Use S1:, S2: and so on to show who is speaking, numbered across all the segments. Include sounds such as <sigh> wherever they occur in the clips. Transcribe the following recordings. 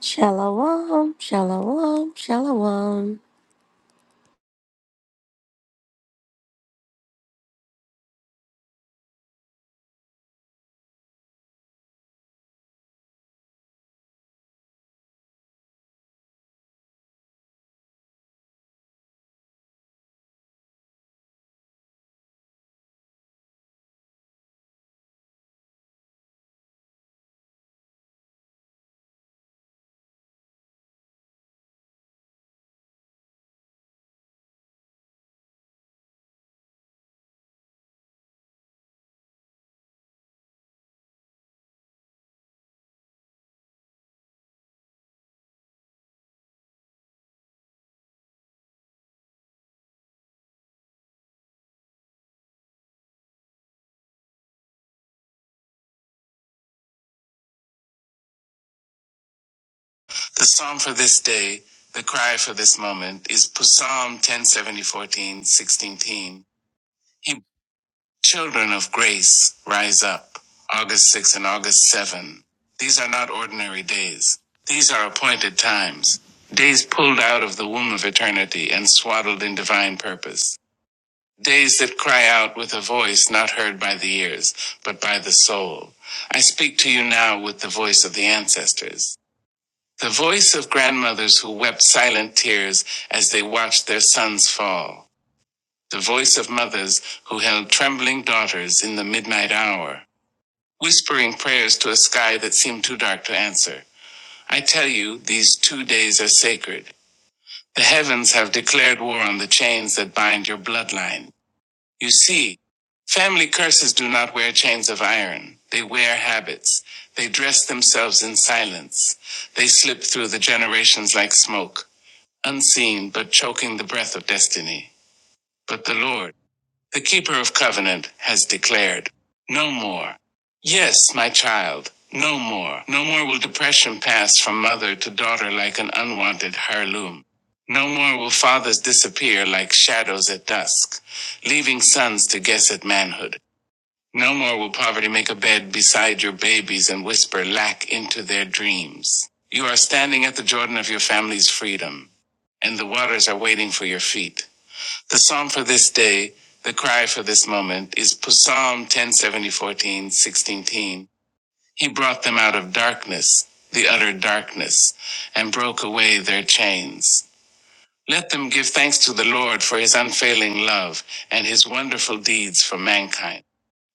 S1: Shalom, shalom, shalom.
S2: The psalm for this day, the cry for this moment, is Psalm 1070, 14, sixteen. He, children of grace, rise up. August sixth and August 7. These are not ordinary days. These are appointed times. Days pulled out of the womb of eternity and swaddled in divine purpose. Days that cry out with a voice not heard by the ears, but by the soul. I speak to you now with the voice of the ancestors. The voice of grandmothers who wept silent tears as they watched their sons fall. The voice of mothers who held trembling daughters in the midnight hour, whispering prayers to a sky that seemed too dark to answer. I tell you, these two days are sacred. The heavens have declared war on the chains that bind your bloodline. You see, family curses do not wear chains of iron. They wear habits. They dress themselves in silence. They slip through the generations like smoke unseen but choking the breath of destiny. But the Lord, the keeper of covenant, has declared, No more. Yes, my child, no more. No more will depression pass from mother to daughter like an unwanted heirloom. No more will fathers disappear like shadows at dusk, leaving sons to guess at manhood. No more will poverty make a bed beside your babies and whisper lack into their dreams. You are standing at the Jordan of your family's freedom, and the waters are waiting for your feet. The psalm for this day, the cry for this moment, is Psalm 1070, He brought them out of darkness, the utter darkness, and broke away their chains. Let them give thanks to the Lord for his unfailing love and his wonderful deeds for mankind.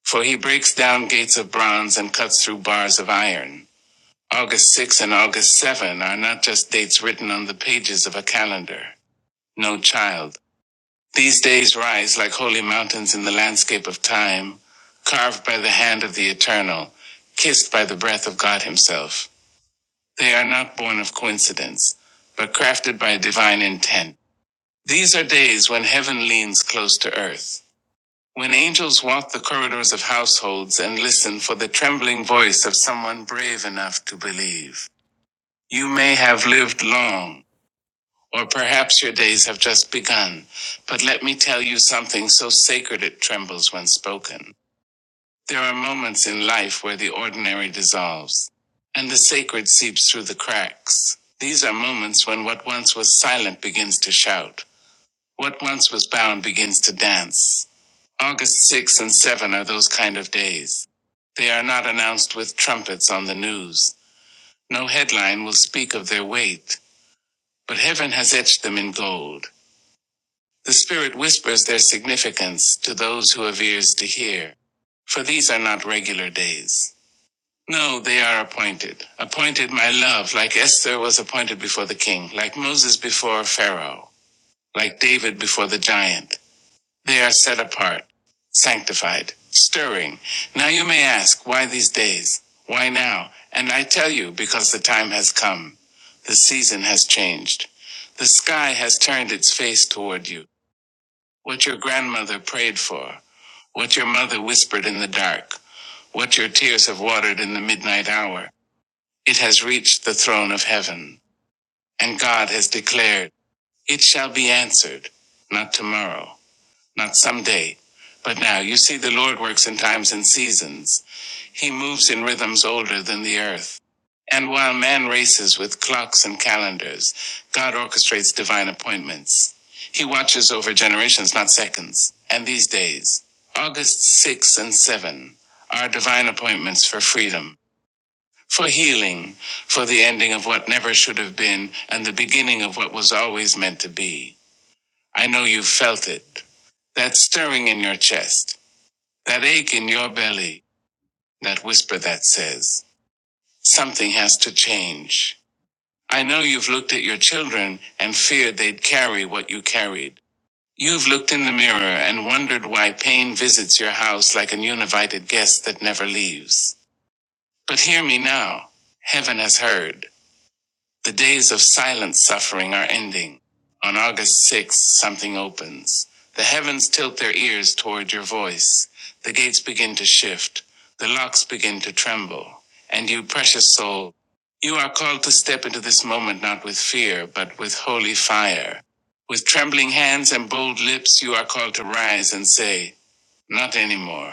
S2: For he breaks down gates of bronze and cuts through bars of iron. August 6 and August 7 are not just dates written on the pages of a calendar. No child. These days rise like holy mountains in the landscape of time, carved by the hand of the eternal, kissed by the breath of God himself. They are not born of coincidence, but crafted by divine intent. These are days when heaven leans close to earth. When angels walk the corridors of households and listen for the trembling voice of someone brave enough to believe, you may have lived long, or perhaps your days have just begun, but let me tell you something so sacred it trembles when spoken. There are moments in life where the ordinary dissolves, and the sacred seeps through the cracks. These are moments when what once was silent begins to shout. What once was bound begins to dance. August 6 and 7 are those kind of days. They are not announced with trumpets on the news. No headline will speak of their weight, but heaven has etched them in gold. The Spirit whispers their significance to those who have ears to hear. For these are not regular days. No, they are appointed. Appointed, my love, like Esther was appointed before the king, like Moses before Pharaoh, like David before the giant. They are set apart, sanctified, stirring. Now you may ask, why these days? Why now? And I tell you, because the time has come. The season has changed. The sky has turned its face toward you. What your grandmother prayed for, what your mother whispered in the dark, what your tears have watered in the midnight hour, it has reached the throne of heaven. And God has declared, it shall be answered, not tomorrow not someday, but now. You see, the Lord works in times and seasons. He moves in rhythms older than the earth. And while man races with clocks and calendars, God orchestrates divine appointments. He watches over generations, not seconds, and these days. August 6 and 7 are divine appointments for freedom, for healing, for the ending of what never should have been, and the beginning of what was always meant to be. I know you felt it. That stirring in your chest, that ache in your belly, that whisper that says, something has to change. I know you've looked at your children and feared they'd carry what you carried. You've looked in the mirror and wondered why pain visits your house like an uninvited guest that never leaves. But hear me now. Heaven has heard. The days of silent suffering are ending. On August 6th, something opens. The heavens tilt their ears toward your voice. The gates begin to shift. The locks begin to tremble. And you, precious soul, you are called to step into this moment not with fear, but with holy fire. With trembling hands and bold lips, you are called to rise and say, Not anymore.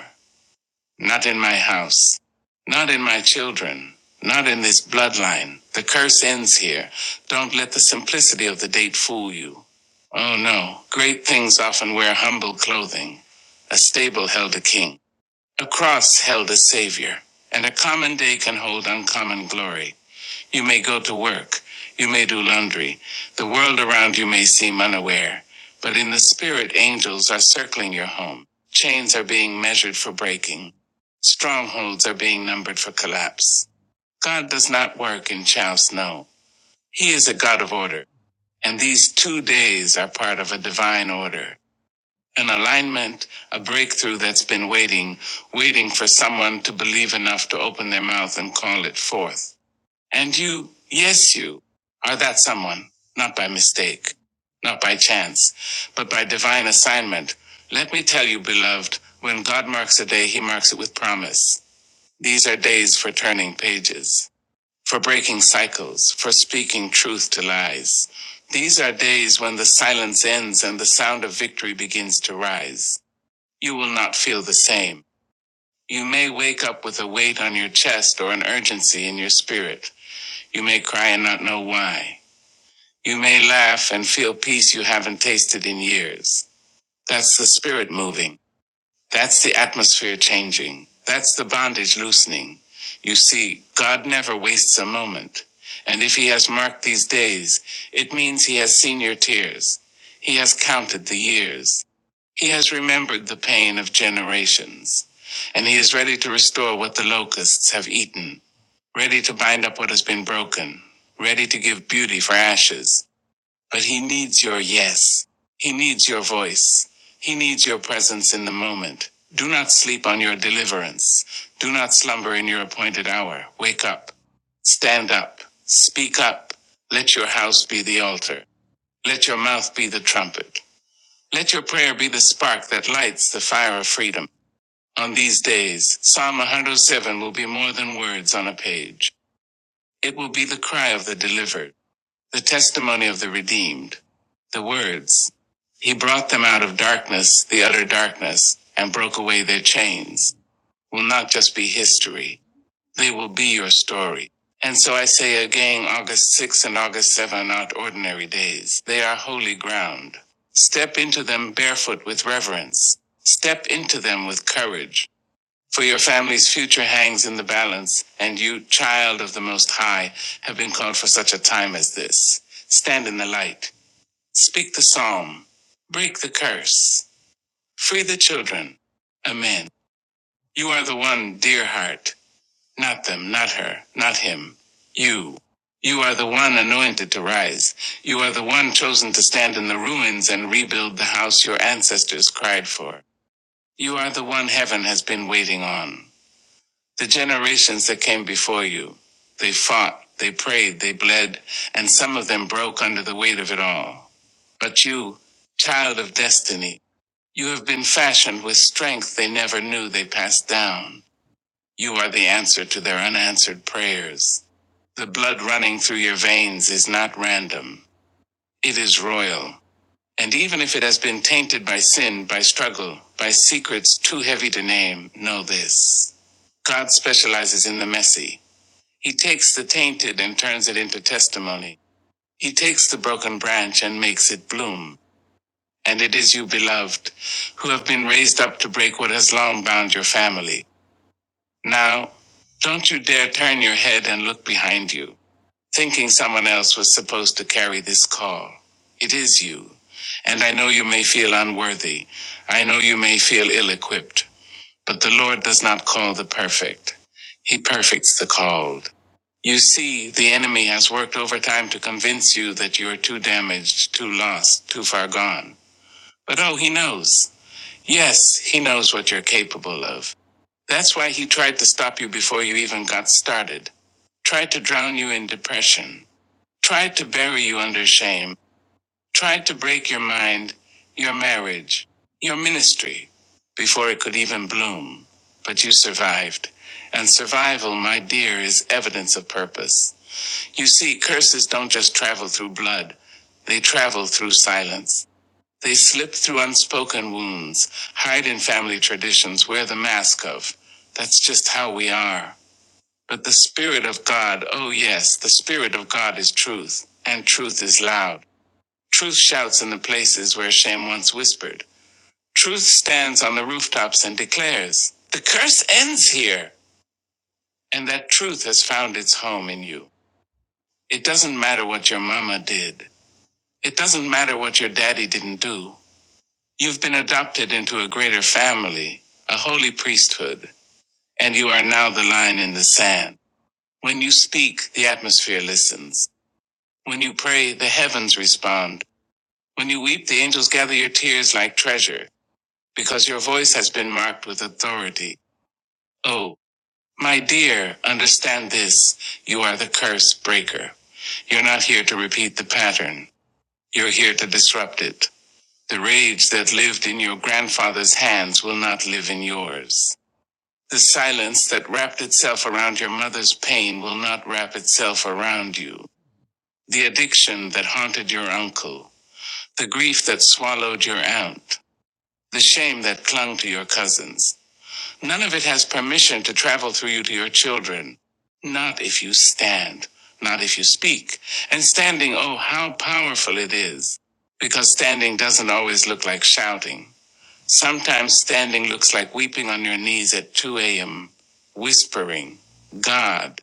S2: Not in my house. Not in my children. Not in this bloodline. The curse ends here. Don't let the simplicity of the date fool you. Oh no, great things often wear humble clothing. A stable held a king, a cross held a savior, and a common day can hold uncommon glory. You may go to work. You may do laundry. The world around you may seem unaware, but in the spirit, angels are circling your home. Chains are being measured for breaking. Strongholds are being numbered for collapse. God does not work in chow snow. He is a God of order. And these two days are part of a divine order. An alignment, a breakthrough that's been waiting, waiting for someone to believe enough to open their mouth and call it forth. And you, yes, you are that someone, not by mistake, not by chance, but by divine assignment. Let me tell you, beloved, when God marks a day, he marks it with promise. These are days for turning pages, for breaking cycles, for speaking truth to lies. These are days when the silence ends and the sound of victory begins to rise. You will not feel the same. You may wake up with a weight on your chest or an urgency in your spirit. You may cry and not know why. You may laugh and feel peace you haven't tasted in years. That's the spirit moving. That's the atmosphere changing. That's the bondage loosening. You see, God never wastes a moment. And if He has marked these days, it means He has seen your tears. He has counted the years. He has remembered the pain of generations. And He is ready to restore what the locusts have eaten ready to bind up what has been broken, ready to give beauty for ashes. But he needs your yes. He needs your voice. He needs your presence in the moment. Do not sleep on your deliverance. Do not slumber in your appointed hour. Wake up. Stand up. Speak up. Let your house be the altar. Let your mouth be the trumpet. Let your prayer be the spark that lights the fire of freedom. On these days, Psalm 107 will be more than words on a page. It will be the cry of the delivered, the testimony of the redeemed, the words. He brought them out of darkness, the utter darkness, and broke away their chains. Will not just be history, they will be your story. And so I say again, August sixth and August 7 are not ordinary days. They are holy ground. Step into them barefoot with reverence. Step into them with courage. For your family's future hangs in the balance, and you, child of the Most High, have been called for such a time as this. Stand in the light, speak the psalm, break the curse, free the children. Amen. You are the one, dear heart, not them, not her, not him, you. You are the one anointed to rise. You are the one chosen to stand in the ruins and rebuild the house your ancestors cried for. You are the one heaven has been waiting on. The generations that came before you, they fought, they prayed, they bled, and some of them broke under the weight of it all. But you, child of destiny, you have been fashioned with strength they never knew they passed down. You are the answer to their unanswered prayers. The blood running through your veins is not random. It is royal. And even if it has been tainted by sin, by struggle, by secrets too heavy to name, know this. God specializes in the messy. He takes the tainted and turns it into testimony. He takes the broken branch and makes it bloom. And it is you, beloved, who have been raised up to break what has long bound your family. Now, don't you dare turn your head and look behind you, thinking someone else was supposed to carry this call. It is you. And I know you may feel unworthy. I know you may feel ill equipped. But the Lord does not call the perfect, He perfects the called. You see, the enemy has worked overtime to convince you that you are too damaged, too lost, too far gone. But oh, he knows. Yes, he knows what you're capable of. That's why he tried to stop you before you even got started, tried to drown you in depression, tried to bury you under shame tried to break your mind, your marriage, your ministry, before it could even bloom. But you survived. And survival, my dear, is evidence of purpose. You see, curses don't just travel through blood, they travel through silence. They slip through unspoken wounds, hide in family traditions, wear the mask of. That's just how we are. But the Spirit of God, oh yes, the Spirit of God is truth, and truth is loud. Truth shouts in the places where shame once whispered. Truth stands on the rooftops and declares, The curse ends here! And that truth has found its home in you. It doesn't matter what your mama did. It doesn't matter what your daddy didn't do. You've been adopted into a greater family, a holy priesthood, and you are now the line in the sand. When you speak, the atmosphere listens. When you pray, the heavens respond. When you weep, the angels gather your tears like treasure. because your voice has been marked with authority. Oh, my dear, understand this. You are the curse breaker. You're not here to repeat the pattern. You're here to disrupt it. The rage that lived in your grandfather's hands will not live in yours. The silence that wrapped itself around your mother's pain will not wrap itself around you. The addiction that haunted your uncle. The grief that swallowed your aunt. The shame that clung to your cousins None of it has permission to travel through you to your children. Not if you stand, not if you speak. And standing, oh, how powerful it is. Because standing doesn't always look like shouting. Sometimes standing looks like weeping on your knees at 2 a.m., whispering, God,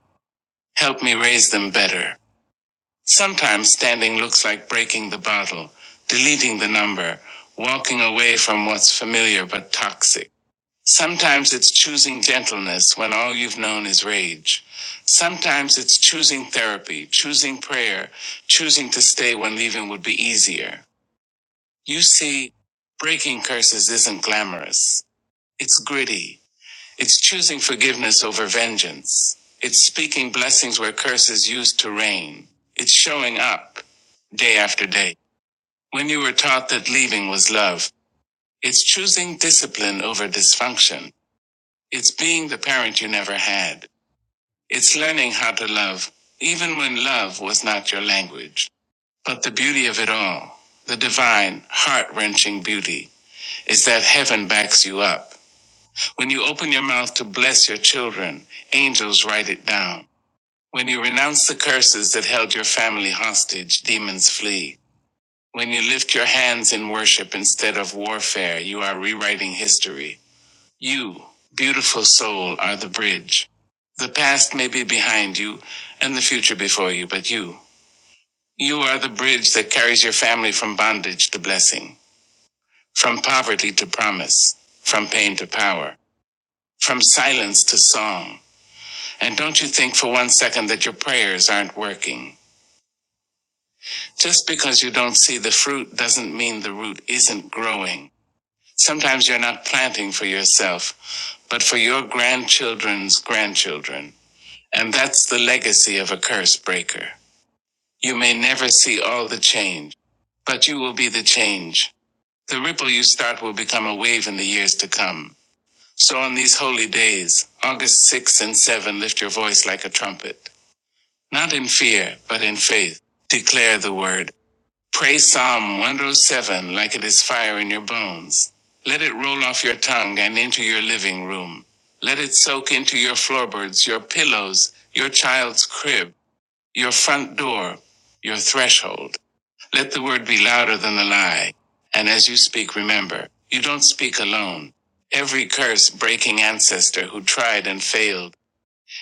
S2: help me raise them better. Sometimes standing looks like breaking the bottle, deleting the number, walking away from what's familiar but toxic. Sometimes it's choosing gentleness when all you've known is rage. Sometimes it's choosing therapy, choosing prayer, choosing to stay when leaving would be easier. You see, breaking curses isn't glamorous. It's gritty. It's choosing forgiveness over vengeance. It's speaking blessings where curses used to reign. It's showing up day after day. When you were taught that leaving was love, it's choosing discipline over dysfunction. It's being the parent you never had. It's learning how to love, even when love was not your language. But the beauty of it all, the divine, heart wrenching beauty, is that heaven backs you up. When you open your mouth to bless your children, angels write it down. When you renounce the curses that held your family hostage, demons flee. When you lift your hands in worship instead of warfare, you are rewriting history. You, beautiful soul, are the bridge. The past may be behind you and the future before you, but you, you are the bridge that carries your family from bondage to blessing, from poverty to promise, from pain to power, from silence to song. And don't you think for one second that your prayers aren't working. Just because you don't see the fruit doesn't mean the root isn't growing. Sometimes you're not planting for yourself, but for your grandchildren's grandchildren. And that's the legacy of a curse breaker. You may never see all the change, but you will be the change. The ripple you start will become a wave in the years to come. So on these holy days, August sixth and 7, lift your voice like a trumpet. Not in fear, but in faith. Declare the word. Pray Psalm 107 like it is fire in your bones. Let it roll off your tongue and into your living room. Let it soak into your floorboards, your pillows, your child's crib your front door, your threshold. Let the word be louder than the lie. And as you speak, remember, you don't speak alone. Every curse breaking ancestor who tried and failed,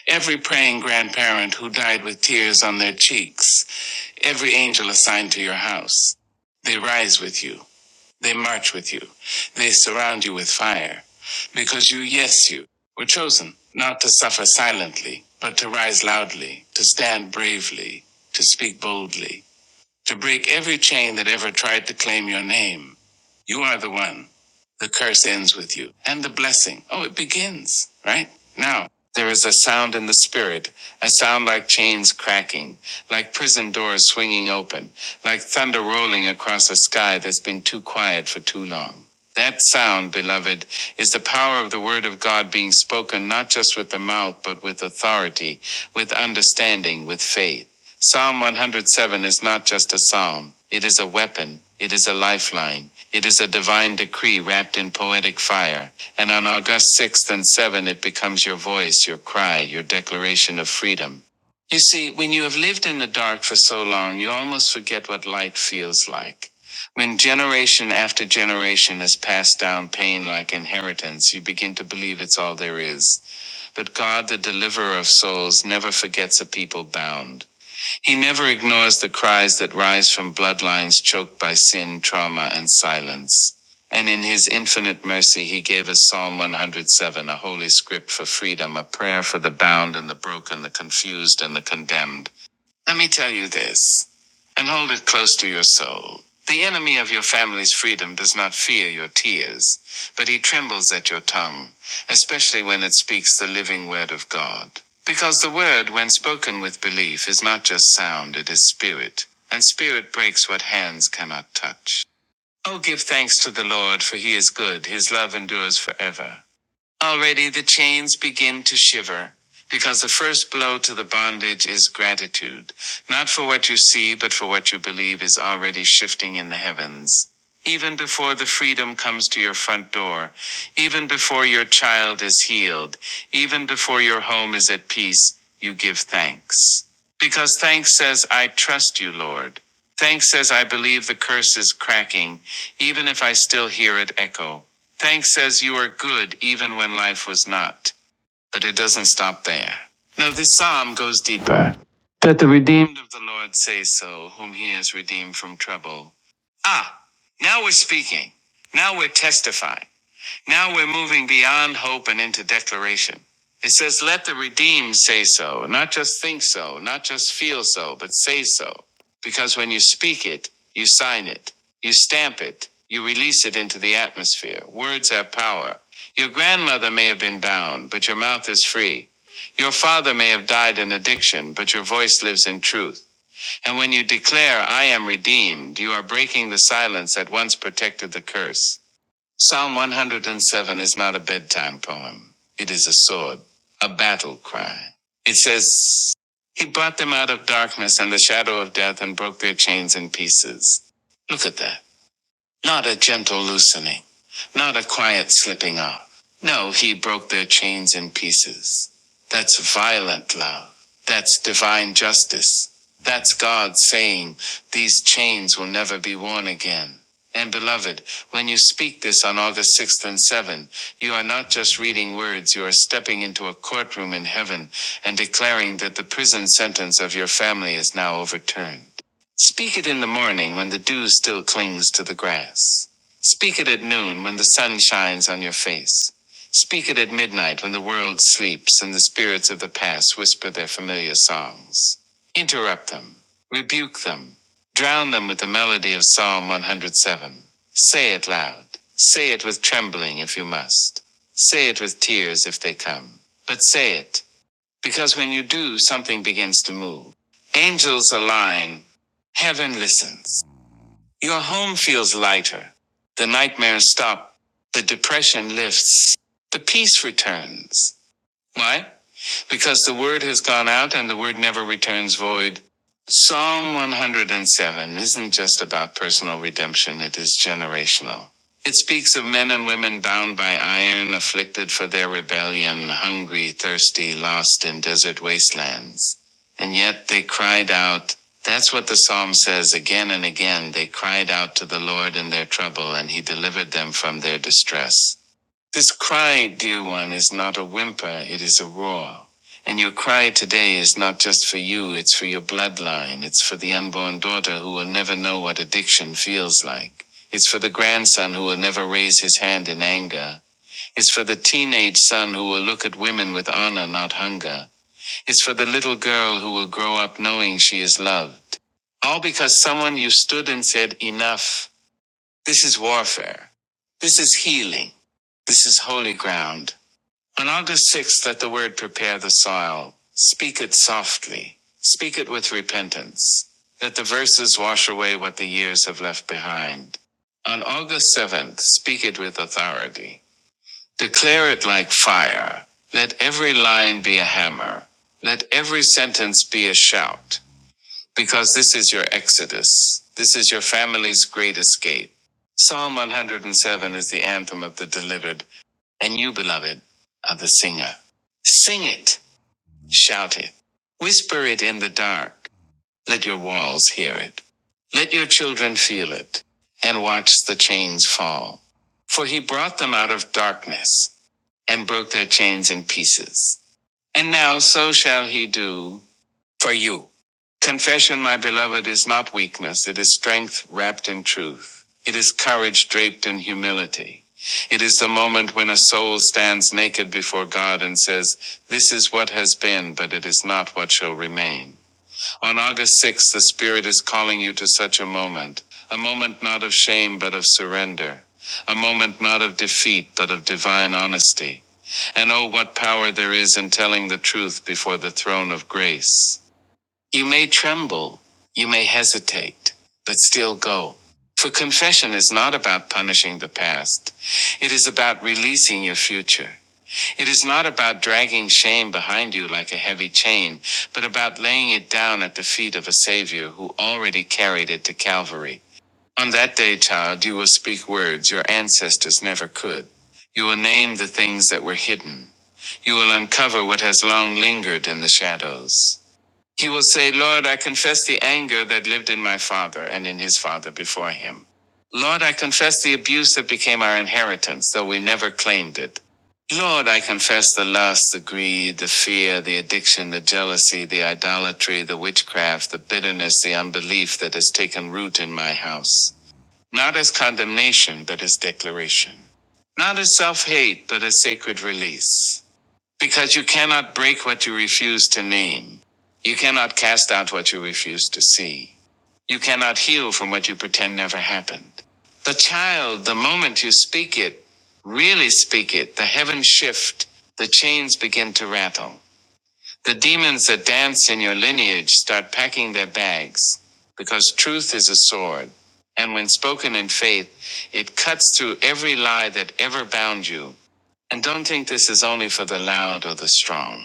S2: every praying grandparent who died with tears on their cheeks, every angel assigned to your house, they rise with you. They march with you. They surround you with fire. Because you, yes, you, were chosen, not to suffer silently, but to rise loudly, to stand bravely, to speak boldly to break every chain that ever tried to claim your name. You are the one. The curse ends with you. And the blessing. Oh, it begins, right? Now, there is a sound in the spirit, a sound like chains cracking, like prison doors swinging open, like thunder rolling across a sky that's been too quiet for too long. That sound, beloved, is the power of the word of God being spoken not just with the mouth, but with authority, with understanding, with faith. Psalm 107 is not just a psalm, it is a weapon, it is a lifeline, it is a divine decree wrapped in poetic fire. And on August 6th and 7th, it becomes your voice, your cry, your declaration of freedom. You see, when you have lived in the dark for so long, you almost forget what light feels like. When generation after generation has passed down pain like inheritance, you begin to believe it's all there is. But God, the deliverer of souls, never forgets a people bound. He never ignores the cries that rise from bloodlines choked by sin, trauma, and silence. And in his infinite mercy, he gave us Psalm 107, a holy script for freedom, a prayer for the bound and the broken, the confused and the condemned. Let me tell you this, and hold it close to your soul. The enemy of your family's freedom does not fear your tears, but he trembles at your tongue, especially when it speaks the living word of God. Because the word, when spoken with belief, is not just sound, it is spirit, and spirit breaks what hands cannot touch. Oh, give thanks to the Lord, for he is good, his love endures forever. Already the chains begin to shiver, because the first blow to the bondage is gratitude, not for what you see, but for what you believe is already shifting in the heavens. Even before the freedom comes to your front door, even before your child is healed, even before your home is at peace, you give thanks. Because thanks says, I trust you, Lord. Thanks says, I believe the curse is cracking, even if I still hear it echo. Thanks says you are good even when life was not. But it doesn't stop there. No, this psalm goes deeper. That the redeemed of the Lord say so, whom he has redeemed from trouble. Ah, now we're speaking. Now we're testifying. Now we're moving beyond hope and into declaration. It says, let the redeemed say so, not just think so, not just feel so, but say so. Because when you speak it, you sign it, you stamp it, you release it into the atmosphere. Words have power. Your grandmother may have been bound, but your mouth is free. Your father may have died in addiction, but your voice lives in truth. And when you declare, I am redeemed, you are breaking the silence that once protected the curse. Psalm 107 is not a bedtime poem. It is a sword, a battle cry. It says, He brought them out of darkness and the shadow of death and broke their chains in pieces. Look at that. Not a gentle loosening not a quiet slipping off. No, he broke their chains in pieces. That's violent love. That's divine justice. That's God saying, These chains will never be worn again. And beloved, when you speak this on August 6th and 7th, you are not just reading words, you are stepping into a courtroom in heaven and declaring that the prison sentence of your family is now overturned. Speak it in the morning when the dew still clings to the grass. Speak it at noon when the sun shines on your face. Speak it at midnight when the world sleeps and the spirits of the past whisper their familiar songs. Interrupt them, rebuke them, drown them with the melody of Psalm 107. Say it loud. Say it with trembling if you must. Say it with tears if they come. But say it, because when you do, something begins to move. Angels align, heaven listens. Your home feels lighter. The nightmares stop. The depression lifts. The peace returns. Why? because the word has gone out and the word never returns void. Psalm 107 isn't just about personal redemption, it is generational. It speaks of men and women bound by iron, afflicted for their rebellion, hungry, thirsty, lost in desert wastelands. And yet they cried out. That's what the psalm says again and again. They cried out to the Lord in their trouble, and he delivered them from their distress. This cry, dear one, is not a whimper, it is a roar. And your cry today is not just for you, it's for your bloodline. It's for the unborn daughter who will never know what addiction feels like. It's for the grandson who will never raise his hand in anger. It's for the teenage son who will look at women with honor, not hunger. It's for the little girl who will grow up knowing she is loved. All because someone you stood and said, enough. This is warfare. This is healing. This is holy ground. On August 6th, let the word prepare the soil. Speak it softly. Speak it with repentance. Let the verses wash away what the years have left behind. On August 7th, speak it with authority. Declare it like fire. Let every line be a hammer. Let every sentence be a shout. Because this is your exodus. This is your family's great escape. Psalm 107 is the anthem of the delivered and you, beloved, are the singer. Sing it, shout it, whisper it in the dark. Let your walls hear it. Let your children feel it, and watch the chains fall. For he brought them out of darkness and broke their chains in pieces. And now so shall he do for you. Confession, my beloved, is not weakness. It is strength wrapped in truth. It is courage draped in humility. It is the moment when a soul stands naked before God and says, This is what has been, but it is not what shall remain. On August 6th, the Spirit is calling you to such a moment, a moment not of shame, but of surrender, a moment not of defeat, but of divine honesty. And oh, what power there is in telling the truth before the throne of grace. You may tremble, you may hesitate, but still go. For confession is not about punishing the past. It is about releasing your future. It is not about dragging shame behind you like a heavy chain, but about laying it down at the feet of a Savior who already carried it to Calvary. On that day, child, you will speak words your ancestors never could. You will name the things that were hidden. You will uncover what has long lingered in the shadows. He will say, Lord, I confess the anger that lived in my father and in his father before him. Lord, I confess the abuse that became our inheritance, though we never claimed it. Lord, I confess the lust, the greed, the fear, the addiction, the jealousy, the idolatry, the witchcraft, the bitterness, the unbelief that has taken root in my house. Not as condemnation, but as declaration. Not as self hate, but as sacred release. Because you cannot break what you refuse to name. You cannot cast out what you refuse to see. You cannot heal from what you pretend never happened. The child, the moment you speak it, really speak it, the heavens shift, the chains begin to rattle. The demons that dance in your lineage start packing their bags because truth is a sword. And when spoken in faith, it cuts through every lie that ever bound you and don't think this is only for the loud or the strong.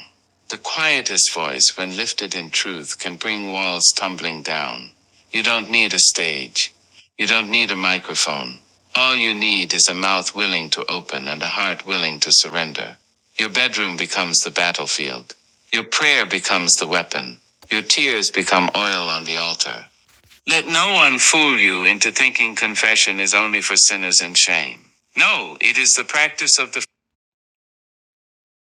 S2: The quietest voice, when lifted in truth, can bring walls tumbling down. You don't need a stage. You don't need a microphone. All you need is a mouth willing to open and a heart willing to surrender. Your bedroom becomes the battlefield. Your prayer becomes the weapon. Your tears become oil on the altar. Let no one fool you into thinking confession is only for sinners in shame. No, it is the practice of the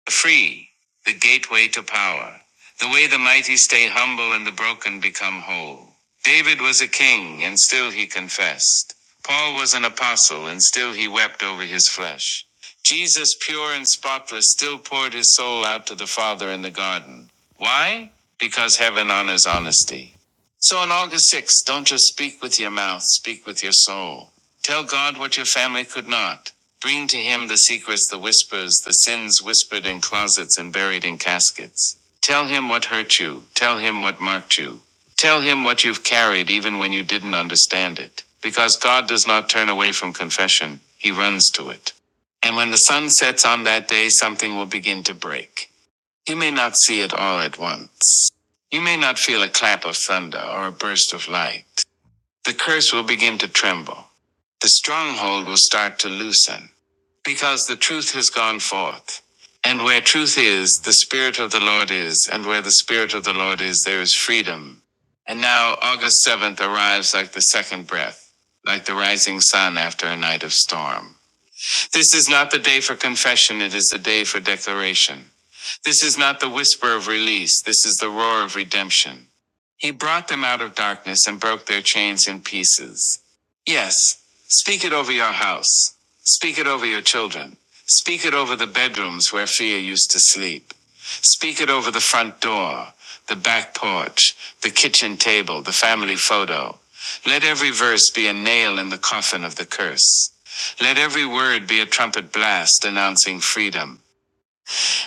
S2: Free, the gateway to power, the way the mighty stay humble and the broken become whole. David was a king, and still he confessed. Paul was an apostle, and still he wept over his flesh. Jesus, pure and spotless, still poured his soul out to the Father in the garden. Why? Because heaven honors honesty. So on August 6th, don't just speak with your mouth, speak with your soul. Tell God what your family could not. Bring to him the secrets, the whispers, the sins whispered in closets and buried in caskets. Tell him what hurt you. Tell him what marked you. Tell him what you've carried even when you didn't understand it. Because God does not turn away from confession, he runs to it. And when the sun sets on that day, something will begin to break. You may not see it all at once. You may not feel a clap of thunder or a burst of light. The curse will begin to tremble. The stronghold will start to loosen because the truth has gone forth. And where truth is, the Spirit of the Lord is, and where the Spirit of the Lord is, there is freedom. And now August 7th arrives like the second breath, like the rising sun after a night of storm. This is not the day for confession, it is the day for declaration. This is not the whisper of release, this is the roar of redemption. He brought them out of darkness and broke their chains in pieces. Yes, speak it over your house. Speak it over your children. Speak it over the bedrooms where fear used to sleep. Speak it over the front door, the back porch, the kitchen table, the family photo. Let every verse be a nail in the coffin of the curse. Let every word be a trumpet blast announcing freedom,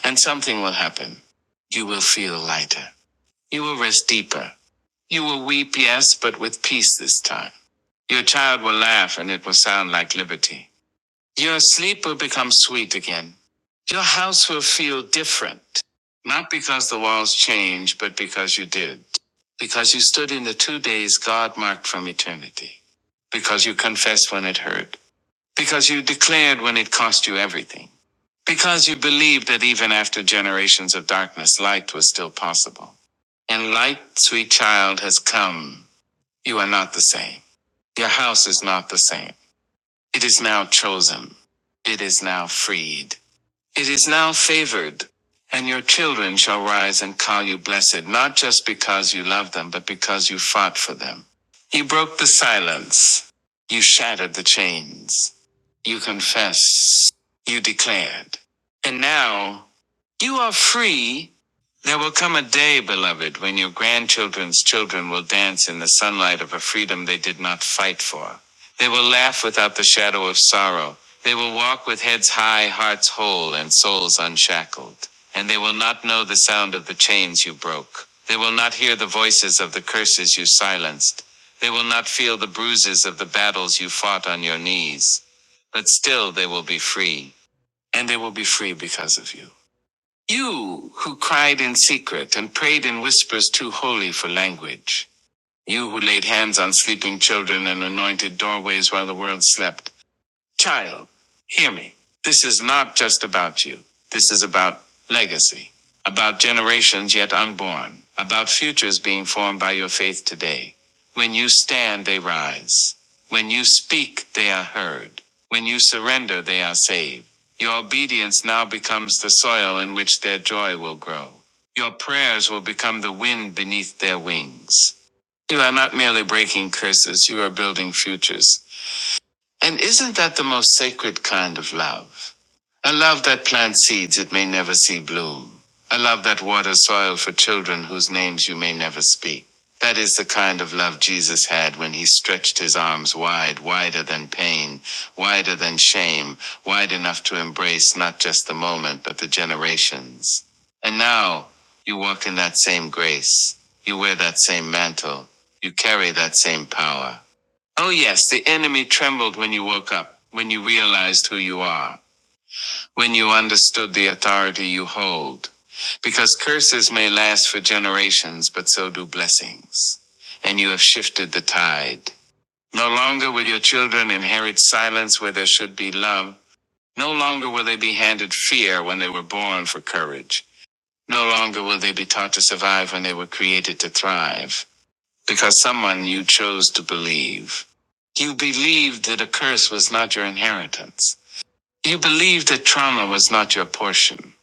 S2: and something will happen. You will feel lighter. You will rest deeper. You will weep, yes, but with peace this time. Your child will laugh and it will sound like liberty. Your sleep will become sweet again. Your house will feel different. Not because the walls changed, but because you did. Because you stood in the two days God marked from eternity. Because you confessed when it hurt. Because you declared when it cost you everything. Because you believed that even after generations of darkness, light was still possible. And light, sweet child, has come. You are not the same. Your house is not the same. It is now chosen. It is now freed. It is now favored. And your children shall rise and call you blessed, not just because you love them, but because you fought for them. You broke the silence. You shattered the chains. You confessed. You declared. And now you are free there will come a day, beloved, when your grandchildren's children will dance in the sunlight of a freedom they did not fight for. They will laugh without the shadow of sorrow. They will walk with heads high, hearts whole, and souls unshackled. And they will not know the sound of the chains you broke. They will not hear the voices of the curses you silenced. They will not feel the bruises of the battles you fought on your knees. But still they will be free. And they will be free because of you. You who cried in secret and prayed in whispers too holy for language. You who laid hands on sleeping children and anointed doorways while the world slept. Child, hear me. This is not just about you. This is about legacy, about generations yet unborn, about futures being formed by your faith today. When you stand, they rise. When you speak, they are heard. When you surrender, they are saved. Your obedience now becomes the soil in which their joy will grow. Your prayers will become the wind beneath their wings. You are not merely breaking curses, you are building futures and isn't that the most sacred kind of love? A love that plants seeds it may never see bloom. A love that waters soil for children whose names you may never speak. That is the kind of love Jesus had when he stretched his arms wide, wider than pain, wider than shame, wide enough to embrace not just the moment, but the generations. And now you walk in that same grace. You wear that same mantle. You carry that same power. Oh, yes, the enemy trembled when you woke up, when you realized who you are, when you understood the authority you hold. Because curses may last for generations, but so do blessings. And you have shifted the tide. No longer will your children inherit silence where there should be love. No longer will they be handed fear when they were born for courage. No longer will they be taught to survive when they were created to thrive because someone you chose to believe. You believed that a curse was not your inheritance. You believed that trauma was not your portion.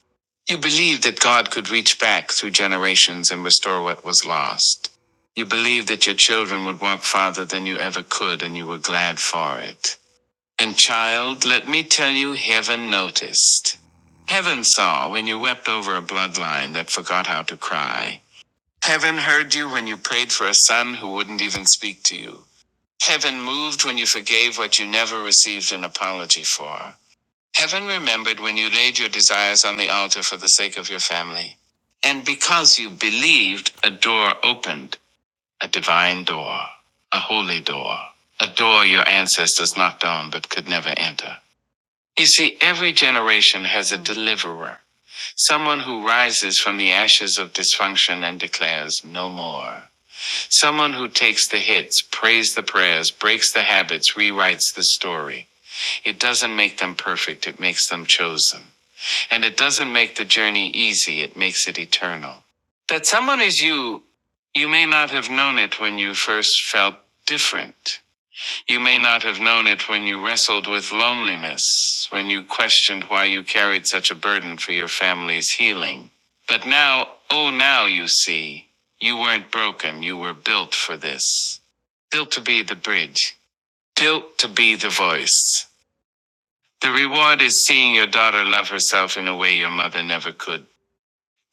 S2: You believed that God could reach back through generations and restore what was lost. You believed that your children would walk farther than you ever could, and you were glad for it. And child, let me tell you, heaven noticed. Heaven saw when you wept over a bloodline that forgot how to cry. Heaven heard you when you prayed for a son who wouldn't even speak to you. Heaven moved when you forgave what you never received an apology for. Heaven remembered when you laid your desires on the altar for the sake of your family. And because you believed, a door opened, a divine door, a holy door, a door your ancestors knocked on but could never enter. You see, every generation has a deliverer, someone who rises from the ashes of dysfunction and declares, No more. Someone who takes the hits, prays the prayers, breaks the habits, rewrites the story. It doesn't make them perfect, it makes them chosen. And it doesn't make the journey easy, it makes it eternal. That someone is you, you may not have known it when you first felt different. You may not have known it when you wrestled with loneliness, when you questioned why you carried such a burden for your family's healing. But now, oh, now you see, you weren't broken, you were built for this. Built to be the bridge, built to be the voice. The reward is seeing your daughter love herself in a way your mother never could.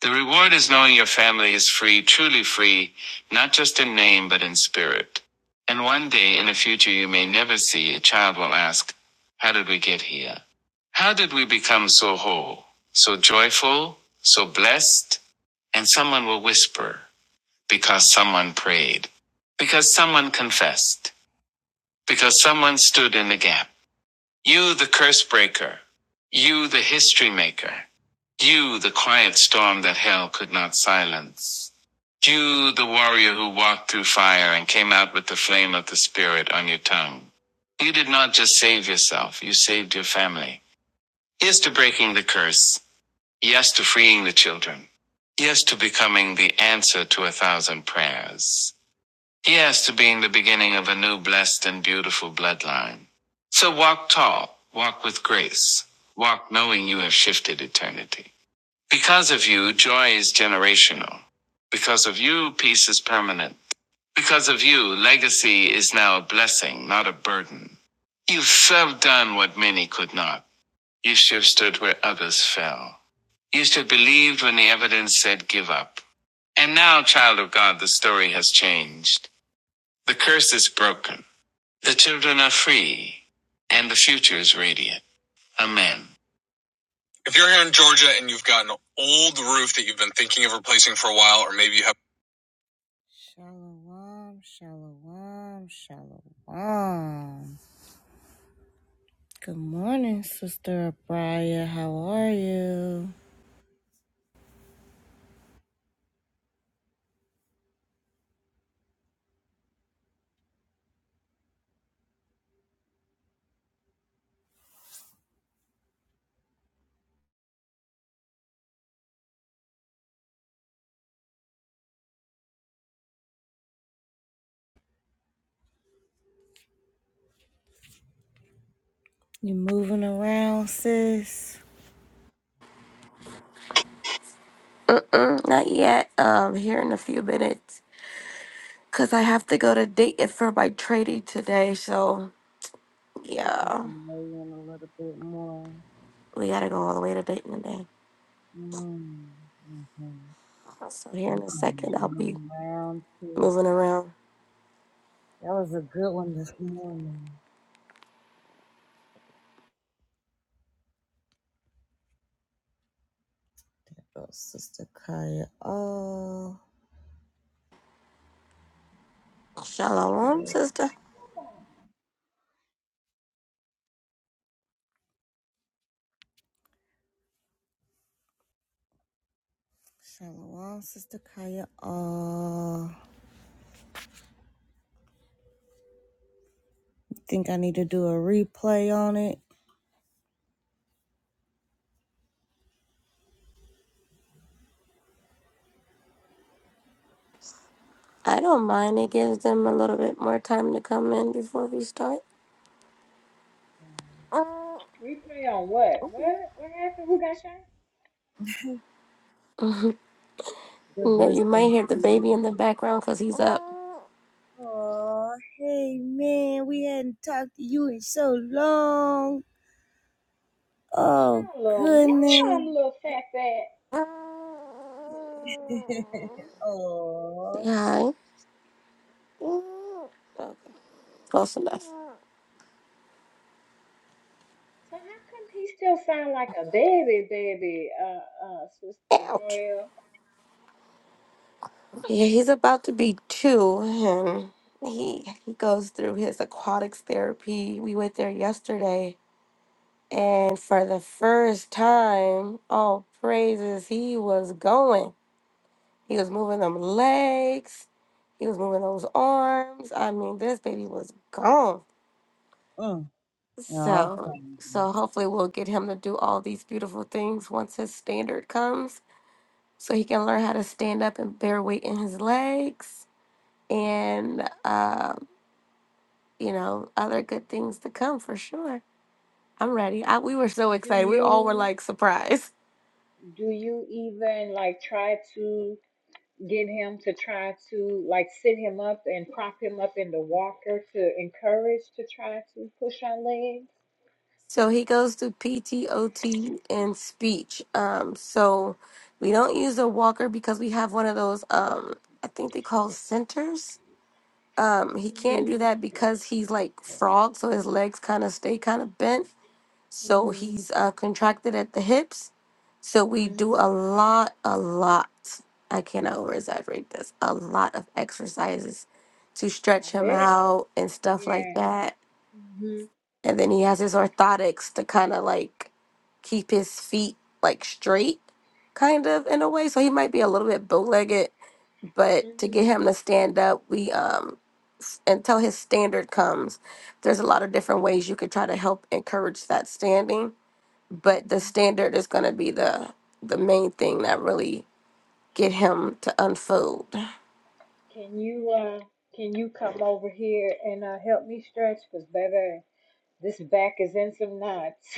S2: The reward is knowing your family is free, truly free, not just in name but in spirit. And one day in the future you may never see, a child will ask, How did we get here? How did we become so whole, so joyful, so blessed? And someone will whisper, Because someone prayed, because someone confessed, because someone stood in the gap. You, the curse breaker. You, the history maker. You, the quiet storm that hell could not silence. You, the warrior who walked through fire and came out with the flame of the Spirit on your tongue. You did not just save yourself, you saved your family. Yes to breaking the curse. Yes to freeing the children. Yes to becoming the answer to a thousand prayers. Yes, to being the beginning of a new blessed and beautiful bloodline. So walk tall, walk with grace, walk knowing you have shifted eternity. Because of you, joy is generational. Because of you, peace is permanent. Because of you, legacy is now a blessing, not a burden. You have done what many could not. You should have stood where others fell. You should have believed when the evidence said give up. And now, child of God, the story has changed. The curse is broken. The children are free. And the future is radiant. Amen. If you're here in Georgia and you've got an old roof that you've been thinking of replacing for a while, or maybe you have. Shalom, shalom, shalom. Good morning, Sister Abraya. How are you? You moving around, sis?
S1: Mm-mm, not yet. Um, here in a few minutes, cause I have to go to Dayton for my trading today. So
S2: You
S1: yeah,
S2: can lay in a little bit more.
S1: we gotta go all the way to Dayton today.
S2: Mm-hmm.
S1: So here in
S2: I'm
S1: a
S2: coming
S1: second, I'll be
S2: around too.
S1: moving around.
S2: That was a good one this morning. There goes Sister Kaya. Oh,
S1: Shalom, sister.
S2: Shalom, Sister Kaya. Oh, think I need to do a replay on it.
S1: I don't mind. It gives them a little bit more time to come in before we start.
S3: Replay on what? What? What happened? Who got shot?
S2: Just
S1: No, you might
S2: listen.
S1: hear the baby in the background, cause he's up.
S2: Oh, hey man, we hadn't talked to you in so long. Oh
S3: Shalom,
S2: goodness.
S3: little fat fat.
S1: Say
S2: Oh.
S1: hi. Mm. Close enough.
S3: So how come he still sound like a baby, baby, uh, uh, Sister
S1: Ouch.
S3: Royal?
S1: Yeah, he's about to be two, and he he goes through his aquatics therapy. We went there yesterday, and for the first time, oh praises, he was going. He was moving them legs. He was moving those arms. I mean, this baby was gone.
S2: Mm. Oh.
S1: So
S2: funny.
S1: so hopefully we'll get him to do all these beautiful things once his standard comes, so he can learn how to stand up and bear weight in his legs and uh, you know other good things to come for sure. I'm ready. I, we were so
S3: Do
S1: excited. We all were
S3: you
S1: like surprised. <laughs>
S3: do you even like try to get him to try to like sit him up and prop him up in the walker to encourage to try to push our legs?
S1: So he goes to PTOT and speech. Um, so we don't use a walker because we have one of those. Um, I think they call centers. Um, he can't
S3: Mhm,
S1: do that because he's like frog, so his legs kind of stay kind of bent So
S3: mhm,
S1: he's uh, contracted at the hips. So we
S3: mhm.
S1: do a lot, a lot. I cannot over exaggerate this. A lot of exercises to
S3: I
S1: stretch him
S3: bet.
S1: out and stuff like
S3: Yeah.
S1: that.
S3: Mhm,
S1: And then he has his orthotics to kind of like keep his feet like straight, kind of in a way. So he might be a little bit bow legged, but to get
S3: mhm,
S1: him to stand up, we um s- until his standard comes, there's a lot of different ways you could try to help encourage that standing but the
S3: mhm.
S1: standard is going to be the the main thing that really get him to unfold.
S3: Can you uh can you come over here and uh help me stretch? Cause baby, this back is in some knots.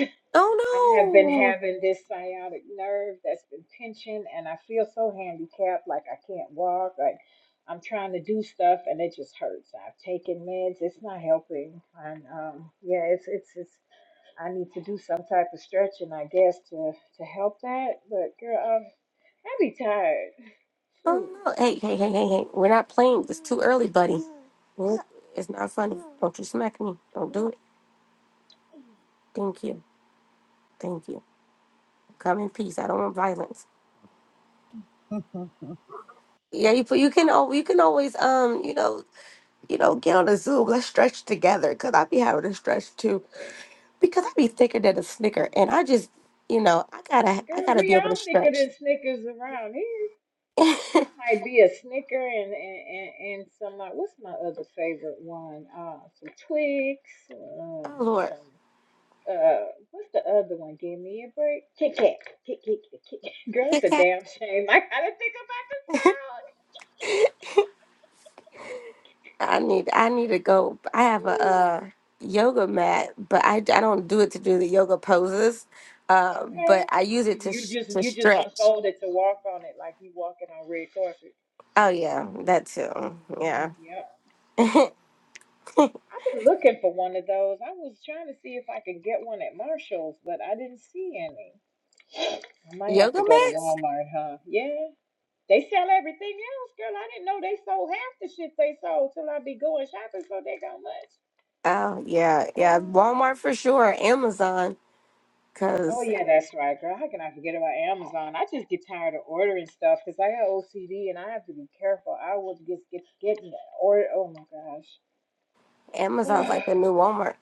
S3: <laughs> I have been
S1: Oh no!
S3: having this sciatic nerve that's been pinching and I feel so handicapped, like I can't walk, like I'm trying to do stuff and it just hurts. I've taken meds, it's not helping. And um yeah, it's it's it's I need to do some type of stretching, I guess, to to help that. But girl, um, I be tired.
S1: Oh
S3: Shoot.
S1: no! Hey, hey, hey, hey, hey! We're not playing. It's too early, buddy. Nope, It's not funny. Don't you smack me. Don't do it. Thank you. Thank you. Come in peace. I don't want violence.
S2: <laughs>
S1: Yeah, you you can al- you can always um you know you know get on a Zoom. Let's stretch together. Cause I be having to stretch too. Because I be thicker than a snicker, and I just you know I gotta I
S3: Girl,
S1: gotta be
S3: we
S1: able to
S3: all thicker
S1: stretch.
S3: than Snickers around here.
S1: <laughs>
S3: I might be a Snicker and and and, and some. Uh, what's my other favorite one? Uh, some Twix. Um,
S1: Oh Lord,
S3: some. Uh, what's the other one? Give me a break. Kit Kat. Kit Kit Kit Kit. Kat. <laughs> Girl, it's
S1: Kit
S3: a
S1: Kat.
S3: damn shame. I gotta think about
S1: I need I need to go. I have a uh,
S3: the
S1: yoga mat, but I, I don't do it to do the yoga poses.
S3: sound. <gasps>
S1: Uh, but
S3: okay.
S1: I use it
S3: You
S1: to
S3: you
S1: sh-
S3: just
S1: to
S3: you just
S1: stretch.
S3: unfold it to walk on it like you walking on red carpet.
S1: Oh yeah, that too.
S3: Mhm.
S1: Yeah,
S3: Yep. I've been looking for one of those. I was trying to see if I could get one at Marshall's, but I didn't see any. I might have
S1: yoga
S3: to go to
S1: mats.
S3: Walmart, huh? Yeah. They sell everything else, girl. I didn't know they sold half the shit they sold till I be going shopping so they go much.
S1: Oh yeah, yeah. Walmart for sure. Amazon,
S3: Oh
S1: cause
S3: yeah, that's right, girl. How can I forget about Amazon? I just get tired of ordering stuff because I got OCD and I have to be careful. I will just get getting or oh my gosh, <sighs>
S1: Amazon's like the new Walmart.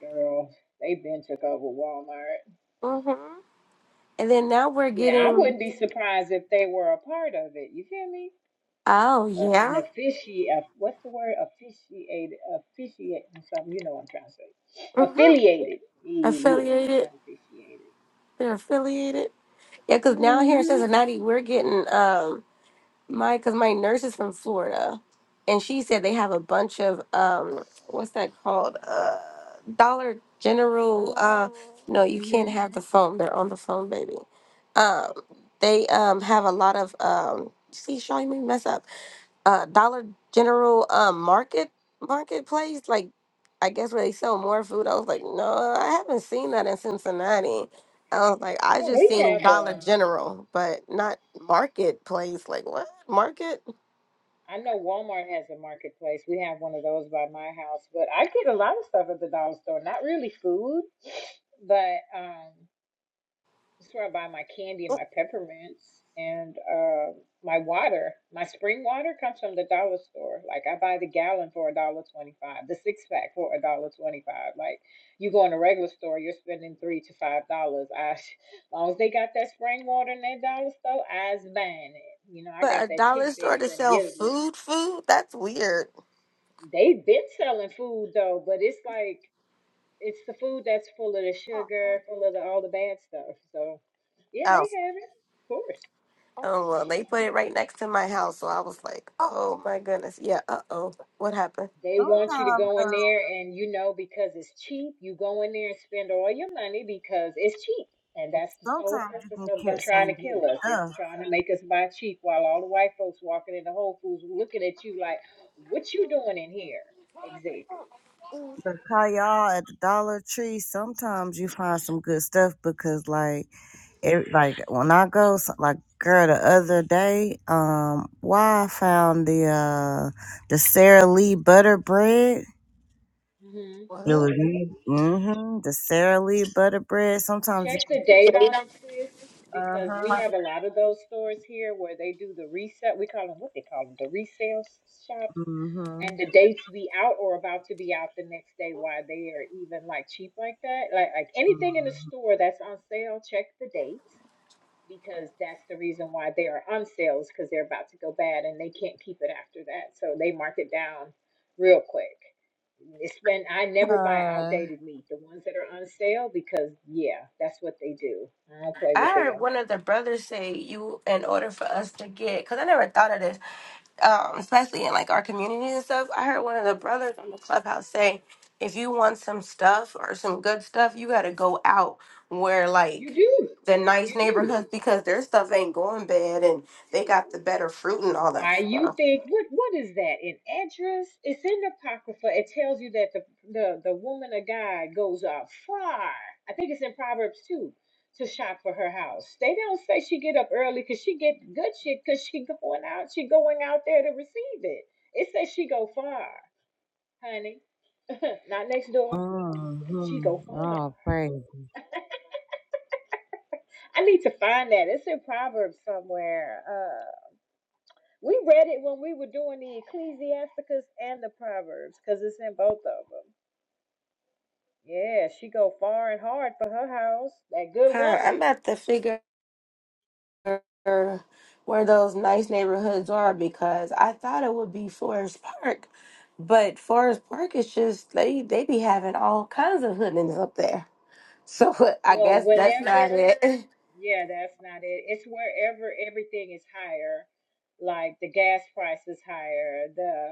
S3: girl, they been took over Walmart.
S1: hmm And then now we're
S3: Well, I
S1: getting.
S3: wouldn't be surprised if they were a part of it. You feel me?
S1: Oh
S3: Uh, an
S1: yeah.
S3: offici uh, what's the word? Officiated, officiate, something. You know what I'm trying to say.
S1: hmm
S3: Affiliated. Yeah, yeah, yeah.
S1: Affiliated.
S3: Not officiated.
S1: They're affiliated. Yeah, cause now here in
S3: hmm
S1: Cincinnati we're getting. um. my because my nurse is from Florida, and she said they have a bunch of um, what's that called? Uh, Dollar General. Uh, no, you can't
S3: hmm
S1: have the phone. They're on the phone, baby. Um, they um have a lot of um. See, Shaw, you made me mess up uh Dollar General um market marketplace, like I guess where they sell more food. I was like, no, I haven't seen that in Cincinnati. I was like, I
S3: Oh,
S1: just
S3: we
S1: seen
S3: have,
S1: Dollar
S3: um,
S1: General, but not marketplace. Like what market?
S3: I know Walmart has a marketplace. We have one of those by my house, but I get a lot of stuff at the dollar store. Not really food, but, um, That's where I buy my candy and my peppermints and uh, my water. My spring water comes from the dollar store. Like I buy the gallon for a dollar twenty-five, the six pack for a dollar twenty-five. Like you go in a regular store, you're spending three to five dollars. I, <laughs> as long as they got that spring water in that dollar store, I's buying it. You know, I
S1: But a
S3: got that
S1: dollar store
S3: tidbit
S1: to
S3: from
S1: sell
S3: Israel.
S1: food, food? That's weird.
S3: They've been selling food though, but it's like it's the food that's full of the sugar, full of the, all the bad stuff. So yeah,
S1: Oh,
S3: they have it, of course.
S1: oh well, they put it right next to my house, so I was like, oh my goodness, yeah. Uh oh, what happened?
S3: They want you to
S2: Sometimes,
S3: go
S2: uh,
S3: in there and you know because it's cheap, you go in there and spend all your money because it's cheap. And that's the sole
S2: sometimes you
S3: purpose
S2: can
S3: of them
S2: catch
S3: trying to
S2: some good
S3: kill us. is
S2: stuff.
S3: trying to make us buy cheap while all the white folks walking into Whole Foods looking at you like, what you doing in here? Exactly.
S2: But how y'all at the Dollar Tree, sometimes you find some good stuff because like it like when I go so- like girl the other day, um, why I found the uh the Sara Lee butter bread.
S3: Mm-hmm.
S2: It
S1: What?
S2: was mm-hmm, the Sara Lee butter bread. Sometimes you
S3: Check the date on it, sis, because
S2: uh-huh.
S3: we have a lot of those stores here where they do the reset. We call them what they call them, the resale shops.
S2: Mm-hmm.
S3: And the dates be out or about to be out the next day. Why they are even like cheap like that? Like like anything in the store that's on sale, check the dates because that's the reason why they are on sales because they're about to go bad and they can't keep it after that. So they mark it down real quick. It's been I never buy
S2: Uh
S3: outdated meat. The ones that are on sale because yeah, that's what they do. I don't play
S1: I
S3: with
S1: heard
S3: them.
S1: one of the brothers say, "You, in order for us to get," because I never thought of this. um, especially in like our communities and stuff. I heard one of the brothers on the clubhouse say, if you want some stuff or some good stuff, you got to go out where
S3: You
S1: like
S3: do,
S1: the nice
S3: you
S1: neighborhoods
S3: do.
S1: <laughs> because their stuff ain't going bad and they got the better fruit and all that
S3: Why you
S1: stuff.
S3: think what what is that? An address? It's in the apocrypha. It tells you that the the the woman of God goes up far. I think it's in Proverbs too to shop for her house. They don't say she get up early because she get good shit because she <laughs> going out. She going out there to receive it. It says she go far. honey. <laughs> Not next door. She
S2: mm-hmm.
S3: go far.
S2: Oh praise.
S3: I need to find that. It's in Proverbs somewhere. Uh, we read it when we were doing the Ecclesiasticus and the Proverbs, cause it's in both of them. Yeah, she go far and hard for her house. That good
S1: Car,
S3: woman.
S1: I'm at the figure where those nice neighborhoods are because I thought it would be Forest Park, but Forest Park is just they they be having all kinds of hoodlums up there. So <laughs> I
S3: Well,
S1: guess that's
S3: whenever.
S1: not it. <laughs>
S3: Yeah, that's not it. It's wherever everything is higher, like the gas price is higher, the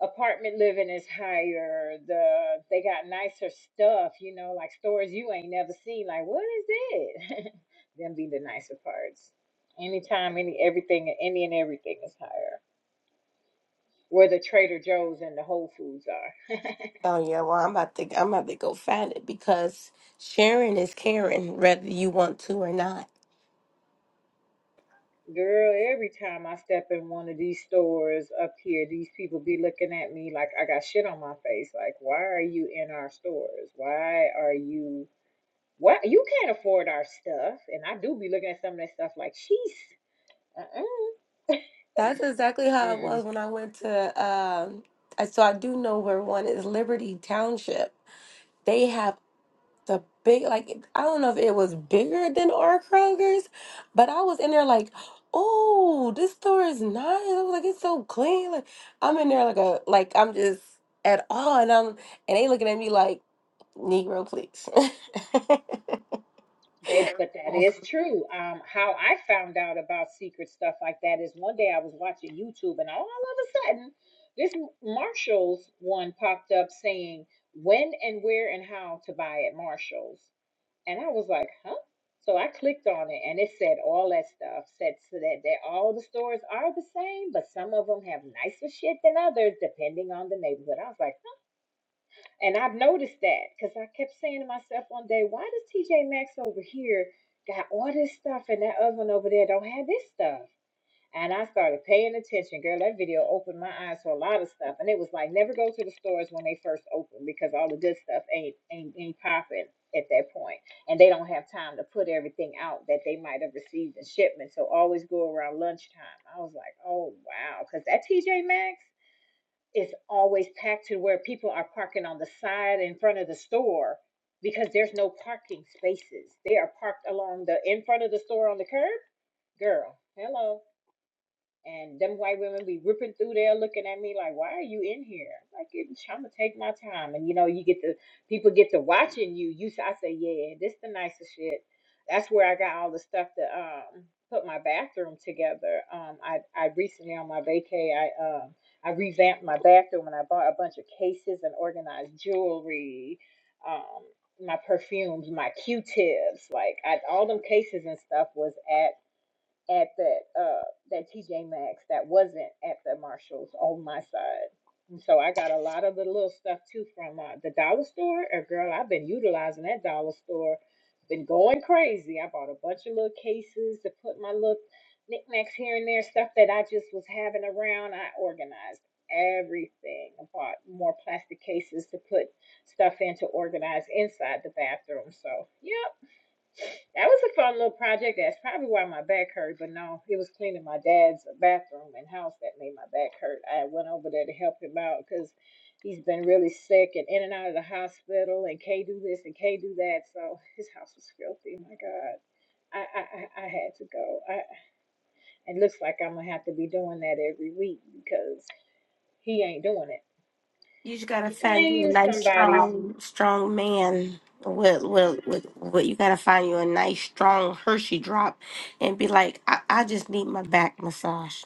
S3: apartment living is higher. The they got nicer stuff, you know, like stores you ain't never seen. Like, what is it? <laughs> Them be the nicer parts. Anytime, any everything, any and everything is higher. Where the Trader Joe's and the Whole Foods are,
S1: Oh yeah, well I'm about to I'm about to go find it because sharing is caring, whether you want to or not.
S3: girl. Every time I step in one of these stores up here, these people be looking at me like I got shit on my face. Like, why are you in our stores? Why are you? What you can't afford our stuff, and I do be looking at some of that stuff like she's. Uh-uh.
S1: That's exactly how it
S3: Mm-mm.
S1: was when I went to um I- so I do know where one is Liberty Township. They have the big like I don't know if it was bigger than our Kroger's, but I was in there like, oh, this store is nice. I was like, it's so clean. Like I'm in there like a like I'm just at awe and I'm and they looking at me like, Negro please. <laughs>
S3: They, but that is
S1: You
S3: true. Um, how I found out about secret stuff like that is one day I was watching YouTube and all of a sudden this Marshalls one popped up saying when and where and how to buy at Marshalls. And I was like, huh? So I clicked on it and it said all that stuff. Said so that, that all the stores are the same, but some of them have nicer shit than others depending on the neighborhood. I was like, And I've noticed that because I kept saying to myself one day, why does TJ Maxx over here got all this stuff and that other one over there don't have this stuff? And I started paying attention, girl. That video opened my eyes to a lot of stuff. And it was like, never go to the stores when they first open because all the good stuff ain't ain't, ain't popping at that point. And they don't have time to put everything out that they might have received in shipment. So always go around lunchtime. I was like, oh, wow. Because that TJ Maxx is always packed to where people are parking on the side in front of the store because there's no parking spaces. They are parked along the in front of the store on the curb. Girl, hello. And them white women be ripping through there looking at me like, why are you in here? I'm like, I'm gonna take my time. And you know, you get the people get to watching you. You I say, yeah, this the nicest shit. That's where I got all the stuff to um put my bathroom together. Um I I recently on my vacay I um I revamped my bathroom and I bought a bunch of cases and organized jewelry, um, my perfumes, my Q tips, like I, all them cases and stuff was at at that uh that TJ Maxx that wasn't at the Marshalls on my side. And so I got a lot of the little stuff too from uh, the dollar store. Uh, girl, I've been utilizing that dollar store. Been going crazy. I bought a bunch of little cases to put my little knickknacks here and there, stuff that I just was having around. I organized everything. I bought more plastic cases to put stuff in to organize inside the bathroom. So, yeah, that was a fun little project. That's probably why my back hurt, but no, it was cleaning my dad's bathroom and house that made my back hurt. I went over there to help him out because he's been really sick and in and out of the hospital and can't do this and can't do that. So his house was filthy. My God. I, I, I I had to go. I, it looks like I'm gonna have to be doing that every week because he ain't doing it.
S1: just gotta
S3: He
S1: find you a
S3: cleans
S1: nice
S3: somebody's.
S1: strong strong man. With, with, with, with you gotta find you a nice strong Hershey drop and be like, I, I just need my back massage.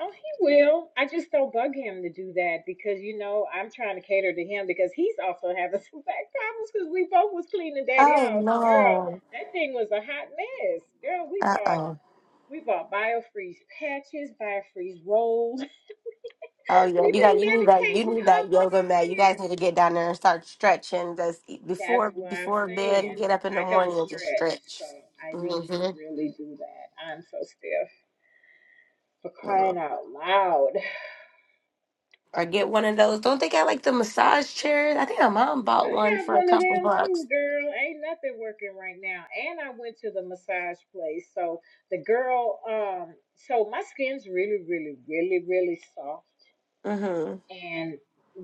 S3: Oh, he will. I just don't bug him to do that because you know I'm trying to cater to him because he's also having <laughs> some back problems because we both was cleaning daddy
S1: Oh
S3: house. Girl,
S1: no.
S3: that thing was a hot mess. Girl, we
S1: Uh
S3: bought
S1: oh.
S3: we bought biofreeze patches, biofreeze rolls.
S1: Oh
S3: <laughs>
S1: yeah,
S3: We've
S1: you
S3: been
S1: got you need that you
S3: medicating
S1: need
S3: up
S1: that yoga
S3: around
S1: mat. You
S3: here.
S1: guys need to get down there and start stretching. That's e,
S3: That's
S1: before
S3: what I'm
S1: before bed.
S3: saying.
S1: Get up in the
S3: I don't
S1: morning and just
S3: stretch,
S1: stretch.
S3: so I need to
S1: hmm
S3: really do that. I'm so stiff for crying out loud.
S1: Or get one of those. Don't they got like the massage chairs? I think my mom bought
S3: I
S1: one
S3: have
S1: for a
S3: one of
S1: couple
S3: them
S1: bucks.
S3: too, girl. Ain't nothing working right now. And I went to the massage place. So the girl, um, so my skin's really, really, really, really soft
S1: Mhm.
S3: and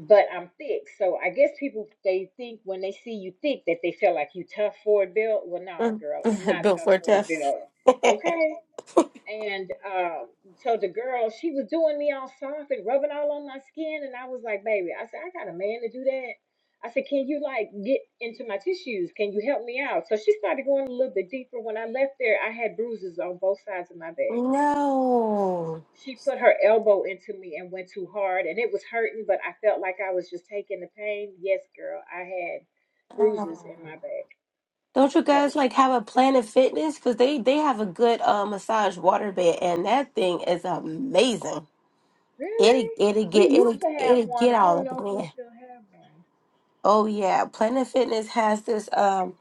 S3: but I'm thick. So I guess people they think when they see you thick that they feel like you tough for a built. Well, no,
S1: Mm.
S3: girl, I'm
S1: <laughs>
S3: not
S1: Bill
S3: tough for a
S1: Forte.
S3: built.
S1: <laughs>
S3: Okay. And um, so the girl, she was doing me all soft and rubbing all on my skin. And I was like, baby, I said, I got a man to do that. I said, can you like get into my tissues? Can you help me out? So she started going a little bit deeper. When I left there, I had bruises on both sides of my back.
S1: No.
S3: She put her elbow into me and went too hard, and it was hurting, but I felt like I was just taking the pain. Yes, girl, I had bruises
S1: Oh.
S3: in my back.
S1: Don't you
S3: So,
S1: guys like have a Planet Fitness? Because they they have a good uh, massage water bed, and that thing is amazing. It
S3: really?
S1: it'll
S3: We
S1: get
S3: used
S1: it'll
S3: to have
S1: it'll
S3: one.
S1: get
S3: I
S1: all
S3: don't
S1: up
S3: know if
S1: in
S3: we
S1: there.
S3: still have one.
S1: Oh yeah, Planet Fitness has this um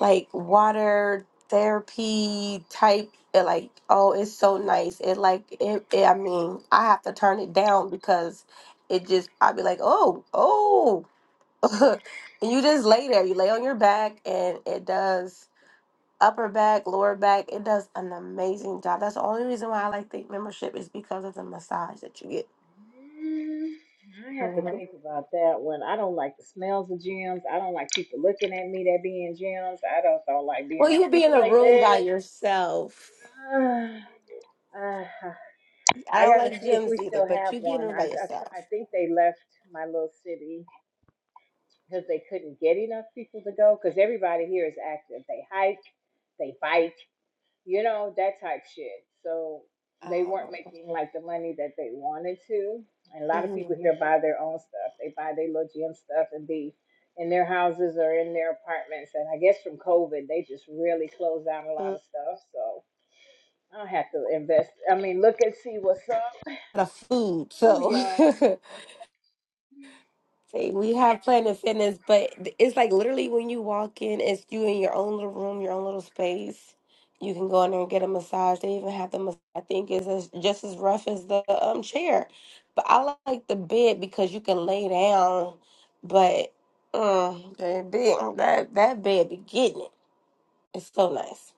S1: like water therapy type. It like oh, it's so nice. It like it, it. I mean, I have to turn it down because it just I'd be like oh oh <laughs> you just lay there. You lay on your back, and it does upper back, lower back. It does an amazing job. That's the only reason why I like the membership is because of the massage that you get.
S3: Mm, I have to
S1: Mhm.
S3: think about that one. I don't like the smells of gyms. I don't like people looking at me that be in gyms. I don't don't like
S1: Well,
S3: being around
S1: you be in
S3: people
S1: a
S3: like
S1: room by
S3: that.
S1: yourself.
S3: <sighs> Uh,
S1: I
S3: I
S1: don't
S3: gotta
S1: like
S3: see if we
S1: gyms either,
S3: still
S1: but
S3: have
S1: you be in a
S3: one.
S1: room
S3: I,
S1: by
S3: I, I
S1: yourself.
S3: think they left my little city because they couldn't get enough people to go. Because everybody here is active. They hike, they bike, you know, that type shit. So they weren't
S1: Um,
S3: making like the money that they wanted to. And a lot of people
S1: mhm.
S3: here buy their own stuff. They buy their little gym stuff and be in their houses or in their apartments. And I guess from COVID, they just really closed down a lot
S1: Mm,
S3: of stuff. So I'll have to invest. I mean, look and see what's up.
S1: The food,
S3: Ooh,
S1: so
S3: y'all.
S1: <laughs> See, we have Planet Fitness, but it's like literally when you walk in, it's you in your own little room, your own little space. You can go in there and get a massage. They even have the mas- I think is as, just as rough as the um chair, but I like the bed because you can lay down. But mm, that bed, that that bed be getting it. It's so nice.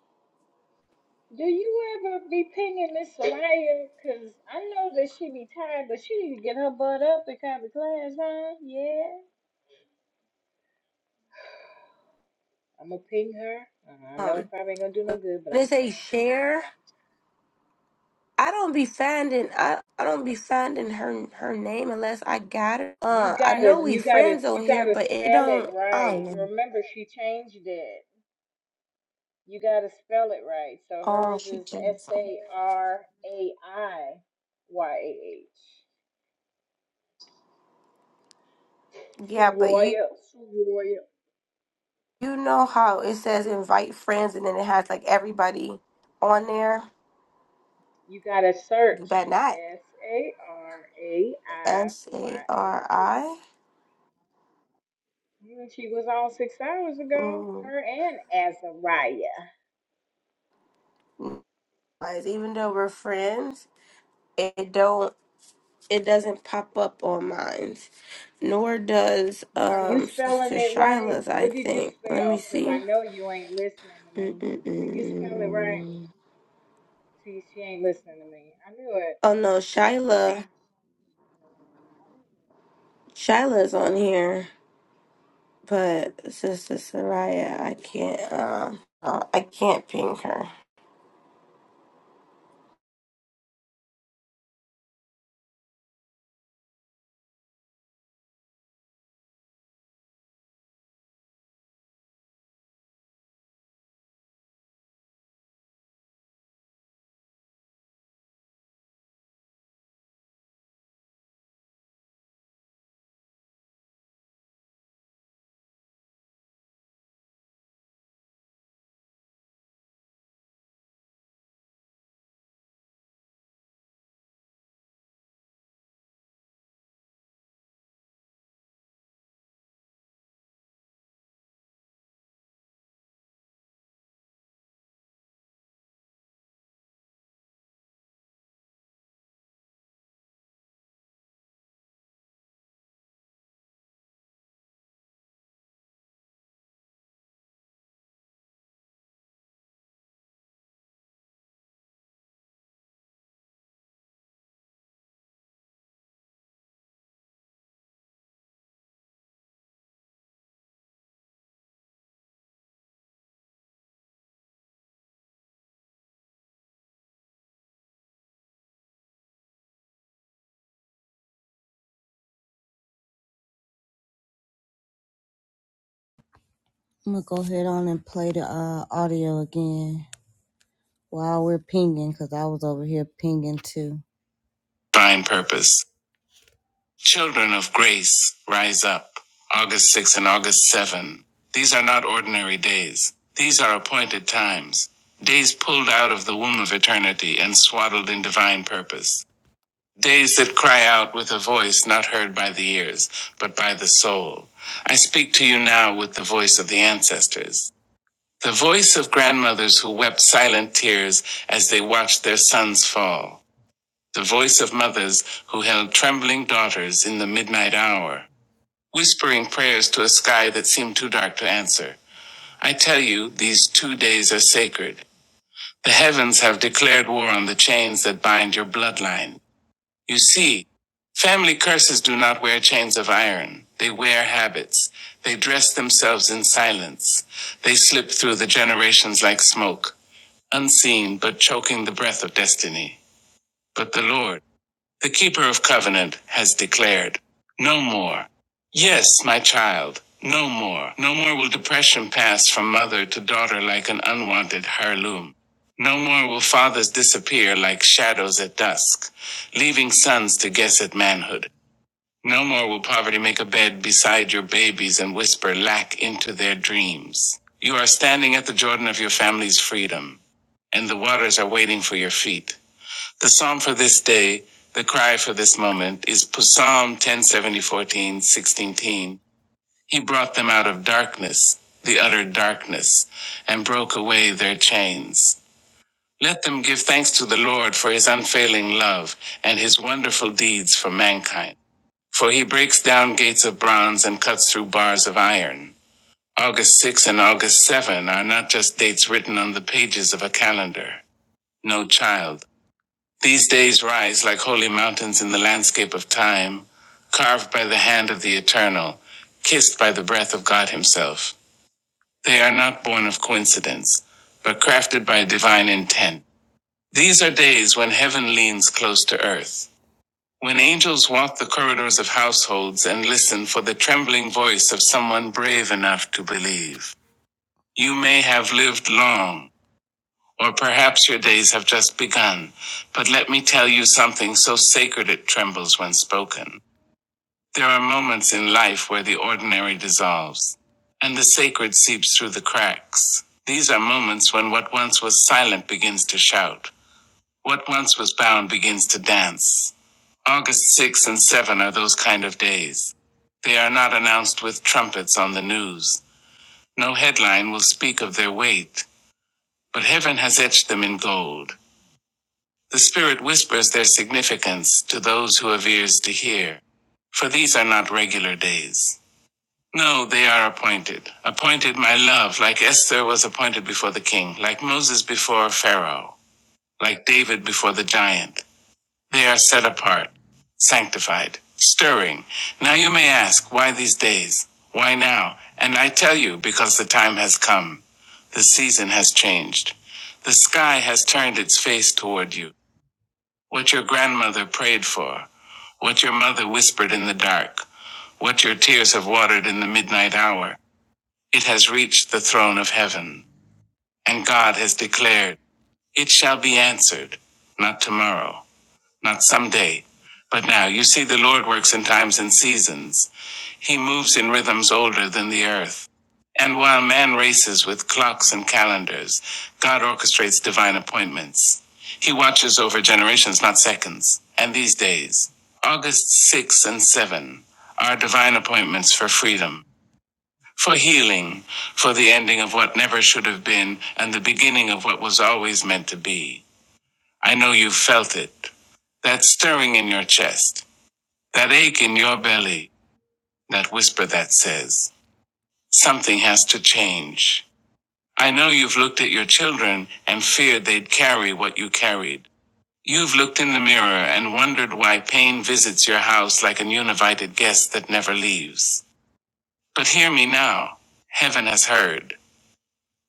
S3: Do you ever be pinging Miss Soraya? Cause I know that she be tired, but she need to get her butt up and come to class, huh? Yeah. I'm gonna ping her. Uh, I know it
S1: Um,
S3: probably ain't gonna do no good, but
S1: they
S3: I'm gonna
S1: say
S3: try.
S1: share. I don't be finding I, I don't be finding her her name unless I got her.
S3: You
S1: Uh, I know
S3: gotta,
S1: we
S3: you gotta,
S1: friends on
S3: you
S1: here,
S3: gotta
S1: but it
S3: spell it
S1: don't. I don't
S3: right.
S1: know.
S3: Remember, she changed it. You gotta spell it right. So
S1: Oh,
S3: hers
S1: she
S3: is S
S1: jealous.
S3: A R A I Y A H.
S1: Yeah, but you
S3: Soroya, Soroya.
S1: you know how it says invite friends and then it has like everybody on there.
S3: You gotta
S1: You
S3: search
S1: bet not.
S3: S A R A I
S1: S
S3: Y
S1: A
S3: A
S1: R
S3: H.
S1: I.
S3: Mm, She was on six hours ago.
S1: Mm,
S3: Her and Azariah.
S1: no, guys, Even though we're friends, it don't. it doesn't pop up on mine, nor does
S3: Are you
S1: um
S3: spelling
S1: Sister
S3: it right?
S1: Shyla's. I
S3: What did you
S1: think. Let me
S3: spell? Because I
S1: see.
S3: know you ain't listening to me. Did you spell it right?
S1: Mm-mm-mm.
S3: See, she ain't listening to me. I knew it.
S1: Oh no, Shyla. Shyla's on here, but Sister Soraya, I can't. Um, uh, I can't ping her.
S2: I'm gonna go ahead on and play the uh audio again while we're pinging because I was over here pinging too. Divine Purpose. Children of Grace, Rise Up. August 6 and August 7. These are not ordinary days. These are appointed times. Days pulled out of the womb of eternity and swaddled in divine purpose. Days that cry out with a voice not heard by the ears, but by the soul. I speak to you now with the voice of the ancestors. The voice of grandmothers who wept silent tears as they watched their sons fall the voice of mothers who held trembling daughters in the midnight hour, whispering prayers to a sky that seemed too dark to answer. I tell you, these two days are sacred. The heavens have declared war on the chains that bind your bloodline. You see, family curses do not wear chains of iron. They wear habits. They dress themselves in silence. They slip through the generations like smoke, unseen but choking the breath of destiny. But the Lord, the keeper of covenant has declared, No more. Yes, my child, no more. No more will depression pass from mother to daughter like an unwanted heirloom. No more will fathers disappear like shadows at dusk, leaving sons to guess at manhood. No more will poverty make a bed beside your babies and whisper lack into their dreams. You are standing at the Jordan of your family's freedom, and the waters are waiting for your feet. The psalm for this day, the cry for this moment, is Psalm 1070, 14, sixteen. He brought them out of darkness, the utter darkness, and broke away their chains. Let them give thanks to the Lord for his unfailing love and his wonderful deeds for mankind. For he breaks down gates of bronze and cuts through bars of iron. August 6 and August 7 are not just dates written on the pages of a calendar. No child. These days rise like holy mountains in the landscape of time, carved by the hand of the eternal, kissed by the breath of God Himself. They are not born of coincidence, but crafted by divine intent. These are days when heaven leans close to earth, when angels walk the corridors of households and listen for the trembling voice of someone brave enough to believe. You may have lived long, or perhaps your days have just begun. But let me tell you something so sacred it trembles when spoken. There are moments in life where the ordinary dissolves, and the sacred seeps through the cracks. These are moments when what once was silent begins to shout, what once was bound begins to dance. August 6 and 7 are those kind of days. They are not announced with trumpets on the news. No headline will speak of their weight, but heaven has etched them in gold. The Spirit whispers their significance to those who have ears to hear. For these are not regular days. No, they are appointed. Appointed, my love, like Esther was appointed before the king, like Moses before Pharaoh, like David before the giant. They are set apart, sanctified, stirring. Now you may ask, why these days? Why now? And I tell you, because the time has come. The season has changed. The sky has turned its face toward you. What your grandmother prayed for, what your mother whispered in the dark, what your tears have watered in the midnight hour, it has reached the throne of heaven. And God has declared, It shall be answered, not tomorrow, not someday, but now. You see, the Lord works in times and seasons. He moves in rhythms older than the earth. And while man races with clocks and calendars, God orchestrates divine appointments. He watches over generations, not seconds. And these days, August 6 and 7, are divine appointments for freedom, for healing, for the ending of what never should have been and the beginning of what was always meant to be. I know you've felt it. That stirring in your chest, that ache in your belly, that whisper that says, Something has to change. I know you've looked at your children and feared they'd carry what you carried. You've looked in the mirror and wondered why pain visits your house like an uninvited guest that never leaves. But hear me now. Heaven has heard.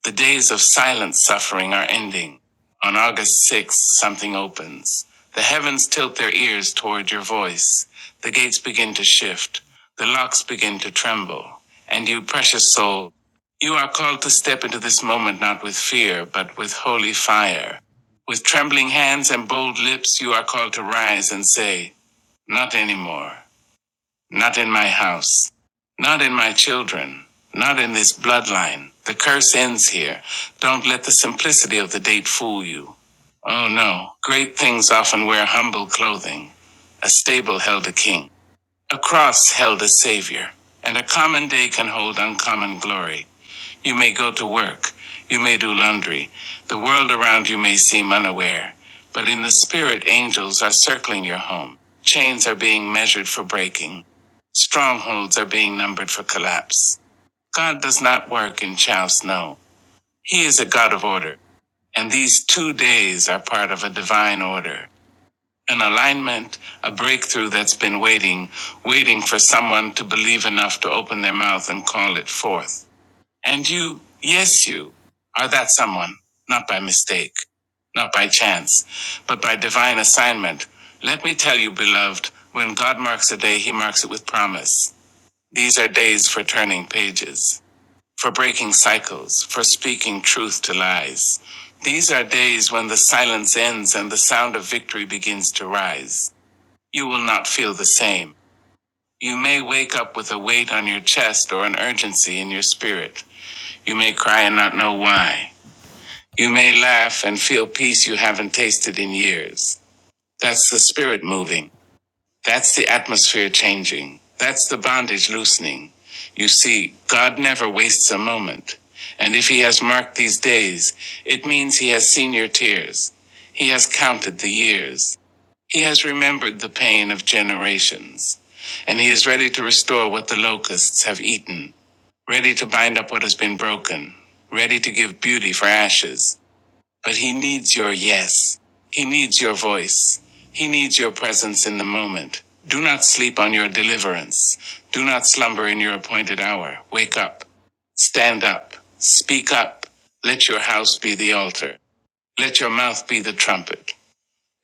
S2: The days of silent suffering are ending. On August 6th, something opens. The heavens tilt their ears toward your voice. The gates begin to shift. The locks begin to tremble. And you, precious soul, you are called to step into this moment not with fear, but with holy fire. With trembling hands and bold lips, you are called to rise and say, Not anymore. Not in my house. Not in my children. Not in this bloodline. The curse ends here. Don't let the simplicity of the date fool you. Oh no, great things often wear humble clothing. A stable held a king, a cross held a savior, and a common day can hold uncommon glory. You may go to work. You may do laundry. The world around you may seem unaware. But in the spirit, angels are circling your home. Chains are being measured for breaking. Strongholds are being numbered for collapse. God does not work in chow snow. He is a God of order. And these two days are part of a divine order. An alignment, a breakthrough that's been waiting, waiting for someone to believe enough to open their mouth and call it forth. And you, yes, you are that someone, not by mistake, not by chance, but by divine assignment. Let me tell you, beloved, when God marks a day, he marks it with promise. These are days for turning pages, for breaking cycles, for speaking truth to lies. These are days when the silence ends and the sound of victory begins to rise. You will not feel the same. You may wake up with a weight on your chest or an urgency in your spirit. You may cry and not know why. You may laugh and feel peace you haven't tasted in years. That's the spirit moving. That's the atmosphere changing. That's the bondage loosening. You see, God never wastes a moment. And if He has marked these days, it means He has seen your tears. He has counted the years. He has remembered the pain of generations. And He is ready to restore what the locusts have eaten ready to bind up what has been broken, ready to give beauty for ashes. But he needs your yes. He needs your voice. He needs your presence in the moment. Do not sleep on your deliverance. Do not slumber in your appointed hour. Wake up. Stand up. Speak up. Let your house be the altar. Let your mouth be the trumpet.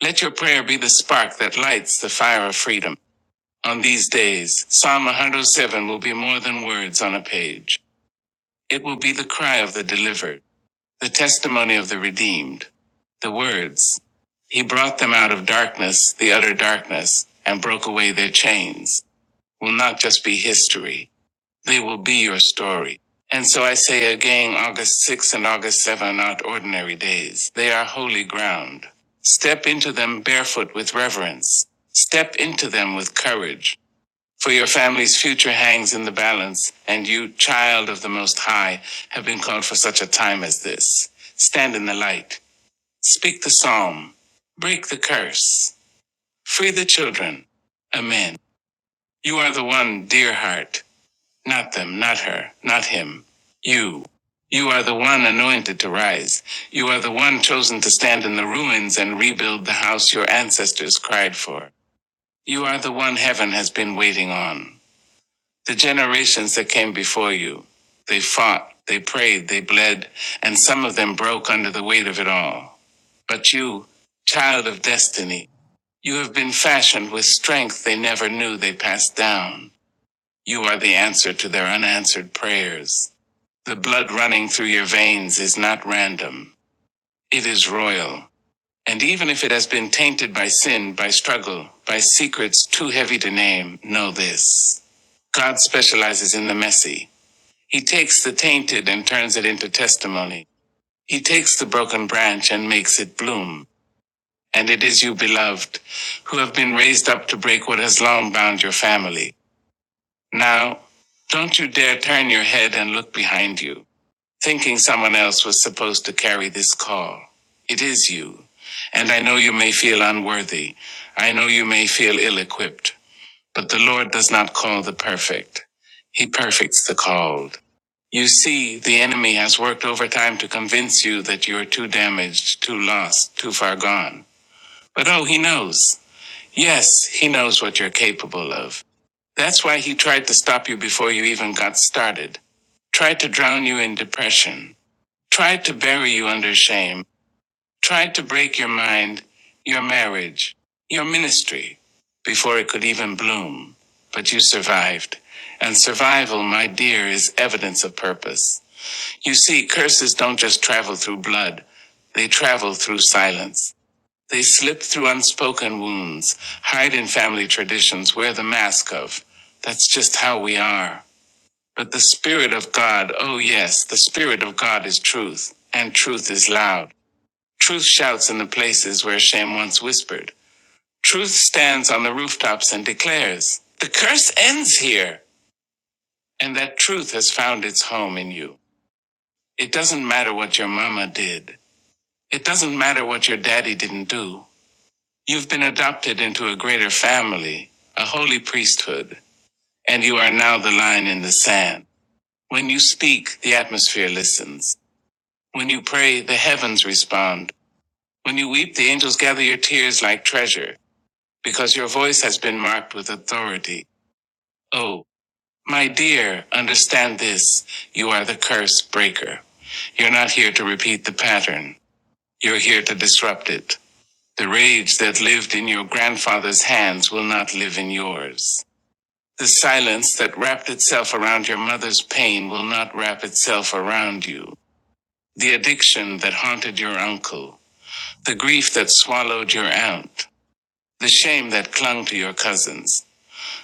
S2: Let your prayer be the spark that lights the fire of freedom. On these days, Psalm 107 will be more than words on a page. It will be the cry of the delivered, the testimony of the redeemed, the words. He brought them out of darkness, the utter darkness, and broke away their chains. Will not just be history, they will be your story. And so I say again, August 6 and August 7 are not ordinary days. They are holy ground. Step into them barefoot with reverence. Step into them with courage. For your family's future hangs in the balance, and you, child of the Most High, have been called for such a time as this. Stand in the light, speak the psalm, break the curse, free the children. Amen. You are the one, dear heart, not them, not her, not him, you. You are the one anointed to rise. You are the one chosen to stand in the ruins and rebuild the house your ancestors cried for. You are the one heaven has been waiting on. The generations that came before you, they fought, they prayed, they bled, and some of them broke under the weight of it all. But you, child of destiny, you have been fashioned with strength they never knew they passed down. You are the answer to their unanswered prayers. The blood running through your veins is not random. It is royal. And even if it has been tainted by sin, by struggle, by secrets too heavy to name, know this. God specializes in the messy. He takes the tainted and turns it into testimony. He takes the broken branch and makes it bloom. And it is you, beloved, who have been raised up to break what has long bound your family. Now, don't you dare turn your head and look behind you, thinking someone else was supposed to carry this call. It is you. And I know you may feel unworthy. I know you may feel ill equipped. But the Lord does not call the perfect, He perfects the called. You see, the enemy has worked overtime to convince you that you are too damaged, too lost, too far gone. But oh, he knows. Yes, he knows what you're capable of. That's why he tried to stop you before you even got started, tried to drown you in depression, tried to bury you under shame tried to break your mind, your marriage, your ministry, before it could even bloom. But you survived. And survival, my dear, is evidence of purpose. You see, curses don't just travel through blood, they travel through silence. They slip through unspoken wounds, hide in family traditions, wear the mask of. That's just how we are. But the Spirit of God, oh yes, the Spirit of God is truth, and truth is loud. Truth shouts in the places where shame once whispered. Truth stands on the rooftops and declares, The curse ends here! And that truth has found its home in you. It doesn't matter what your mama did. It doesn't matter what your daddy didn't do. You've been adopted into a greater family, a holy priesthood, and you are now the line in the sand. When you speak, the atmosphere listens. When you pray, the heavens respond. When you weep, the angels gather your tears like treasure. because your voice has been marked with authority. Oh, my dear, understand this. You are the curse breaker. You're not here to repeat the pattern. You're here to disrupt it. The rage that lived in your grandfather's hands will not live in yours. The silence that wrapped itself around your mother's pain will not wrap itself around you. The addiction that haunted your uncle. The grief that swallowed your aunt. The shame that clung to your cousins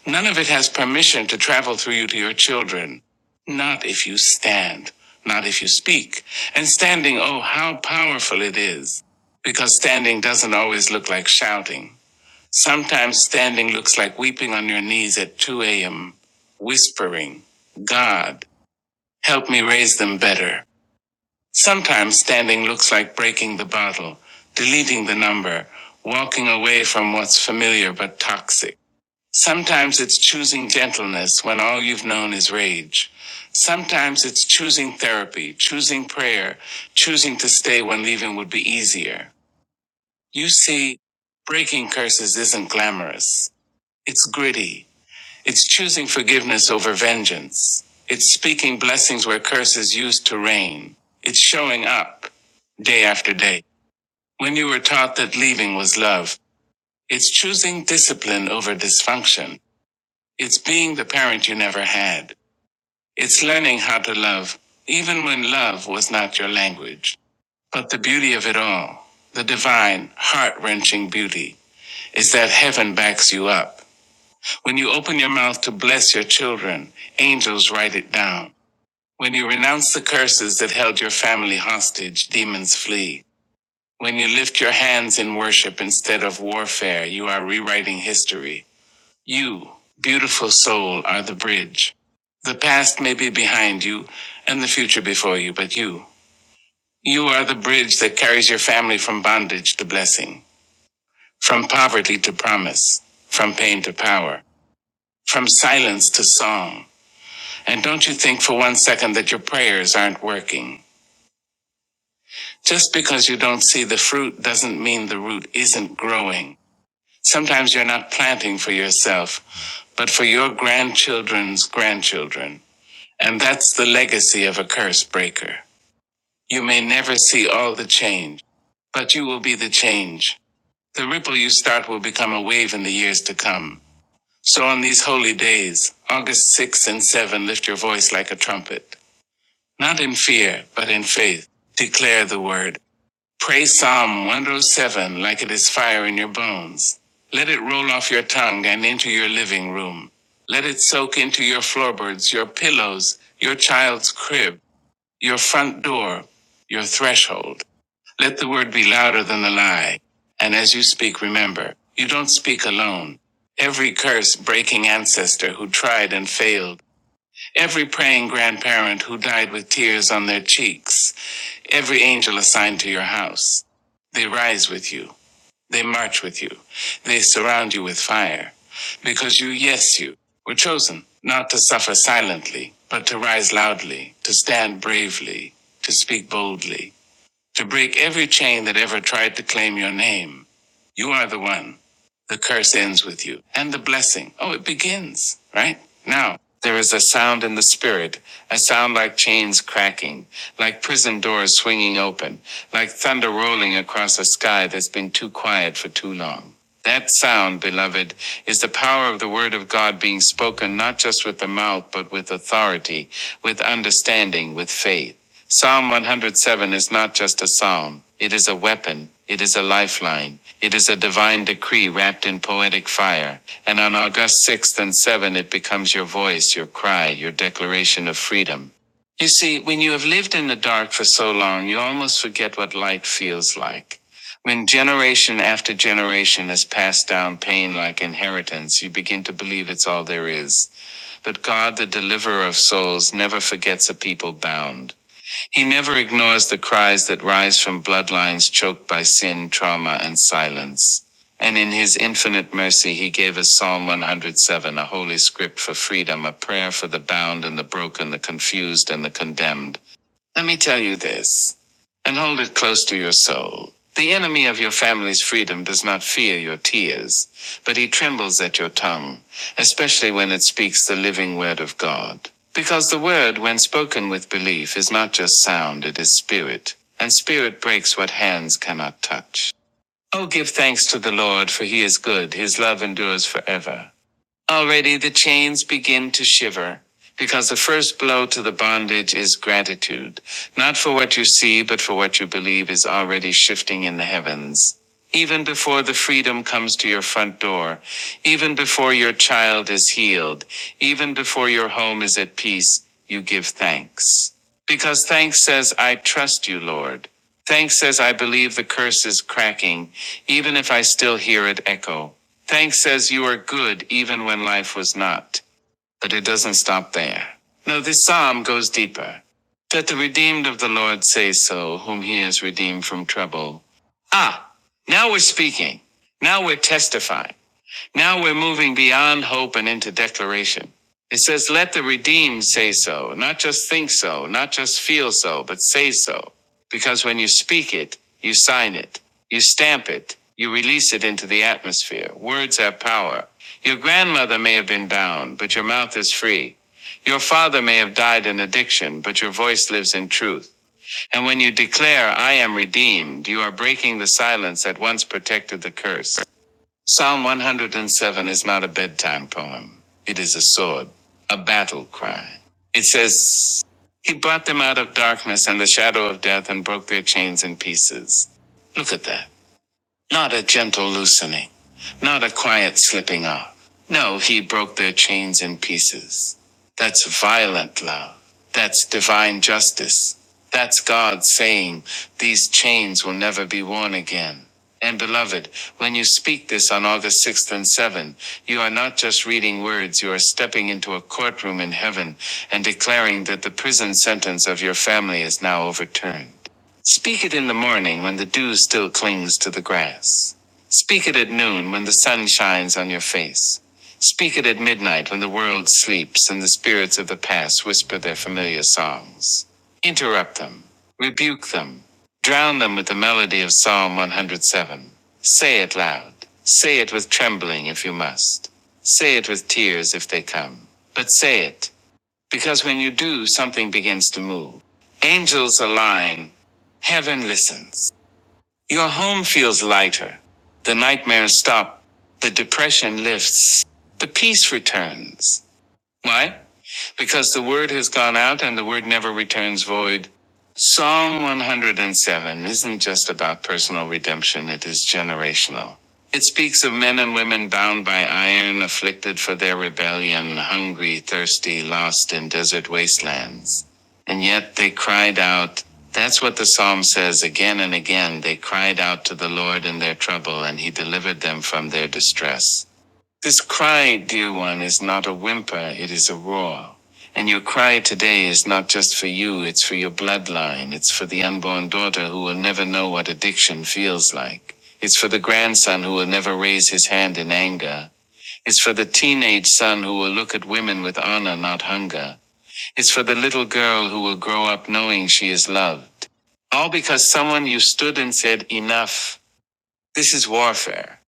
S2: None of it has permission to travel through you to your children. Not if you stand, not if you speak. And standing, oh, how powerful it is. Because standing doesn't always look like shouting. Sometimes standing looks like weeping on your knees at 2 a.m., whispering, God, help me raise them better. Sometimes standing looks like breaking the bottle, deleting the number, walking away from what's familiar but toxic. Sometimes it's choosing gentleness when all you've known is rage. Sometimes it's choosing therapy, choosing prayer, choosing to stay when leaving would be easier. You see, breaking curses isn't glamorous. It's gritty. It's choosing forgiveness over vengeance. It's speaking blessings where curses used to reign. It's showing up day after day. When you were taught that leaving was love, it's choosing discipline over dysfunction. It's being the parent you never had. It's learning how to love, even when love was not your language. But the beauty of it all, the divine, heart wrenching beauty, is that heaven backs you up. When you open your mouth to bless your children, angels write it down. When you renounce the curses that held your family hostage, demons flee. When you lift your hands in worship instead of warfare, you are rewriting history. You, beautiful soul, are the bridge. The past may be behind you and the future before you, but you, you are the bridge that carries your family from bondage to blessing, from poverty to promise, from pain to power, from silence to song. And don't you think for one second that your prayers aren't working. Just because you don't see the fruit doesn't mean the root isn't growing. Sometimes you're not planting for yourself, but for your grandchildren's grandchildren. And that's the legacy of a curse breaker. You may never see all the change, but you will be the change. The ripple you start will become a wave in the years to come. So on these holy days, August sixth and 7, lift your voice like a trumpet. Not in fear, but in faith. Declare the word. Pray Psalm 107 like it is fire in your bones. Let it roll off your tongue and into your living room. Let it soak into your floorboards, your pillows, your child's crib your front door, your threshold. Let the word be louder than the lie. And as you speak, remember, you don't speak alone. Every curse breaking ancestor who tried and failed, every praying grandparent who died with tears on their cheeks, every angel assigned to your house, they rise with you. They march with you. They surround you with fire. Because you, yes, you, were chosen, not to suffer silently, but to rise loudly, to stand bravely, to speak boldly to break every chain that ever tried to claim your name. You are the one. The curse ends with you. And the blessing. Oh, it begins, right? Now, there is a sound in the spirit, a sound like chains cracking, like prison doors swinging open, like thunder rolling across a sky that's been too quiet for too long. That sound, beloved, is the power of the word of God being spoken not just with the mouth, but with authority, with understanding, with faith. Psalm 107 is not just a psalm, it is a weapon, it is a lifeline, it is a divine decree wrapped in poetic fire. And on August 6th and 7th, it becomes your voice, your cry, your declaration of freedom. You see, when you have lived in the dark for so long, you almost forget what light feels like. When generation after generation has passed down pain like inheritance, you begin to believe it's all there is. But God, the deliverer of souls, never forgets a people bound. He never ignores the cries that rise from bloodlines choked by sin, trauma, and silence. And in his infinite mercy, he gave us Psalm 107, a holy script for freedom, a prayer for the bound and the broken, the confused and the condemned. Let me tell you this, and hold it close to your soul. The enemy of your family's freedom does not fear your tears, but he trembles at your tongue, especially when it speaks the living word of God. Because the word, when spoken with belief, is not just sound, it is spirit, and spirit breaks what hands cannot touch. Oh, give thanks to the Lord, for he is good, his love endures forever. Already the chains begin to shiver, because the first blow to the bondage is gratitude, not for what you see, but for what you believe is already shifting in the heavens. Even before the freedom comes to your front door, even before your child is healed, even before your home is at peace, you give thanks. Because thanks says, I trust you, Lord. Thanks says I believe the curse is cracking, even if I still hear it echo. Thanks says you are good even when life was not. But it doesn't stop there. No, this psalm goes deeper. That the redeemed of the Lord say so, whom he has redeemed from trouble. Ah, now we're speaking. Now we're testifying. Now we're moving beyond hope and into declaration. It says, Let the redeemed say so, not just think so, not just feel so, but say so. Because when you speak it, you sign it, you stamp it, you release it into the atmosphere. Words have power. Your grandmother may have been bound, but your mouth is free. Your father may have died in addiction, but your voice lives in truth. And when you declare, I am redeemed, you are breaking the silence that once protected the curse. Psalm 107 is not a bedtime poem. It is a sword, a battle cry. It says, He brought them out of darkness and the shadow of death and broke their chains in pieces. Look at that. Not a gentle loosening. Not a quiet slipping off. No, he broke their chains in pieces. That's violent love. That's divine justice. That's God saying, These chains will never be worn again. And beloved, when you speak this on August 6th and 7th, you are not just reading words, you are stepping into a courtroom in heaven and declaring that the prison sentence of your family is now overturned. Speak it in the morning when the dew still clings to the grass. Speak it at noon when the sun shines on your face. Speak it at midnight when the world sleeps and the spirits of the past whisper their familiar songs. Interrupt them, rebuke them, drown them with the melody of Psalm 107. Say it loud. Say it with trembling if you must. Say it with tears if they come. But say it, because when you do, something begins to move. Angels align, heaven listens. Your home feels lighter. The nightmares stop. The depression lifts. The peace returns. Why? because the word has gone out and the word never returns void. Psalm 107 isn't just about personal redemption, it is generational. It speaks of men and women bound by iron, afflicted for their rebellion, hungry, thirsty, lost in desert wastelands. And yet they cried out. That's what the psalm says again and again. They cried out to the Lord in their trouble, and he delivered them from their distress. This cry, dear one, is not a whimper, it is a roar. And your cry today is not just for you, it's for your bloodline. It's for the unborn daughter who will never know what addiction feels like. It's for the grandson who will never raise his hand in anger. It's for the teenage son who will look at women with honor, not hunger. It's for the little girl who will grow up knowing she is loved. All because someone you stood and said, enough. This is warfare.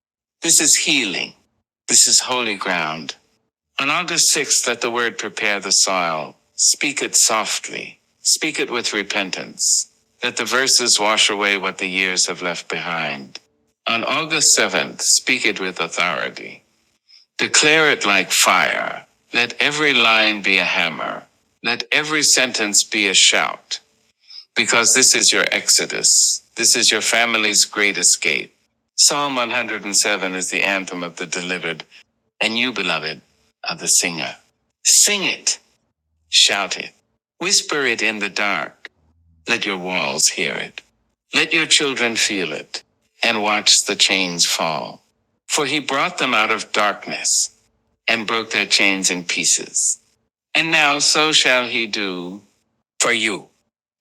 S2: This is healing. This is holy ground. On August 6th, let the word prepare the soil. Speak it softly. Speak it with repentance. Let the verses wash away what the years have left behind. On August 7th, speak it with authority. Declare it like fire. Let every line be a hammer. Let every sentence be a shout. Because this is your exodus. This is your family's great escape. Psalm 107 is the anthem of the delivered. And you, beloved, are the singer. Sing it, shout it, whisper it in the dark. Let your walls hear it. Let your children feel it and watch the chains fall. For he brought them out of darkness and broke their chains in pieces. And now so shall he do for you.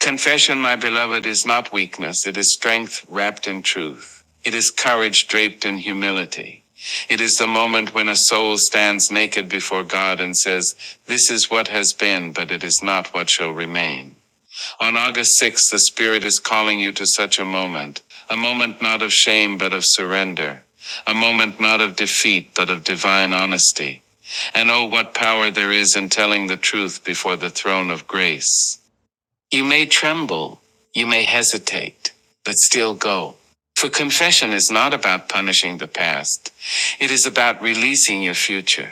S2: Confession, my beloved, is not weakness. It is strength wrapped in truth. It is courage draped in humility. It is the moment when a soul stands naked before God and says, This is what has been, but it is not what shall remain. On August 6th, the Spirit is calling you to such a moment, a moment not of shame, but of surrender, a moment not of defeat, but of divine honesty. And oh, what power there is in telling the truth before the throne of grace. You may tremble, you may hesitate, but still go. For confession is not about punishing the past. It is about releasing your future.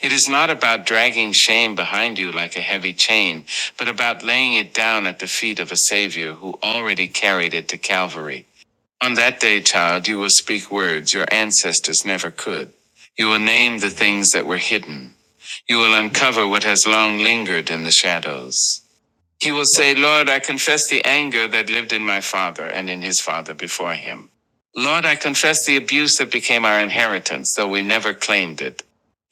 S2: It is not about dragging shame behind you like a heavy chain, but about laying it down at the feet of a Savior who already carried it to Calvary. On that day, child, you will speak words your ancestors never could. You will name the things that were hidden. You will uncover what has long lingered in the shadows. He will say, Lord, I confess the anger that lived in my father and in his father before him. Lord, I confess the abuse that became our inheritance, though we never claimed it.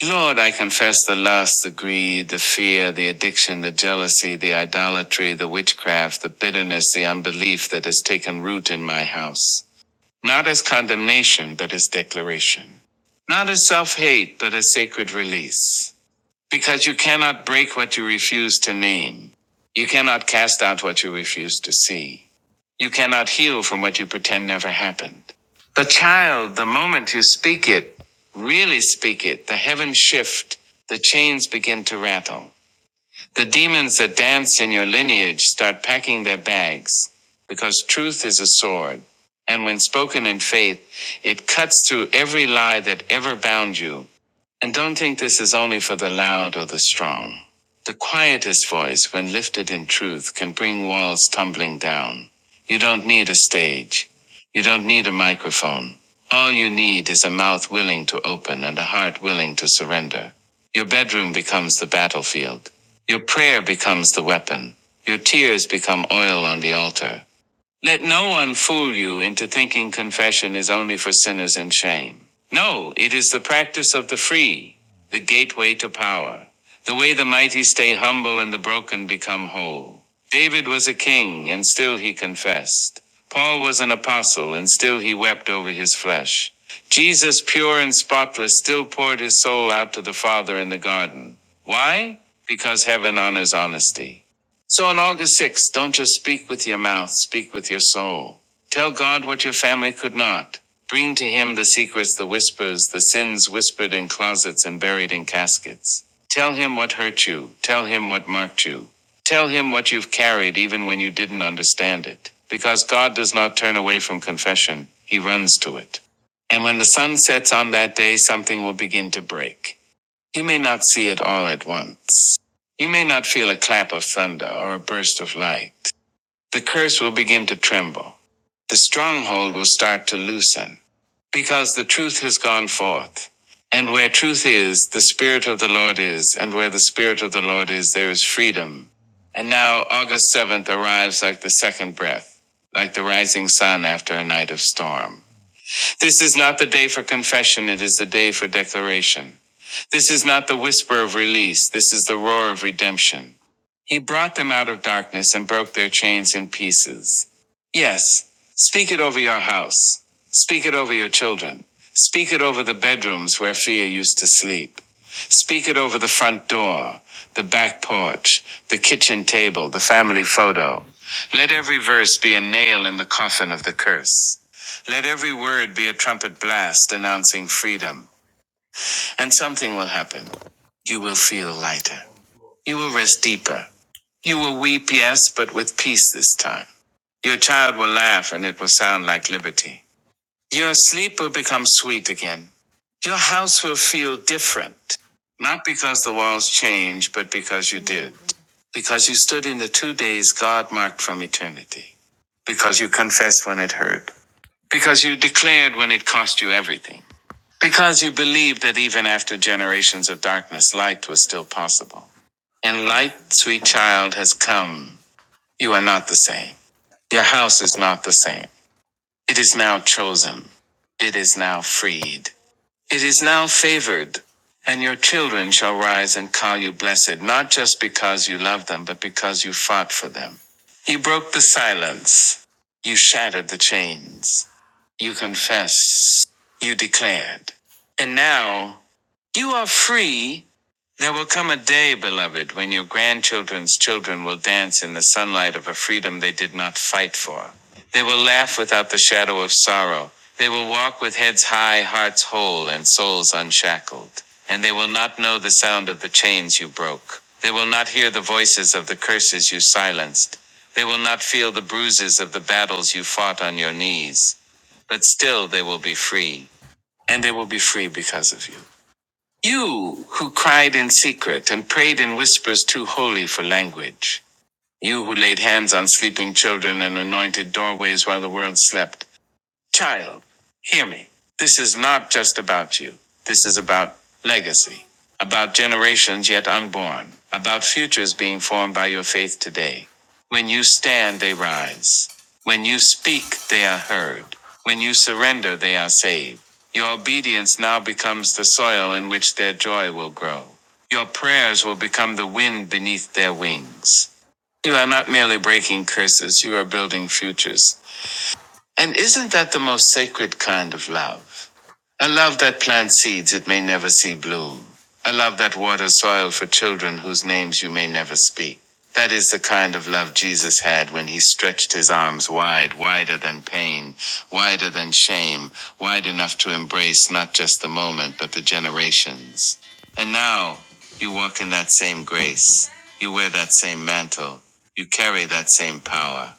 S2: Lord, I confess the lust, the greed, the fear, the addiction, the jealousy, the idolatry, the witchcraft, the bitterness, the unbelief that has taken root in my house. Not as condemnation, but as declaration. Not as self hate, but as sacred release. Because you cannot break what you refuse to name. You cannot cast out what you refuse to see. You cannot heal from what you pretend never happened. But child, the moment you speak it, really speak it, the heavens shift, the chains begin to rattle. The demons that danced in your lineage start packing their bags because truth is a sword. And when spoken in faith, it cuts through every lie that ever bound you and don't think this is only for the loud or the strong. The quietest voice, when lifted in truth, can bring walls tumbling down. You don't need a stage. You don't need a microphone. All you need is a mouth willing to open and a heart willing to surrender. Your bedroom becomes the battlefield. Your prayer becomes the weapon. Your tears become oil on the altar. Let no one fool you into thinking confession is only for sinners in shame. No, it is the practice of the free, the gateway to power, the way the mighty stay humble and the broken become whole. David was a king and still he confessed. Paul was an apostle and still he wept over his flesh. Jesus, pure and spotless, still poured his soul out to the Father in the garden. Why? Because heaven honors honesty. So on August 6th, don't just speak with your mouth, speak with your soul. Tell God what your family could not. Bring to Him the secrets, the whispers, the sins whispered in closets and buried in caskets. Tell Him what hurt you. Tell Him what marked you. Tell Him what you've carried even when you didn't understand it. Because God does not turn away from confession, He runs to it. And when the sun sets on that day, something will begin to break. You may not see it all at once. You may not feel a clap of thunder or a burst of light. The curse will begin to tremble. The stronghold will start to loosen because the truth has gone forth. And where truth is, the Spirit of the Lord is. And where the Spirit of the Lord is, there is freedom. And now August 7th arrives like the second breath, like the rising sun after a night of storm. This is not the day for confession, it is the day for declaration. This is not the whisper of release, this is the roar of redemption. He brought them out of darkness and broke their chains in pieces. Yes, speak it over your house. Speak it over your children. Speak it over the bedrooms where fear used to sleep. Speak it over the front door, the back porch, the kitchen table, the family photo. Let every verse be a nail in the coffin of the curse. Let every word be a trumpet blast announcing freedom and something will happen. You will feel lighter. You will rest deeper. You will weep, yes, but with peace this time. Your child will laugh and it will sound like liberty. Your sleep will become sweet again. Your house will feel different. Not because the walls changed, but because you did. Because you stood in the two days God marked from eternity. Because you confessed when it hurt. Because you declared when it cost you everything. Because you believed that even after generations of darkness, light was still possible. And light, sweet child, has come. You are not the same. Your house is not the same. It is now chosen. It is now freed. It is now favored. And your children shall rise and call you blessed, not just because you love them, but because you fought for them. You broke the silence. You shattered the chains. You confessed. You declared. And now, you are free. There will come a day, beloved, when your grandchildren's children will dance in the sunlight of a freedom they did not fight for. They will laugh without the shadow of sorrow. They will walk with heads high, hearts whole, and souls unshackled. And they will not know the sound of the chains you broke. They will not hear the voices of the curses you silenced. They will not feel the bruises of the battles you fought on your knees. But still they will be free. And they will be free because of you. You who cried in secret and prayed in whispers too holy for language. You who laid hands on sleeping children and anointed doorways while the world slept. Child, hear me. This is not just about you. This is about legacy, about generations yet unborn, about futures being formed by your faith today. When you stand, they rise. When you speak, they are heard. When you surrender, they are saved. Your obedience now becomes the soil in which their joy will grow. Your prayers will become the wind beneath their wings. You are not merely breaking curses, you are building futures and isn't that the most sacred kind of love? A love that plants seeds it may never see bloom. A love that waters soil for children whose names you may never speak. That is the kind of love Jesus had when he stretched his arms wide, wider than pain, wider than shame, wide enough to embrace not just the moment, but the generations. And now you walk in that same grace. You wear that same mantle. You carry that same power.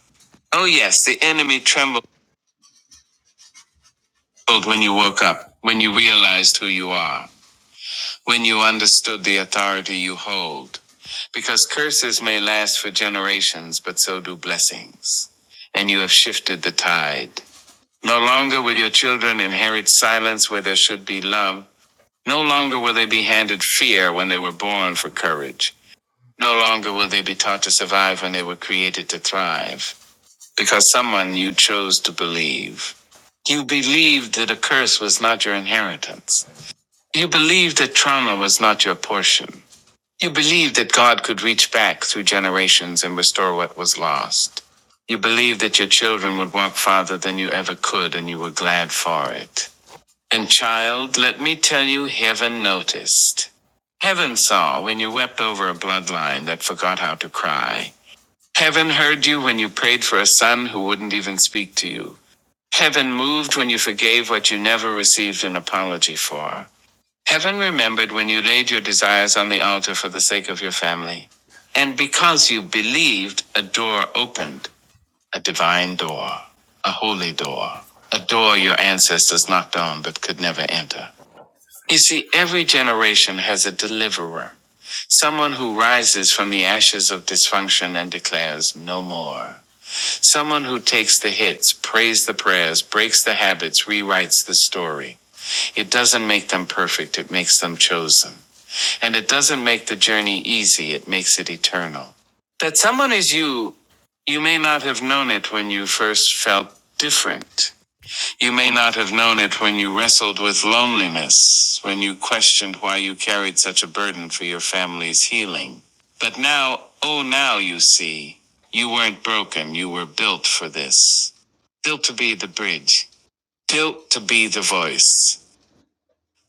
S2: Oh, yes, the enemy trembles. Filled when you woke up, when you realized who you are, when you understood the authority you hold. Because curses may last for generations, but so do blessings. And you have shifted the tide. No longer will your children inherit silence where there should be love. No longer will they be handed fear when they were born for courage. No longer will they be taught to survive when they were created to thrive. Because someone you chose to believe. You believed that a curse was not your inheritance. You believed that trauma was not your portion. You believed that God could reach back through generations and restore what was lost. You believed that your children would walk farther than you ever could, and you were glad for it. And, child, let me tell you, heaven noticed. Heaven saw when you wept over a bloodline that forgot how to cry. Heaven heard you when you prayed for a son who wouldn't even speak to you. Heaven moved when you forgave what you never received an apology for. Heaven remembered when you laid your desires on the altar for the sake of your family. And because you believed, a door opened, a divine door, a holy door, a door your ancestors knocked on but could never enter. You see, every generation has a deliverer, someone who rises from the ashes of dysfunction and declares, No more. Someone who takes the hits, prays the prayers, breaks the habits, rewrites the story. It doesn't make them perfect, it makes them chosen. And it doesn't make the journey easy, it makes it eternal. That someone is you, you may not have known it when you first felt different. You may not have known it when you wrestled with loneliness, when you questioned why you carried such a burden for your family's healing. But now, oh, now you see, you weren't broken, you were built for this. Built to be the bridge, built to be the voice.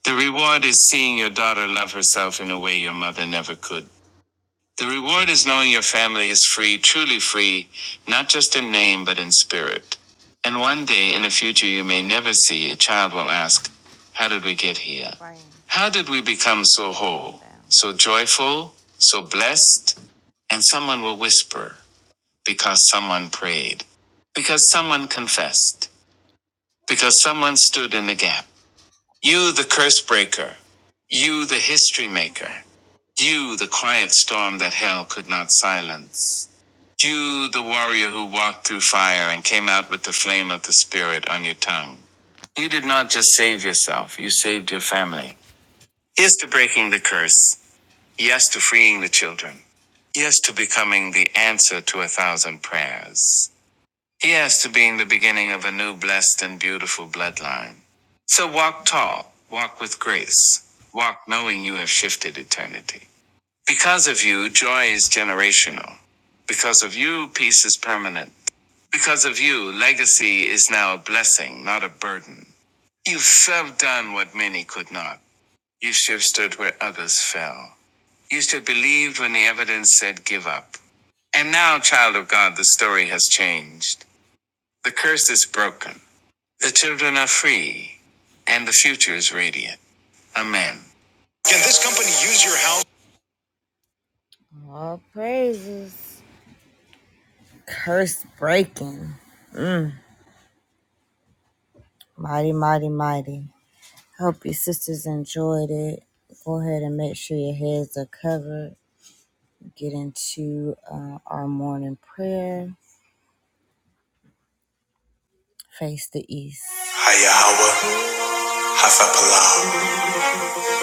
S2: The reward is seeing your daughter love herself in a way your mother never could. The reward is knowing your family is free, truly free, not just in name but in spirit. And one day in the future you may never see, a child will ask, How did we get here? How did we become so whole, so joyful, so blessed? And someone will whisper, Because someone prayed, because someone confessed, because someone stood in the gap. You, the curse breaker, you, the history maker, you, the quiet storm that hell could not silence. You, the warrior who walked through fire and came out with the flame of the Spirit on your tongue. You did not just save yourself, you saved your family. Yes to breaking the curse. Yes to freeing the children. Yes to becoming the answer to a thousand prayers. Yes to being the beginning of a new blessed and beautiful bloodline. So walk tall, walk with grace, walk knowing you have shifted eternity. Because of you, joy is generational. Because of you, peace is permanent. Because of you, legacy is now a blessing, not a burden. You have done what many could not. You should have stood where others fell. You should have believed when the evidence said give up. And now, child of God, the story has changed. The curse is broken. The children are free. And the future is radiant. Amen. All praises. Curse breaking. Mighty, mighty, mighty. Hope your sisters enjoyed it. Go ahead and make sure your heads are covered. Get into uh, our morning prayer. Face the east. Hayahawa Hasapalam,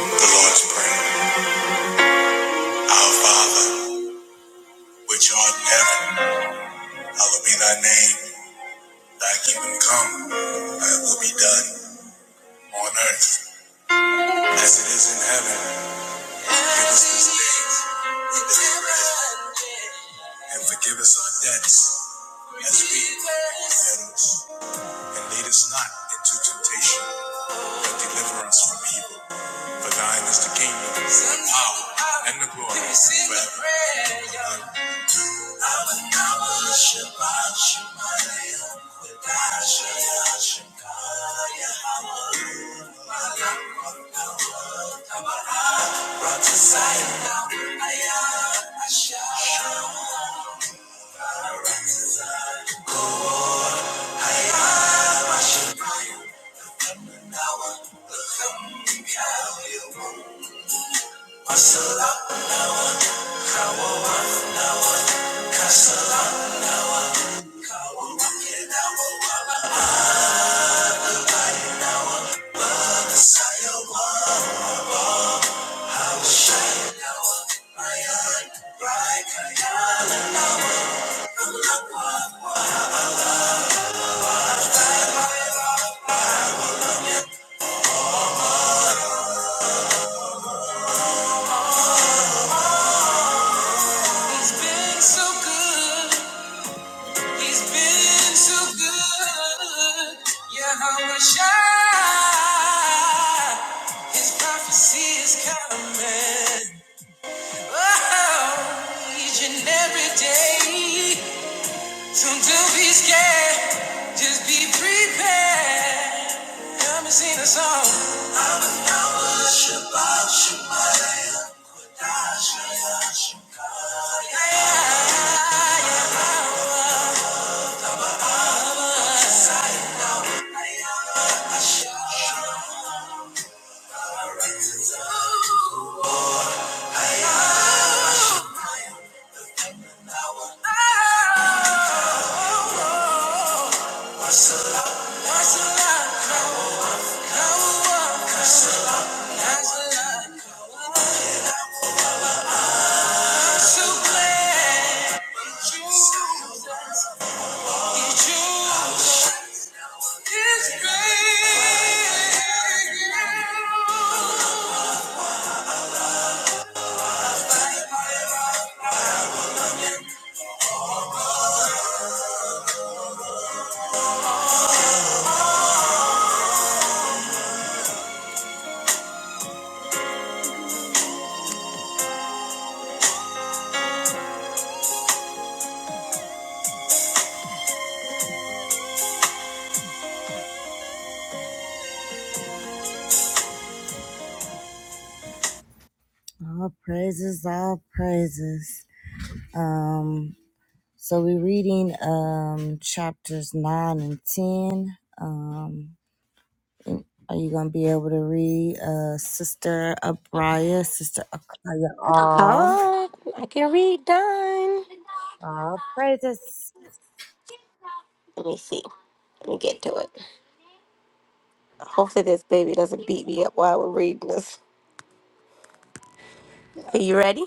S2: the Lord's Prayer. Our Father, which art in heaven, hallowed be thy name. Thy kingdom come, thy will be done, on earth as it is in heaven. Give us this day our daily bread. and forgive us our debts as we forgive debtors. And lead us not into temptation, but deliver us from evil. For thine is the kingdom, the power, and the glory forever. Amen. I Marcela, He's been so good. He's been so good. Yeah, I wish I. His prophecy is coming. Oh, each and every day. Don't be scared, just be prepared. Come and sing a song. I'm a cowboy, Shabbat Shalom. Kodashaya Shikaya. All praises, all praises. Um, so we're reading um chapters nine and ten. Um, Are you gonna be able to read uh Sister Abraya, Sister Akaya all?
S1: God, I can read done.
S2: All praises.
S1: Let me see. Let me get to it. Hopefully, this baby doesn't beat me up while we're reading this. Are you ready?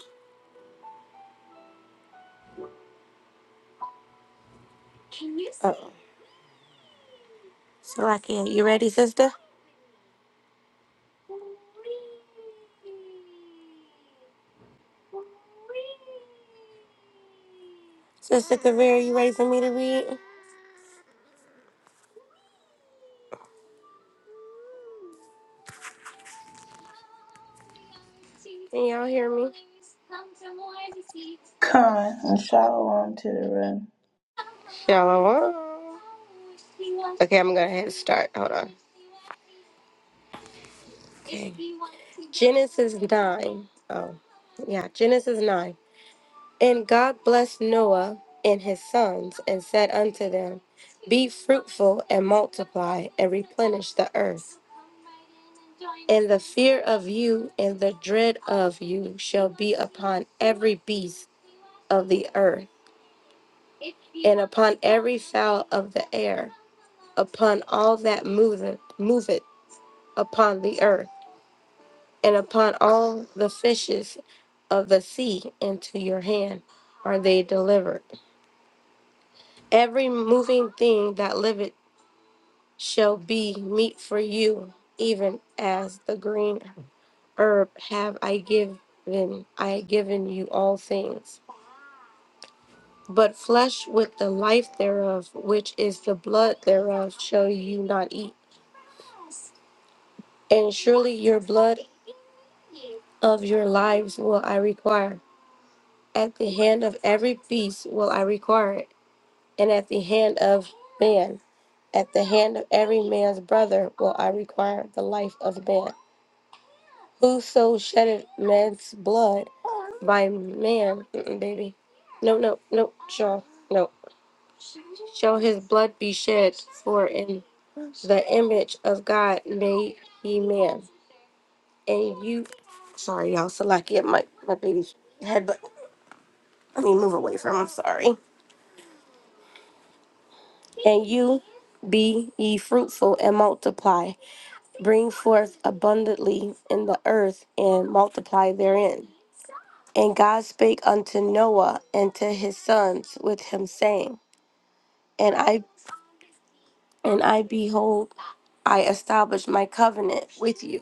S1: Oh, so I can. You ready, Sister? Sister Kaveri, you ready for me to read? Can y'all hear me?
S4: Come and shalom to the room.
S1: Shalom. Okay, I'm gonna head start. Hold on. Okay. Genesis 9. Oh, yeah, Genesis 9. And God blessed Noah and his sons and said unto them, Be fruitful and multiply and replenish the earth. And the fear of you and the dread of you shall be upon every beast of the earth, and upon every fowl of the air, upon all that moveth, moveth upon the earth, and upon all the fishes of the sea into your hand are they delivered. Every moving thing that liveth shall be meat for you, even as the green herb have I given I given you all things. But flesh with the life thereof, which is the blood thereof, shall you not eat. And surely your blood of your lives will I require. At the hand of every beast will I require it, and at the hand of man, at the hand of every man's brother will I require the life of man. Whoso sheddeth man's blood by man, mm-mm, baby. No, no, no, Shaw, no. shall his blood be shed, for in the image of God made he man. And you, sorry, y'all, Salakia, my, my baby's head, but let me move away from him, sorry. And you be ye fruitful and multiply, bring forth abundantly in the earth and multiply therein. And God spake unto Noah and to his sons with him, saying, And I and I behold, I establish my covenant with you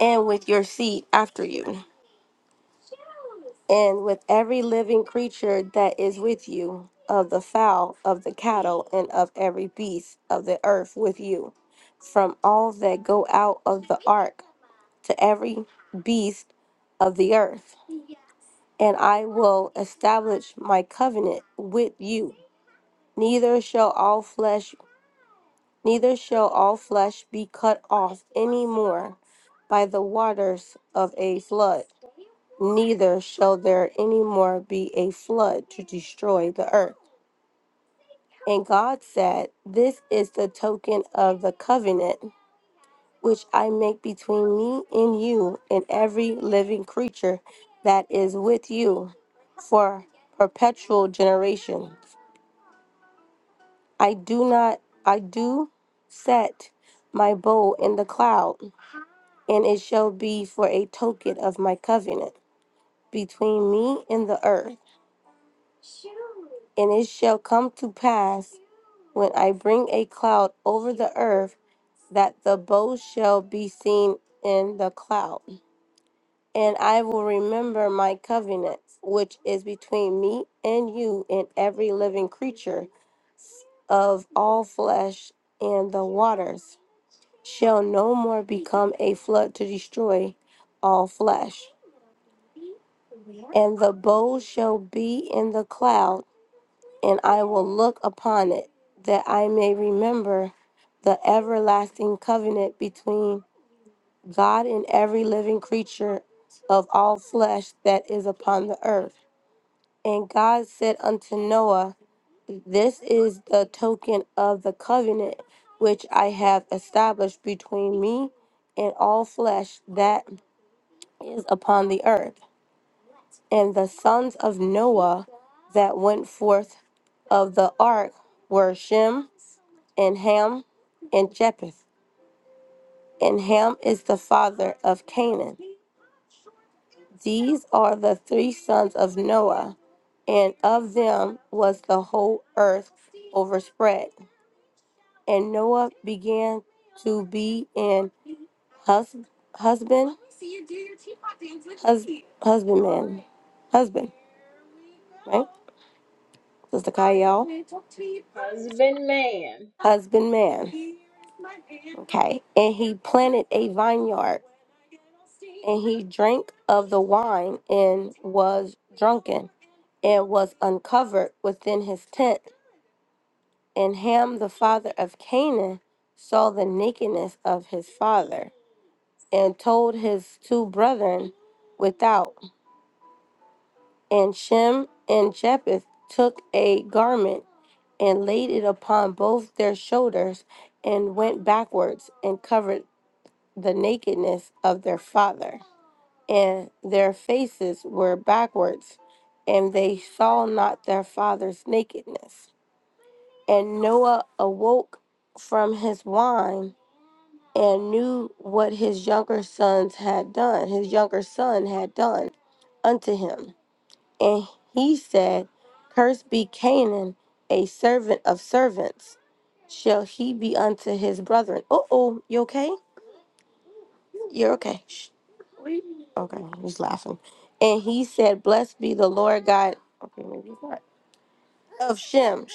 S1: and with your seed after you, and with every living creature that is with you, of the fowl, of the cattle, and of every beast of the earth with you, from all that go out of the ark to every beast of the earth. And I will establish my covenant with you. Neither shall all flesh, neither shall all flesh be cut off any more by the waters of a flood neither shall there any more be a flood to destroy the earth. And God said, This is the token of the covenant which I make between me and you and every living creature that is with you for perpetual generation. I do not, I do set my bow in the cloud, and it shall be for a token of my covenant between me and the earth. And it shall come to pass when I bring a cloud over the earth, that the bow shall be seen in the cloud. And I will remember my covenant, which is between me and you and every living creature of all flesh, and the waters shall no more become a flood to destroy all flesh. And the bow shall be in the cloud and I will look upon it, that I may remember the everlasting covenant between God and every living creature of all flesh that is upon the earth. And God said unto Noah, This is the token of the covenant which I have established between me and all flesh that is upon the earth. And the sons of Noah that went forth of the ark were Shem, and Ham and Japheth. And Ham is the father of Canaan. These are the three sons of Noah, and of them was the whole earth overspread. And Noah began to be an hus- husband, hus- husbandman, husband, right? Sister Kyle.
S3: Husband man.
S1: Husbandman, Okay. And he planted a vineyard and he drank of the wine and was drunken and was uncovered within his tent. And Ham, the father of Canaan, saw the nakedness of his father and told his two brethren without. And Shem and Japheth took a garment and laid it upon both their shoulders and went backwards and covered the nakedness of their father, and their faces were backwards, and they saw not their father's nakedness. And Noah awoke from his wine and knew what his younger sons had done, his younger son had done unto him. And he said, Cursed be Canaan, a servant of servants, shall he be unto his brethren. Uh oh, you okay? You're okay. Shh. Okay, he's laughing. And he said, Blessed be the Lord God okay, maybe he's not, of Shem,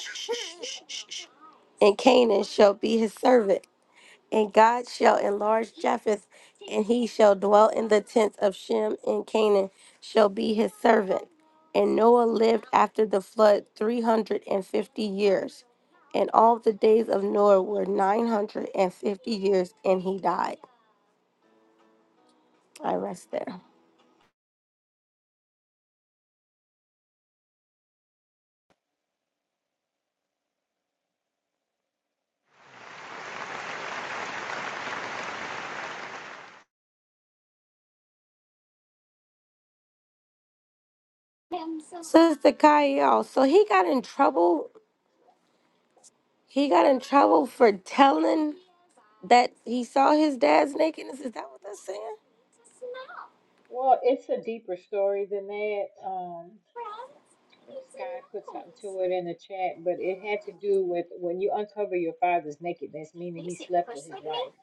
S1: and Canaan shall be his servant. And God shall enlarge Japheth, and he shall dwell in the tents of Shem, and Canaan shall be his servant. And Noah lived after the flood 350 years. And all the days of Noah were 950 years, and he died. I rest there. Sister Kyle, so he got in trouble He got in trouble for telling that he saw his dad's nakedness. Is that what that's saying?
S3: Well, it's a deeper story than that. Um, Sky put something to it in the chat, but it had to do with when you uncover your father's nakedness, meaning he slept with his wife,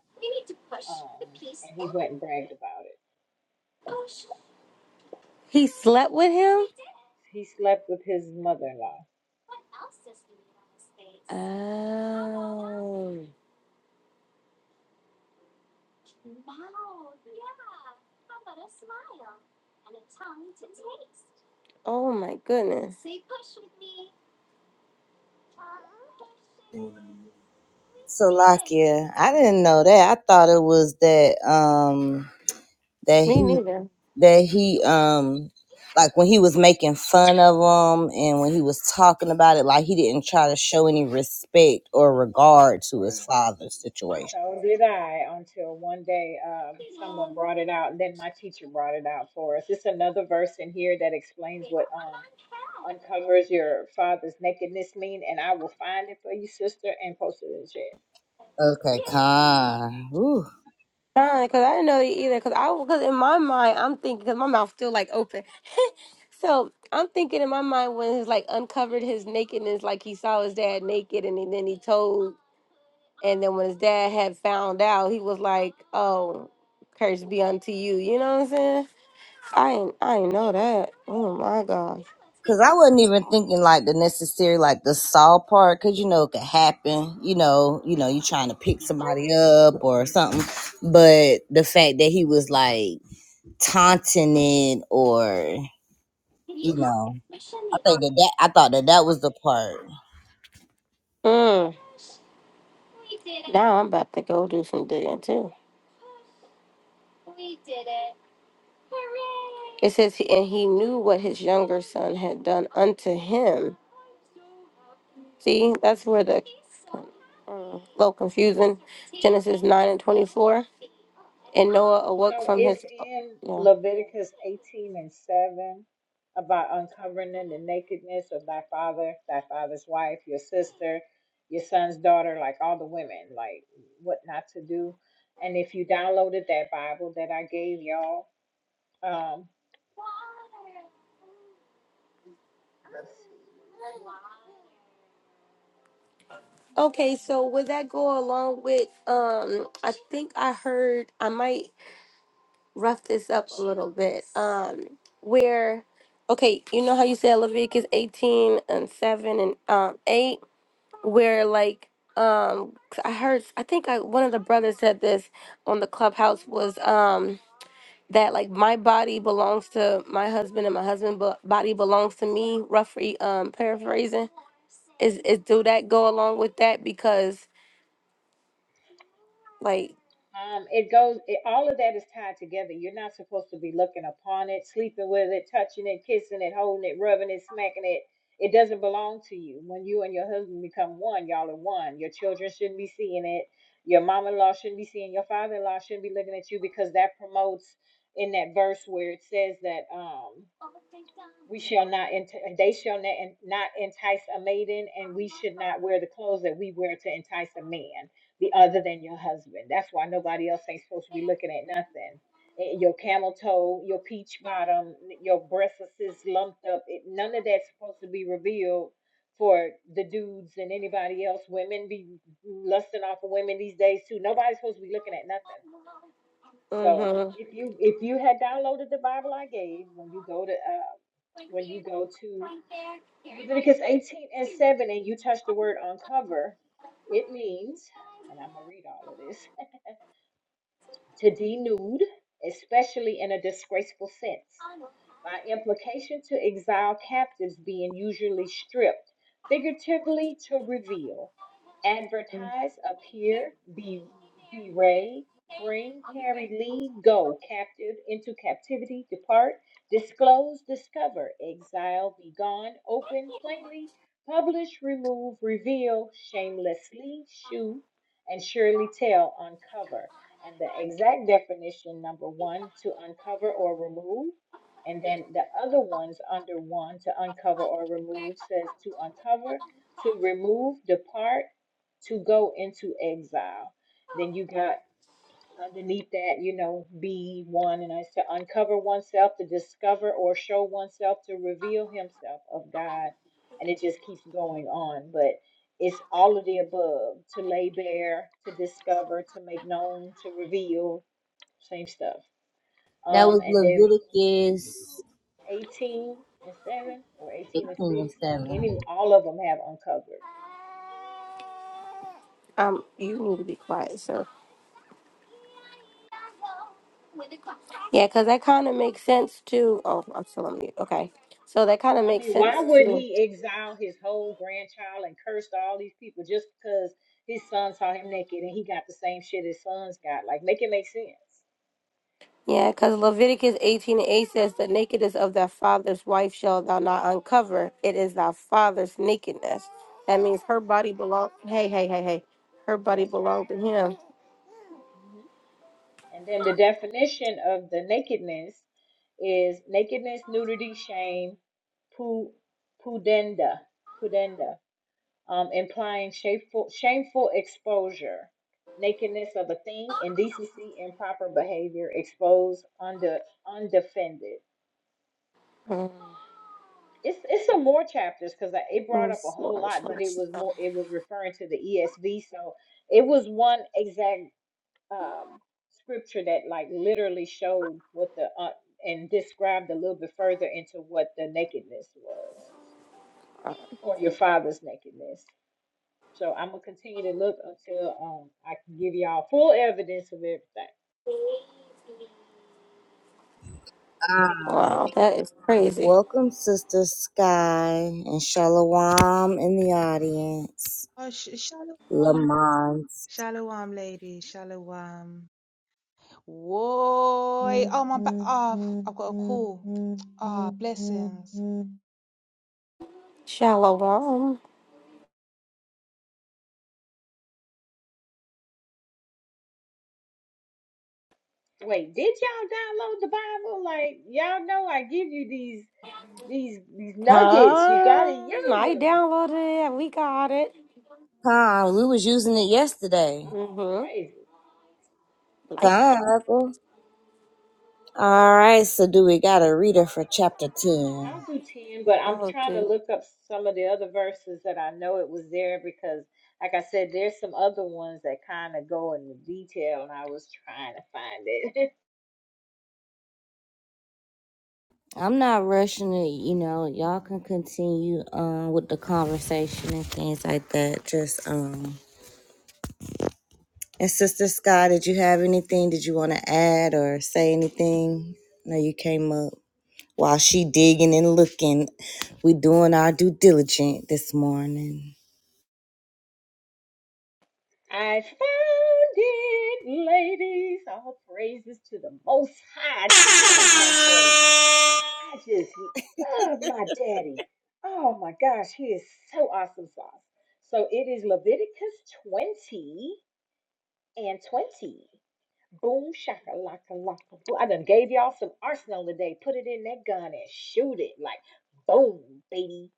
S3: um, and he went and bragged about it.
S1: He slept with him?
S3: He slept with his mother-in-law.
S1: Oh. Oh my goodness.
S2: Salakia. I didn't know that. I thought it was that um that
S1: Me
S2: he
S1: neither.
S2: that he um like when he was making fun of him and when he was talking about it, like he didn't try to show any respect or regard to his father's situation.
S3: So did I until one day um, someone brought it out, and then my teacher brought it out for us. It's another verse in here that explains what um uncovers your father's nakedness mean, and I will find it for you, sister, and post it in the chat.
S2: Okay, con.
S1: Fine, because I didn't know either. Because I, because in my mind, I'm thinking, because my mouth's still like open. So I'm thinking in my mind when he's like uncovered his nakedness, like he saw his dad naked, and then he told And then when his dad had found out, he was like, "Oh, curse be unto you." You know what I'm saying? I ain't, I ain't know that. Oh my gosh.
S2: Cause I wasn't even thinking like the necessary like the saw part, cause you know it could happen. You know, you know, you trying to pick somebody up or something. But the fact that he was like taunting it, or you know, I think that, that I thought that that was the part
S1: Mm. Now I'm about to go do some digging too. It says, he, and he knew what his younger son had done unto him. See, that's where the mm, little confusing Genesis nine and twenty four. And Noah awoke
S3: So
S1: from
S3: it's
S1: his
S3: in
S1: yeah.
S3: Leviticus 18 and 7 about uncovering the nakedness of thy father, thy father's wife, your sister, your son's daughter, like all the women, like what not to do. And if you downloaded that Bible that I gave y'all, um, let me see.
S1: Okay, so would that go along with um I think I heard I might rough this up a little bit. Um, where, okay, you know how you said Leviticus 18 and 7 and um, 8, where like, um, I heard, I think I, one of the brothers said this on the clubhouse was, um, that like my body belongs to my husband and my husband bo- body belongs to me. Roughly, um, paraphrasing is, is do that go along with that? Because like,
S3: Um, it goes. It, all of that is tied together. You're not supposed to be looking upon it, sleeping with it, touching it, kissing it, holding it, rubbing it, smacking it. It doesn't belong to you. When you and your husband become one, y'all are one. Your children shouldn't be seeing it. Your mom-in-law shouldn't be seeing. Your father-in-law shouldn't be looking at you because that promotes in that verse where it says that. Um, we shall not enti- they shall not, not entice a maiden and we should not wear the clothes that we wear to entice a man the other than your husband that's why nobody else ain't supposed to be looking at nothing Eh, your camel toe your peach bottom your breasts are just lumped up it, none of that's supposed to be revealed for the dudes and anybody else women be lusting off of women these days too nobody's supposed to be looking at nothing so
S1: mm-hmm,
S3: if you if you had downloaded the Bible I gave, when you go to uh, when you go to Leviticus 18 and 7 and you touch the word uncover, it means, and I'm gonna read all of this, to denude, especially in a disgraceful sense by implication to exile captives being usually stripped, figuratively to reveal, advertise, appear, be, bewray, bring, carry, lead, go, captive, into captivity, depart, disclose, discover, exile, be gone, open, plainly, publish, remove, reveal, shamelessly, shew, and surely tell, uncover. And the exact definition, number one, to uncover or remove and then the other ones under one to uncover or remove says to uncover, to remove, depart, to go into exile. Then you got underneath that, you know, B1, and I said uncover oneself, to discover or show oneself, to reveal himself of God. And it just keeps going on. But it's all of the above to lay bare, to discover, to make known, to reveal, same stuff.
S2: that
S3: Um,
S2: was
S3: and then
S2: Leviticus
S3: 18 and 7 or 18 and
S2: eighteen
S3: 6
S2: and
S3: any
S2: seven.
S3: all of them have uncovered
S1: um, you need to be quiet, sir. Yeah, because that kind of makes sense too. Oh, I'm still on mute. Okay. So that kind of
S3: i
S1: makes
S3: mean why
S1: sense
S3: would
S1: too.
S3: he exile his whole grandchild and curse all these people just because his son saw him naked and he got the same shit his sons got like make it make sense
S1: Yeah, because Leviticus 18 and 8 says, The nakedness of thy father's wife shall thou not uncover. It is thy father's nakedness. That means her body belong. Hey, hey, hey, hey. Her body
S3: that's
S1: belonged
S3: right
S1: to him.
S3: hmm and then the definition of the nakedness is nakedness nudity shame pu pudenda pudenda, um, implying shameful, shameful exposure, nakedness of a thing, indecency, improper behavior, exposed, under, undefended.
S1: Mm.
S3: It's it's some more chapters because it brought
S1: Oh,
S3: up a whole lot, but
S1: sorry.
S3: it was more it was referring to the ESV, so it was one exact um, scripture that like literally showed what the uh, and described a little bit further into what the nakedness was or your father's nakedness. So I'm gonna continue to look until um I can give y'all full evidence of everything.
S2: Ah.
S1: Wow, that is crazy.
S2: Welcome, Sister Sky and Shalom in the audience.
S5: Oh, sh- shalom.
S2: Lamont,
S5: Shalom, lady. Shalom. Whoa. Oh, my. Ba- oh, I've got a call. Ah, blessings.
S1: Shalom.
S3: Wait, did y'all download the Bible? Like y'all know I give you these these these nuggets. You gotta
S1: Come.
S3: use
S1: I
S3: them.
S1: downloaded it. We got it.
S2: Con, we was using it yesterday.
S3: Oh,
S1: Mm-hmm.
S3: crazy.
S1: Like,
S2: Come, Uncle. All right, so do we got a reader for chapter
S3: I'll
S2: 10?
S3: do ten, but I'm
S1: oh,
S3: trying to
S1: dude.
S3: look up some of the other verses that I know it was there because like I said, there's some other ones that kind of go into detail and I was trying to find it. <laughs>
S2: I'm not rushing it, you know. Y'all can continue um with the conversation and things like that. Just um and Sister Sky, did you have anything? Did you want to add or say anything? No, you came up while she digging and looking. We doing our due diligence this morning.
S3: I found it, ladies. All praises to the Most High. I just love my daddy. I just love my daddy. Oh my gosh, he is so awesome sauce. So it is Leviticus 20 and 20. Boom, shaka, laka, laka. Boom. I done gave y'all some arsenal today. Put it in that gun and shoot it like boom, baby.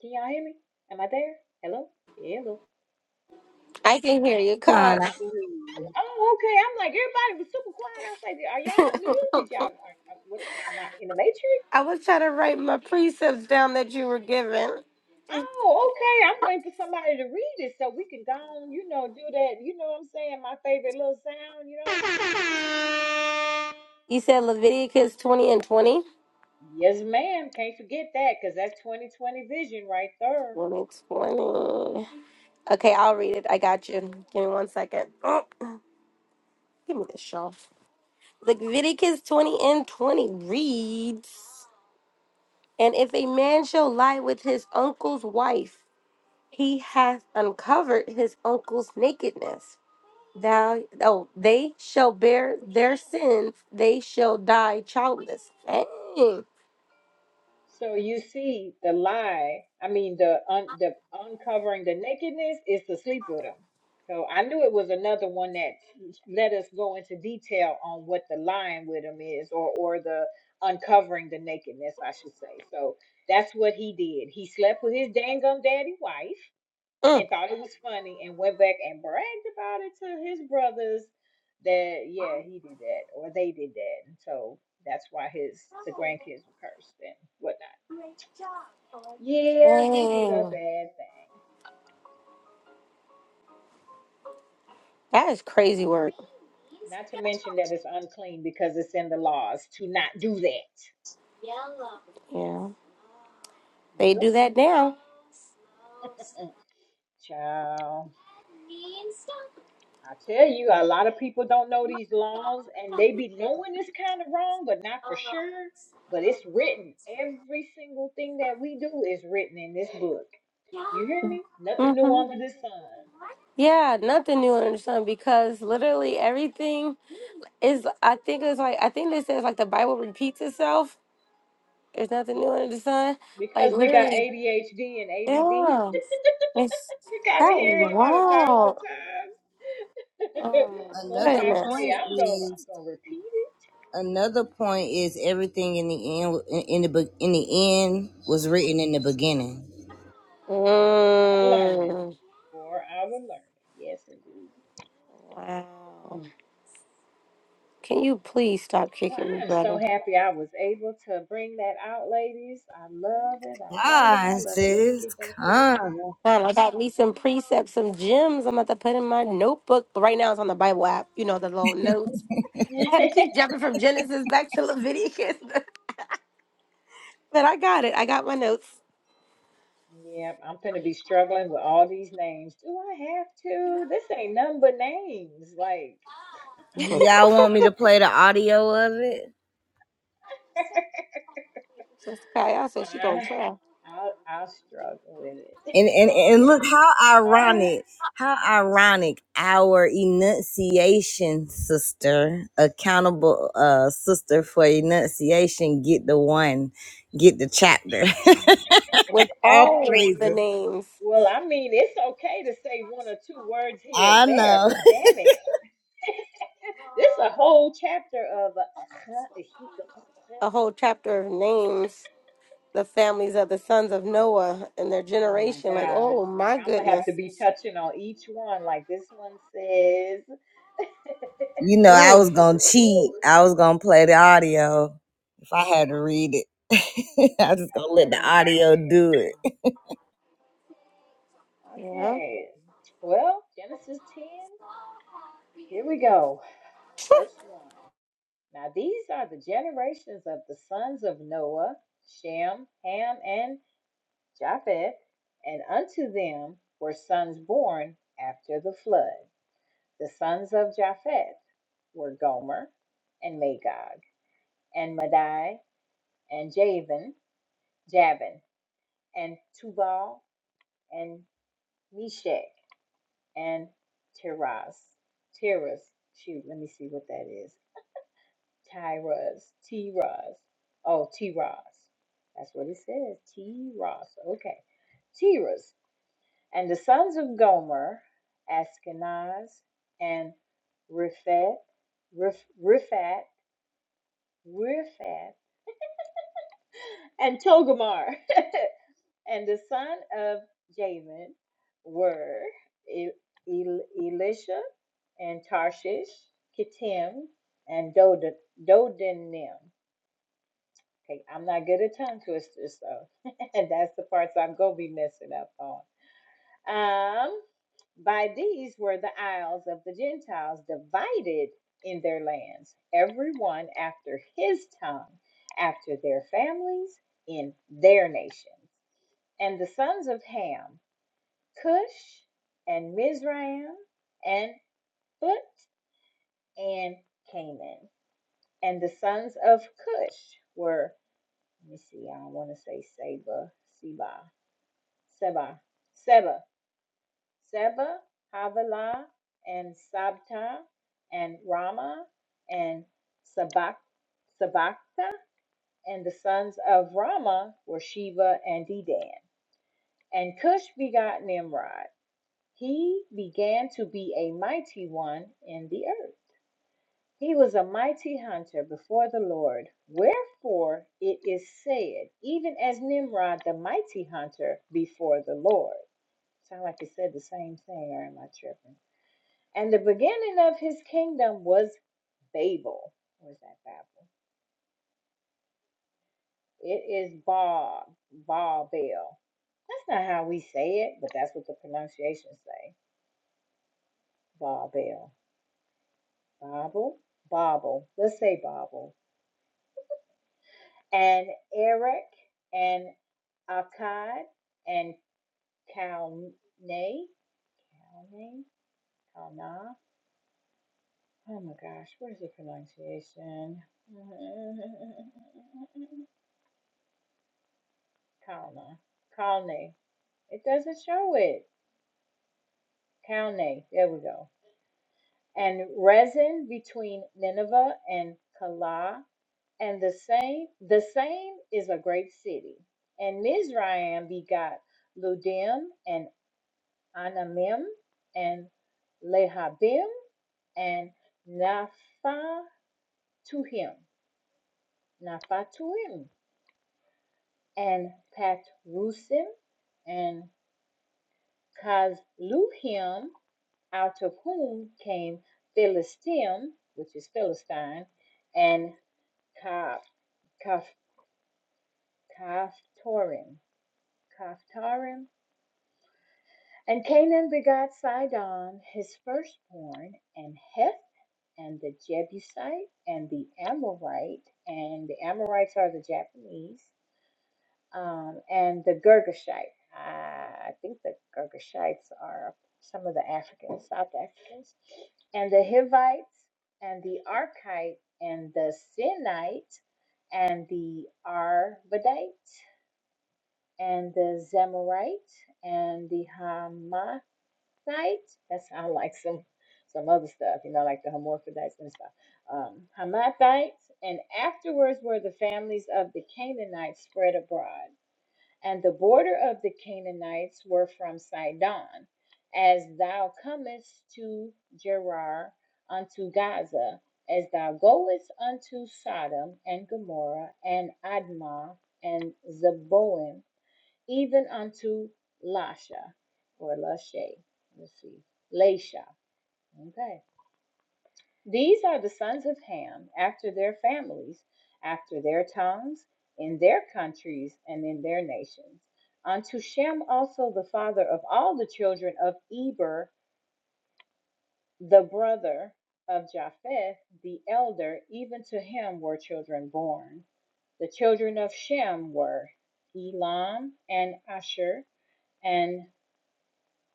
S3: Can y'all hear me? Am I there? Hello? Hello?
S1: I can hear you, God.
S3: Oh, okay. I'm like, everybody was super quiet. I was like, are y'all on mute? Did y'all, are, are, what, am I in the matrix?
S1: I was trying to write my precepts down that you were given.
S3: Oh, okay. I'm waiting for somebody to read it so we can go on, you know, do that. You know what I'm saying? My favorite little sound, you know? <laughs>
S1: You said Leviticus 20 and 20?
S3: Yes, ma'am. Can't forget that because that's 2020 vision right there.
S1: 20 20. Okay, I'll read it. I got you. Give me one second. Oh, give me this shawl. Leviticus 20 and 20 reads And if a man shall lie with his uncle's wife, he hath uncovered his uncle's nakedness. thou oh they shall bear their sins they shall die childless dang,
S3: So you see, the lie, I mean, the un, the uncovering the nakedness is to sleep with him. So I knew it was another one that let us go into detail on what the lying with him is, or or the uncovering the nakedness, I should say. So that's what he did. He slept with his dangum daddy wife
S1: Mm.
S3: and thought it was funny, and went back and bragged about it to his brothers that yeah he did that or they did that. And so that's why his the grandkids were cursed and whatnot. Yeah, he did a
S1: dang.
S3: bad thing.
S1: that is crazy work
S3: Not to mention that it's unclean because it's in the laws to not do that.
S1: yeah they
S3: Yep,
S1: do that now
S3: child. I tell you, a lot of people don't know these laws and they be knowing it's kind of wrong, but not for sure. But it's written. Every single thing that we do is written in this book. You hear me? Nothing new
S1: hmm
S3: under the sun.
S1: yeah nothing new under the sun because literally everything is i think it's like i think this says like the bible repeats itself there's nothing new
S3: Mhm.
S1: under the sun like
S3: Because we got
S1: literally
S3: ADHD and ADD.
S1: yeah it's
S3: <laughs> we got to
S1: that is
S3: hear it about a thousand
S1: wild
S3: times. <laughs>
S1: oh my
S3: Most
S2: Another
S3: High
S1: goodness
S3: say,
S2: point
S3: I'm going,
S2: is
S3: I'm going to repeat it
S2: Another point is everything in the end in the be- in the end was written in the beginning.
S3: for am learning,
S1: Mm,
S3: for our learning. Yes, indeed.
S1: wow. Can you please stop
S3: Well,
S1: kicking me,
S3: I am so
S1: brother?
S3: happy I was able to bring that out, ladies. I love it. I love it.
S2: Ah,
S3: I love it. Let me
S2: sis,
S3: get back to this
S2: come.
S1: Man,
S3: chapter.
S1: I got me some precepts, some gems I'm about to put in my notebook. But right now it's on the Bible app, you know, the little notes. I had to keep
S3: <laughs>
S1: jumping from Genesis back to Leviticus. <laughs> but I got it. I got my notes.
S3: yep, I'm gonna be struggling with all these names. Do I have to? This ain't none but names. Like,
S1: <laughs> Sister
S2: Y'all want me to play the audio of it?
S3: <laughs>
S1: Kaya said she gonna
S3: I,
S1: try.
S3: I'll, I'll struggle with it.
S2: And and and
S3: <laughs>
S2: look how
S3: I
S2: ironic, how ironic our enunciation sister, accountable uh sister for enunciation, get the one, get the chapter. <laughs>
S1: With
S2: All
S1: all the
S2: praises.
S1: names,
S3: Well, I mean, it's okay to say one or two words here or
S2: I
S3: there,
S2: know.
S3: but damn it, this is a whole chapter of. <laughs>
S1: a whole chapter of names, the families of the sons of Noah and their
S3: Oh my
S1: generation. Like,
S3: gosh!
S1: oh
S3: Like
S1: my
S3: I'm gonna have
S1: goodness.
S3: to be touching on each one. Like this one says.
S2: You know, I was
S1: Mm.
S2: gonna
S3: Woo.
S2: cheat. I was gonna play the audio if I had to read it. <laughs> I was just gonna let the
S3: Oh my
S2: audio do it.
S3: goodness.
S1: Yeah.
S3: Okay. Well, Genesis 10. Here we go. Verse one. Now these are the generations of the sons of Noah, Shem, Ham, and Japheth, and unto them were sons born after the flood. The sons of Japheth were Gomer, and Magog, and Madai, and Javan, Javan, and Tubal, and Meshach, and Tiras. Tiras. Shoot, let me see what that is. Tiras. Tiras. Oh, Tiras. That's what it says. Tiras. Okay. Tiras. And the sons of Gomer, Ashkenaz, and Riphat, Rif- Riphat, Riphat, and Togomar. <laughs> and the son of Jamin were E- E- Elisha and Tarshish, Kittim, and Doda- Dodanim. Okay, I'm not good at tongue twisters, so <laughs> that's the parts I'm going to be messing up on. Um, by these were the isles of the Gentiles divided in their lands, every one after his tongue, after their families, in their nations. And the sons of Ham, Cush, and Mizraim, and Phut, and Canaan. And the sons of Cush were, let me see, I don't want to say Seba, Seba, Seba, Seba. Seba, Havilah, and Sabta, and Rama, and Sabak, Sabakta, and the sons of Rama were Sheva and Dedan. And Cush begot Nimrod. He began to be a mighty one in the earth. He was a mighty hunter before the Lord. Wherefore it is said, even as Nimrod the mighty hunter before the Lord. Sound like it said the same thing, or am I tripping? And the beginning of his kingdom was Babel. Where's that Babel? It is Bob, Babel. That's not how we say it, but that's what the pronunciations say. Babel. Babel? Babel. Let's say Babel. And Eric and Akkad and Kalne. Kalne? Kalna? Oh my gosh, what is the pronunciation? <laughs> Kalna. Kalne. It doesn't show it. Calne, there we go. And resin between Nineveh and Calah, and the same, the same is a great city. And Mizraim begot Ludim and Anamim and Lehabim and Naphatuhim, Naphatuhim and Patrusim and Kazluhim out of whom came Philistim, which is Philistine, and Ka- Kaf- Kaphtorim, Kaphtorim. And Canaan begot Sidon, his firstborn, and Heth, and the Jebusite, and the Amorite, and the Amorites are the Japanese, um, and the Girgashite. Uh, I think the Girgashites are some of the Africans, South Africans, and the Hivites, and the Arkite, and the Sinite, and the Arvadite, and the Zamorite, and the Hamathite. That's I like some some other stuff, you know, like the Hermaphrodites and stuff. Um, Hamathites, and afterwards were the families of the Canaanites spread abroad and the border of the Canaanites were from Sidon, as thou comest to Gerar unto Gaza, as thou goest unto Sodom and Gomorrah and Admah and Zeboim, even unto Lasha or Lashay. Let's see, Lasha. Okay. These are the sons of Ham after their families, after their tongues, in their countries, and in their nations. Unto Shem also the father of all the children of Eber, the brother of Japheth, the elder, even to him were children born. The children of Shem were Elam and Asher and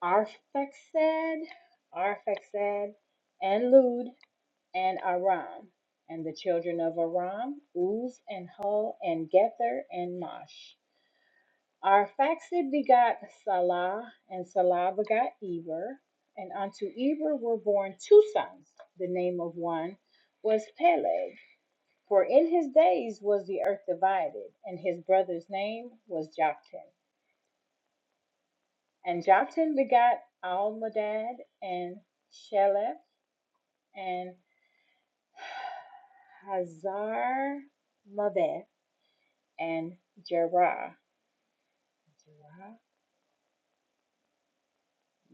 S3: Arphaxad, Arphaxad and Lud and Aram, and the children of Aram, Uz and Hul and Gether and Mash. Arphaxad begot Salah, and Salah begot Eber, and unto Eber were born two sons. The name of one was Peleg, for in his days was the earth divided, and his brother's name was Joktan. And Joktan begot Almodad and Sheleph and Hazar and Jerah, Jerah,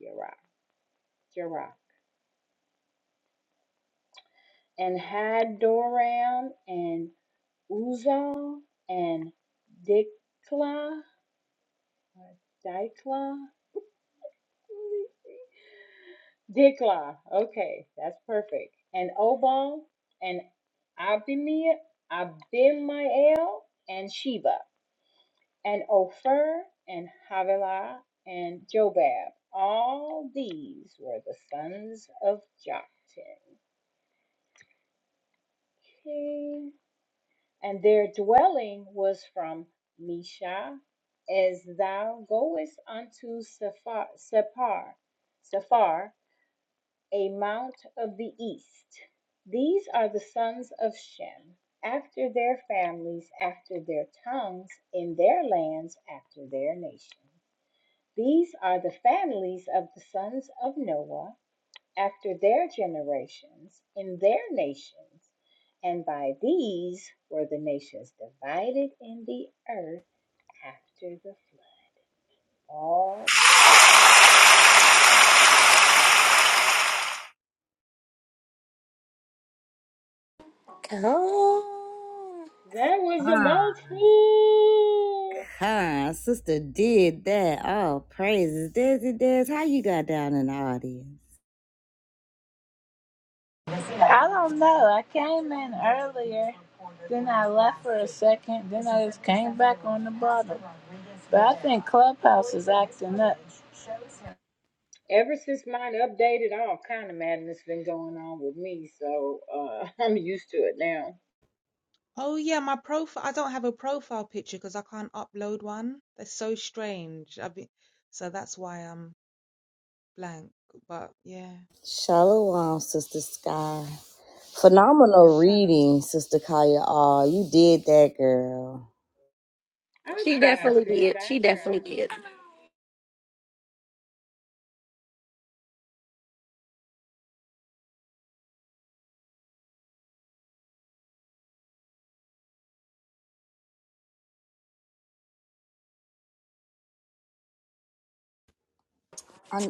S3: Jerah, Jerah, and Hadoram and Uzal and Dikla, Dikla, Dikla. Okay, that's perfect. And Obal and Abimea, Abimael and Sheba and Ophir and Havilah and Jobab. All these were the sons of Joktan. Okay. And their dwelling was from Mesha, as thou goest unto Sephar, Sephar, Sephar, a mount of the east. These are the sons of Shem, after their families, after their tongues, in their lands, after their nations. These are the families of the sons of Noah, after their generations in their nations, and by these were the nations divided in the earth after the flood. All glory.
S1: Oh,
S3: That was a
S2: Ah,
S3: mouthful.
S2: huh, sister did that. Oh, praises, Desi Des. How you got down in the audience?
S4: I don't know. I came in earlier, then I left for a second, then I just came back on the bottom. But I think Clubhouse is acting up.
S3: Ever since mine updated, all kind of madness been going on with me, so uh, <laughs> I'm used to it now.
S5: Oh, yeah, my profile. I don't have a profile picture because I can't upload one. That's so strange. I've been- so that's why I'm blank. But yeah,
S2: Shalom, sister Sky. Phenomenal
S5: shalom.
S2: reading, sister Kaya. Oh, you did that, girl.
S3: I
S1: She
S3: tried,
S1: definitely
S3: sis.
S1: did.
S3: I
S1: She definitely
S3: tried.
S1: did.
S2: i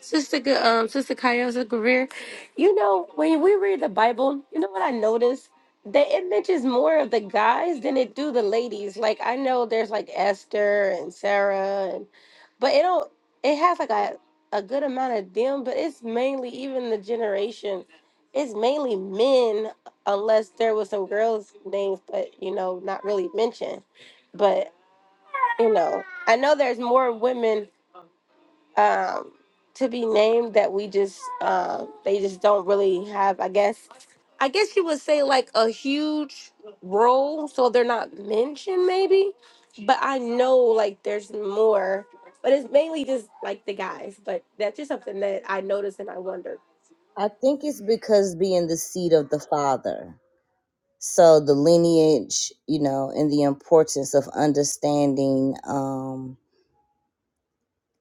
S1: Sister, G- um, Sister Kayasa Greer, you know, when we read the Bible, you know what I noticed? That it mentions more of the guys than it do the ladies. Like I know there's like Esther and Sarah, and but it don't. It has like a a good amount of them, but it's mainly even the generation. It's mainly men, unless there was some girls' names, but you know, not really mentioned. But you know i know there's more women um to be named that we just um they just don't really have i guess i guess you would say like a huge role so they're not mentioned maybe but i know like there's more but it's mainly just like the guys but that's just something that i noticed and i wondered
S2: I think it's because being the seed of the father. So the lineage, you know, and the importance of understanding um,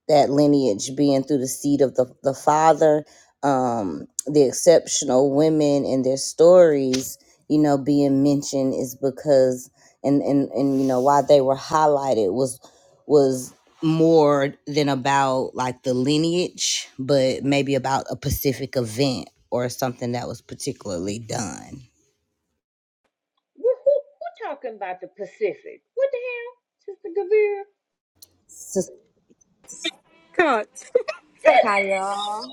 S2: that lineage being through the seed of the, the father, um, the exceptional women and their stories, you know, being mentioned is because and and and you know why they were highlighted was was more than about like the lineage, but maybe about a specific event or something that was particularly done.
S3: Who, who, who talking about the Pacific? What the hell, Sister Gavir?
S2: Sister
S1: Come
S3: <laughs>
S1: on. <laughs>
S2: Kaya.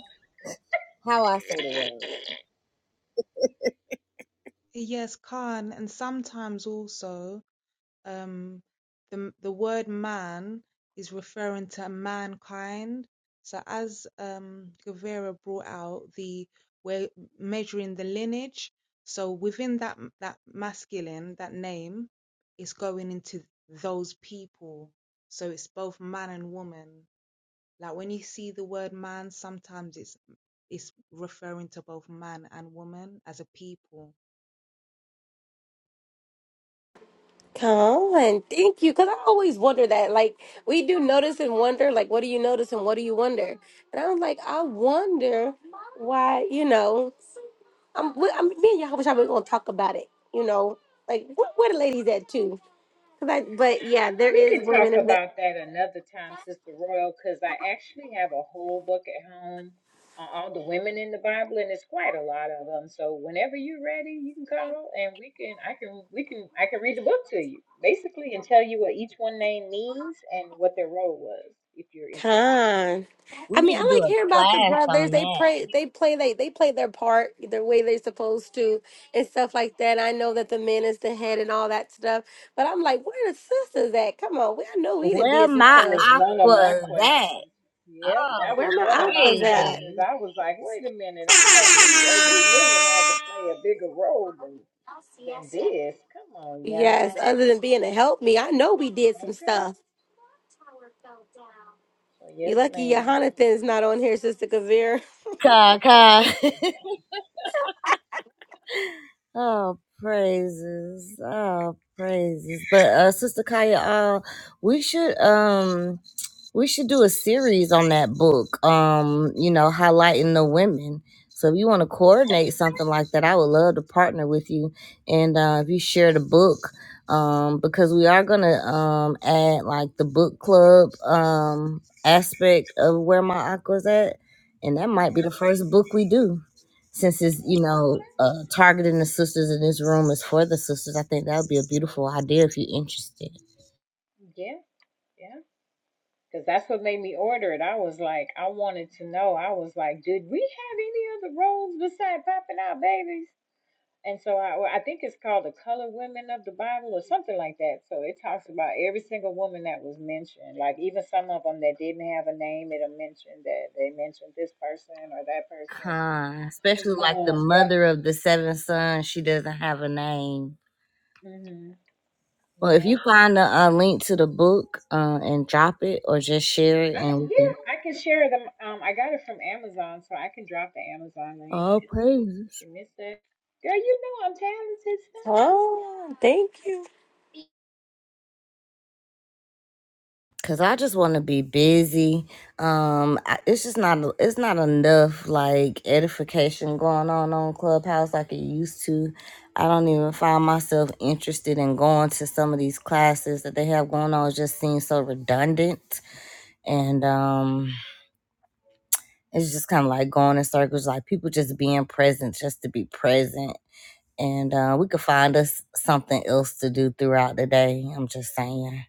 S2: how I say the word.
S5: Yes, Khan. And sometimes also. um, the the word man is referring to mankind. So as um, Guevara brought out the we're measuring the lineage. So within that that masculine, that name is going into those people. So it's both man and woman. Like when you see the word man, sometimes it's it's referring to both man and woman as a people.
S1: Come on, thank you. Because I always wonder that. Like, we do notice and wonder, like, what do you notice and what do you wonder? And I'm like, I wonder why, you know, I'm, we- I'm me and y'all wish I was going to talk about it, you know, like, wh- where the ladies at, too? 'Cause I, but yeah,
S3: Um,
S1: there
S3: we
S1: is
S3: could
S1: women
S3: talk
S1: in the
S3: about that another time, Sister Royal, because I actually have a whole book at home on all the women in the Bible, and it's quite a lot of them. So whenever you're ready, you can call, and we can, I can, we can, I can read the book to you, basically, and tell you what each one name means and what their role was, if you're interested.
S1: con.
S2: We
S1: I mean,
S2: need to
S1: I
S2: do
S1: like
S2: a
S1: hearing about the
S2: class
S1: brothers.
S2: on
S1: They
S2: that.
S1: pray, they play, they they play their part the way they're supposed to, and stuff like that. I know that the man is the head and all that stuff, but I'm like, where the sisters at? Come on, we I know we done
S2: Where
S1: did some
S2: my
S3: That was
S1: stuff.
S3: one of my
S2: aquas
S3: questions.
S2: at?
S3: Yep,
S2: Oh,
S3: that
S1: Where
S3: was
S1: my
S3: one of my
S1: uncles at?
S3: questions.
S2: crazy.
S3: I was like, wait a minute. I know we uh, we
S2: <laughs>
S3: women had to play a bigger role than than this. Come on,
S1: Yes,
S3: y'all.
S1: other than being to help me, I know we did some
S3: Okay.
S1: stuff.
S3: So yes,
S1: You lucky
S3: madam
S1: Jonathan's not on here, Sister Kavir.
S2: Ka, ka. Oh, praises. Oh, praises. But uh Sister Kaya, uh we should um we should do a series on that book. Um, you know, highlighting the women. So if you want to coordinate something like that, I would love to partner with you and uh if you share the book um because we are going to um add like the book club um aspect of where my aqua's at and that might be the
S3: Mm-hmm.
S2: first book we do since it's you know uh, targeting the sisters in this room is for the sisters i think that would be a beautiful idea if you're interested
S3: Yeah, yeah. Because that's what made me order it. I was like, I wanted to know. I was like, did we have any other roles besides popping out babies? And so I, well, I think it's called the color women of the Bible or something like that. So it talks about every single woman that was mentioned, like even some of them that didn't have a name, it'll mention that they mentioned this person or that person.
S2: Con, especially like the
S3: Um, yep.
S2: mother of the seven sons she doesn't have a name
S3: hmm
S2: well if you
S3: Yeah.
S2: find a, a link to the book uh, and drop it or just share it
S3: I,
S2: and we
S3: yeah,
S2: can
S3: I can share them. Um, I got it from Amazon, so I can drop the Amazon link.
S2: all praise
S3: Give me a sec. Girl, you know I'm talented.
S1: Oh, thank you,
S2: Cause I just want to be busy. Um, I- it's just not it's not enough like edification going on on Clubhouse like it used to. I don't even find myself interested in going to some of these classes that they have going on. It just seems so redundant, and um, it's just kind of like going in circles. Like people just being present just to be present and uh, we could find us something else to do throughout the day. I'm just saying.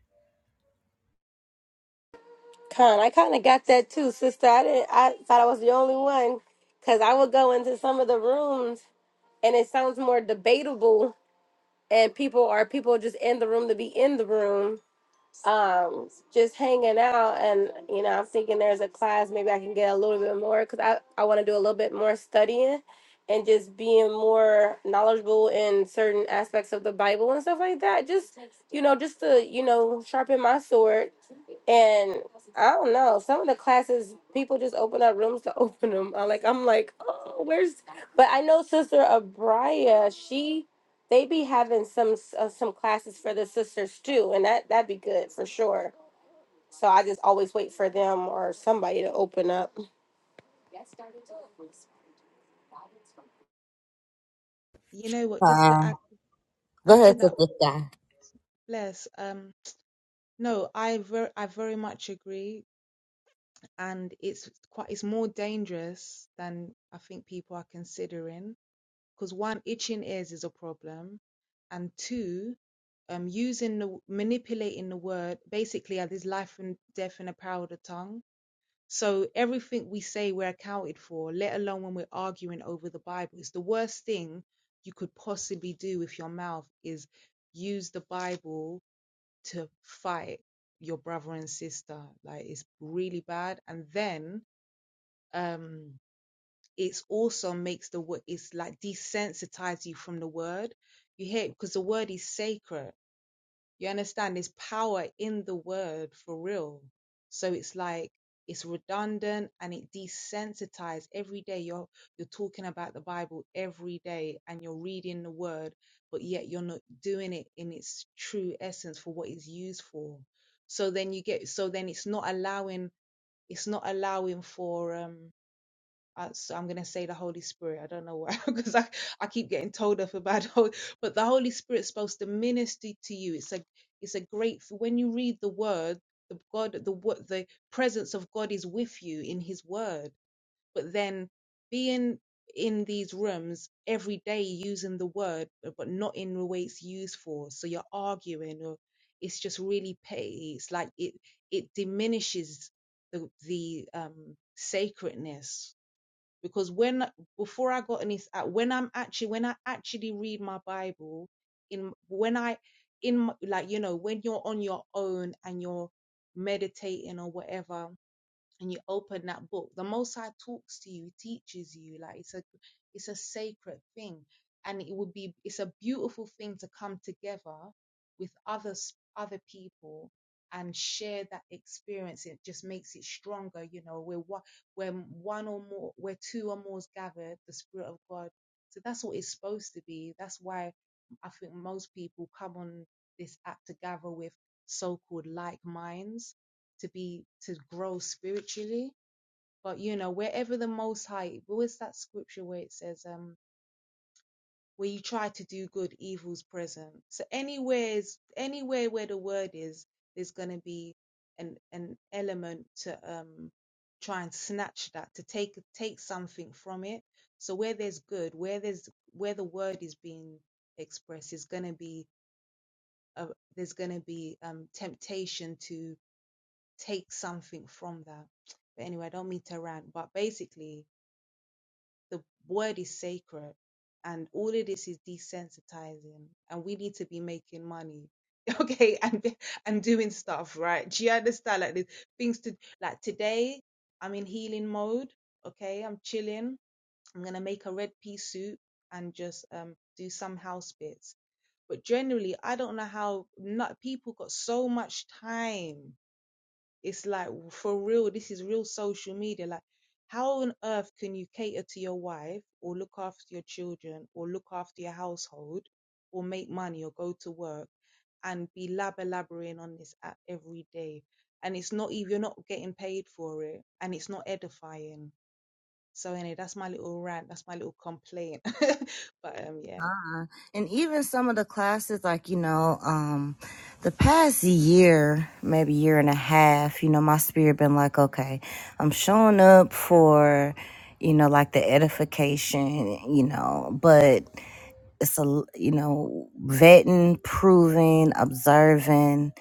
S1: Con. I kind of got that too, Sister. I didn't. I thought I was the only one, cause I would go into some of the rooms. and it sounds more debatable and people are people just in the room to be in the room um just hanging out and you know i'm thinking there's a class maybe i can get a little bit more because i, I want to do a little bit more studying and just being more knowledgeable in certain aspects of the bible and stuff like that just you know just to you know sharpen my sword and. I don't know. Some of the classes, people just open up rooms to <laughs> open them. I like, I'm like, oh, where's? But I know Sister Abria, she, they be having some s- uh, some classes for the sisters too, and that that'd be good for sure. So I just always wait for them or somebody to open up.
S5: You know what? Just
S2: Uh,
S5: to add
S2: go
S5: add to
S2: ahead,
S5: that,
S2: Sister Sky.
S5: bless. Um, No, I very, I very much agree, and it's quite it's more dangerous than I think people are considering. Because one, itching ears is a problem, and two, um, using the manipulating the word basically uh, there's life and death in the power of the tongue. So everything we say we're accounted for, let alone when we're arguing over the Bible. It's the worst thing you could possibly do with your mouth is use the Bible to fight your brother and sister. Like it's really bad. And then um it's also makes the word it's like desensitize you from the word. You hear because the word is sacred you understand? There's power in the word for real. So it's like it's redundant and it desensitized every day. You're you're talking about the Bible every day and you're reading the word, but yet you're not doing it in its true essence for what it's used for. So then you get so then it's not allowing it's not allowing for um I, so I'm gonna say the Holy Spirit. I don't know why, <laughs> because I, I keep getting told off about the Holy, but the Holy Spirit's supposed to minister to you. It's a it's a great when you read the Word, the God, the what the presence of God is with you in His Word. But then being in these rooms every day using the Word, but but not in the way it's used for. So you're arguing, or it's just really petty. It's like it it diminishes the the um sacredness because when before I got in any uh, when I'm actually when I actually read my Bible in when I in m- like you know when you're on your own and you're meditating or whatever and you open that book the most high talks to you He teaches you like it's a it's a sacred thing and it would be it's a beautiful thing to come together with others other people and share that experience it just makes it stronger you know we're one when one or more where two or more is gathered the spirit of god so that's what it's supposed to be that's why i think most people come on this app to gather with so-called like minds to be to grow spiritually. But you know, wherever the Most High, where's that scripture where it says, um, where you try to do good, evil's present. So anywhere is anywhere where the word is, there's gonna be an an element to um try and snatch that, to take take something from it. So where there's good, where there's where the word is being expressed, is gonna be a, there's gonna be um temptation to take something from that. But anyway, I don't mean to rant, but basically, the word is sacred, and all of this is desensitizing, and we need to be making money, <laughs> okay, and and doing stuff, right? Do you understand? Like, there's things to like today. I'm in healing mode, okay. I'm chilling. I'm gonna make a red pea soup and just um do some house bits. But generally, I don't know how not people got so much time it's like for real, this is real social media. Like, how on earth can you cater to your wife or look after your children or look after your household or make money or go to work and be lab elaborating on this app every day? And it's not even you're not getting paid for it and it's not edifying. So anyway, that's my little rant, that's my little complaint. <laughs> but um yeah.
S2: And even some of the classes, like, you know, um, the past year, maybe year and a half, you know, my spirit been like, okay, I'm showing up for, you know, like the edification, you know, but it's a, you know, vetting, proving, observing,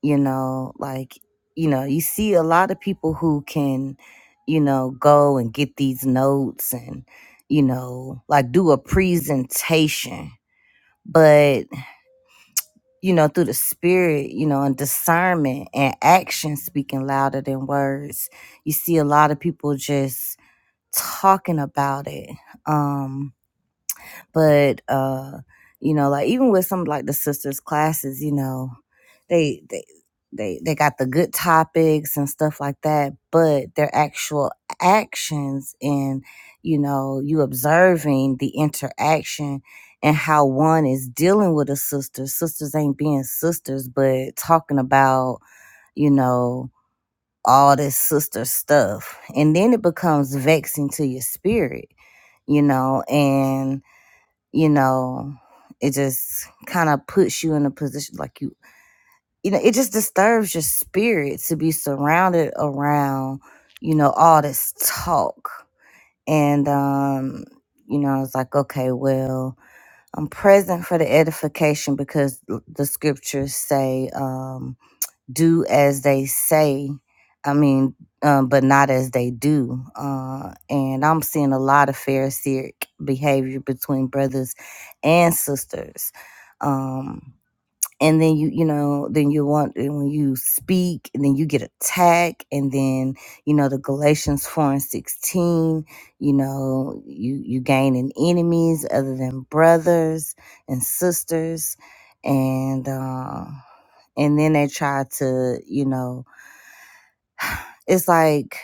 S2: you know, like, you know, you see a lot of people who can, you know, go and get these notes and, you know, like do a presentation but you know through the spirit you know and discernment and action speaking louder than words you see a lot of people just talking about it Um but uh you know like even with some like the sisters classes you know they they they, they got the good topics and stuff like that but their actual actions and you know you observing the interaction and how one is dealing with a sister sisters ain't being sisters but talking about you know all this sister stuff and then it becomes vexing to your spirit you know and you know, it just kind of puts you in a position like you, you know, it just disturbs your spirit to be surrounded around, you know, all this talk. And, um, you know, I was like, okay, well, I'm present for the edification because the scriptures say, um, do as they say i mean um, but not as they do uh, and i'm seeing a lot of pharisaic behavior between brothers and sisters Um, and then you you know then you want and when you speak and then you get attacked and then you know the galatians 4 and 16 you know you you gaining enemies other than brothers and sisters and uh and then they try to you know it's like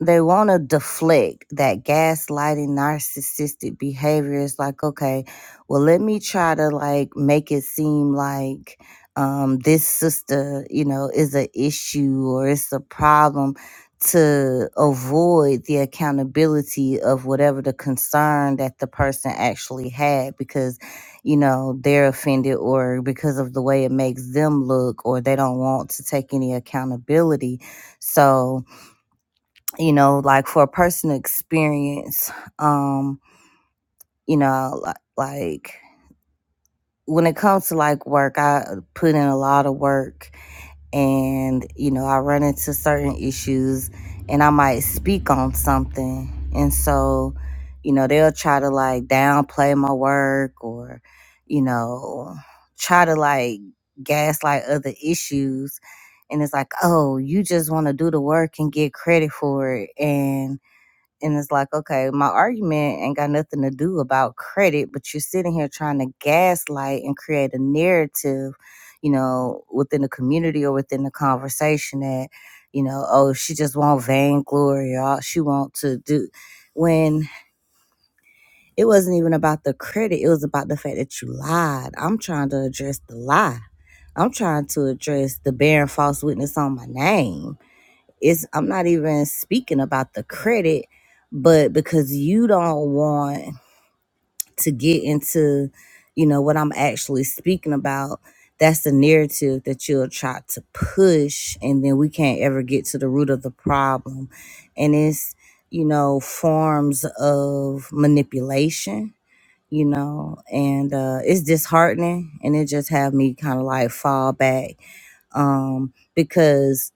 S2: they want to deflect that gaslighting narcissistic behavior it's like okay well let me try to like make it seem like um this sister you know is an issue or it's a problem to avoid the accountability of whatever the concern that the person actually had because you know they're offended or because of the way it makes them look or they don't want to take any accountability so you know like for a personal experience um you know li- like when it comes to like work i uh, put in a lot of work and you know i run into certain issues and i might speak on something and so you know they'll try to like downplay my work or you know try to like gaslight other issues and it's like oh you just want to do the work and get credit for it and and it's like, okay, my argument ain't got nothing to do about credit, but you're sitting here trying to gaslight and create a narrative, you know, within the community or within the conversation that, you know, oh, she just want vainglory or all she want to do. When it wasn't even about the credit, it was about the fact that you lied. I'm trying to address the lie. I'm trying to address the bearing false witness on my name it's I'm not even speaking about the credit, but because you don't want to get into, you know, what I'm actually speaking about, that's the narrative that you'll try to push and then we can't ever get to the root of the problem. And it's, you know, forms of manipulation you know and uh it's disheartening and it just have me kind of like fall back um because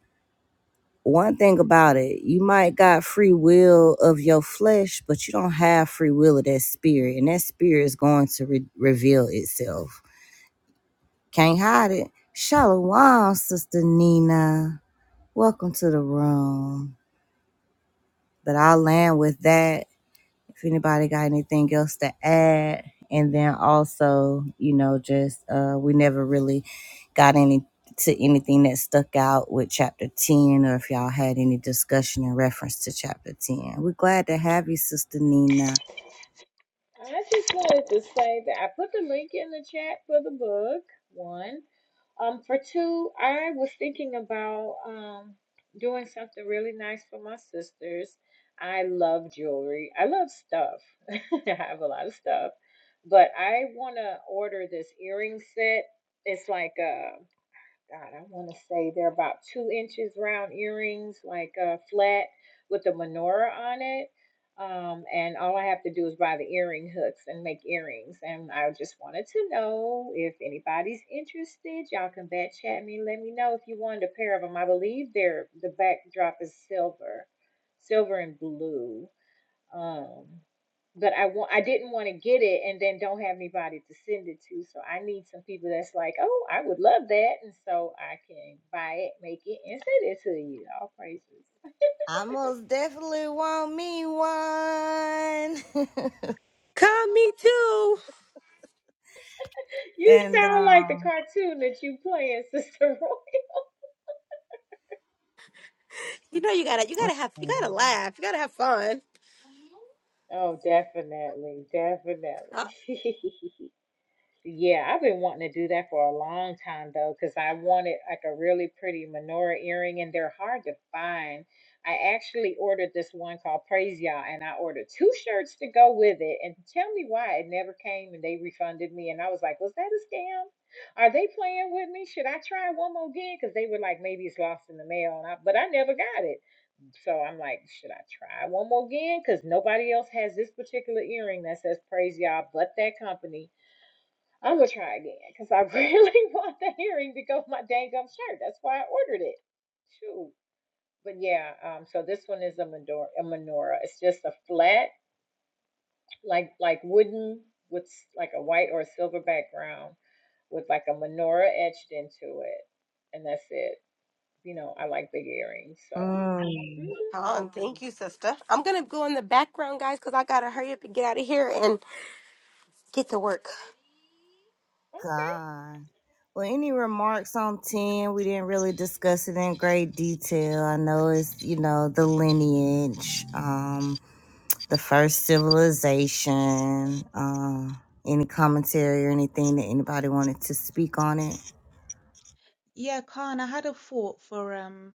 S2: one thing about it, you might got free will of your flesh, but you don't have free will of that spirit, and that spirit is going to re- reveal itself. Can't hide it. Shalom, Sister Nina. Welcome to the room. But I'll land with that. if anybody got anything else to add and then also you know just uh we never really got any to anything that stuck out with chapter 10 or if y'all had any discussion in reference to chapter 10 we're glad to have you sister nina
S3: I just wanted to say that I put the link in the chat for the book. One, um, for two, I was thinking about um doing something really nice for my sisters. I love jewelry. I love stuff. <laughs> I have a lot of stuff, but I want to order this earring set. It's like a. God, I want to say they're about two inches round earrings, like uh, flat with a menorah on it. Um, and all I have to do is buy the earring hooks and make earrings. And I just wanted to know if anybody's interested. Y'all can back chat me. Let me know if you wanted a pair of them. I believe they're the backdrop is silver, silver and blue. Um, but I want I didn't want to get it and then don't have anybody to send it to. So I need some people that's like, oh, I would love that, and so I can buy it, make it, and send it to you. All praises. <laughs>
S2: i most definitely want me one
S1: Come, me too.
S2: <laughs>
S3: You
S2: and
S3: sound like the
S2: um
S3: cartoon that you playing, <laughs> Sister Roy.
S1: You know, you gotta you gotta have you
S2: okay.
S1: gotta laugh. You gotta have fun.
S3: Oh, definitely,
S1: Uh,
S3: definitely. <laughs> Yeah, I've been wanting to do that for a long time though, because I wanted like a really pretty menorah earring, and they're hard to find. I actually ordered this one called Praise Y'all, and I ordered two shirts to go with it. And tell me why it never came, and they refunded me. And I was like, was that a scam? Are they playing with me? Should I try one more again? Because they were like, maybe it's lost in the mail, and I, but I never got it. So I'm like, should I try one more again? Because nobody else has this particular earring that says Praise Y'all but that company I'm gonna try again because I really <laughs> want the hearing to go with my dang gum shirt. That's why I ordered it. Shoot. But yeah, um, so this one is a menorah. A menorah. It's just a flat, like like wooden with like a white or a silver background with like a menorah etched into it, and that's it. You know, I like big earrings, so
S2: mm,
S3: hmm
S1: Um, thank you, sister. I'm gonna go in the background, guys, because I gotta hurry up and get out of here and get to work.
S3: okay.
S2: God. Well, any remarks on 10? We didn't really discuss it in great detail. I know it's, you know, the lineage, um, the first civilization. Um, any commentary or anything that anybody wanted to speak on it?
S5: Yeah, Khan, I had a thought for um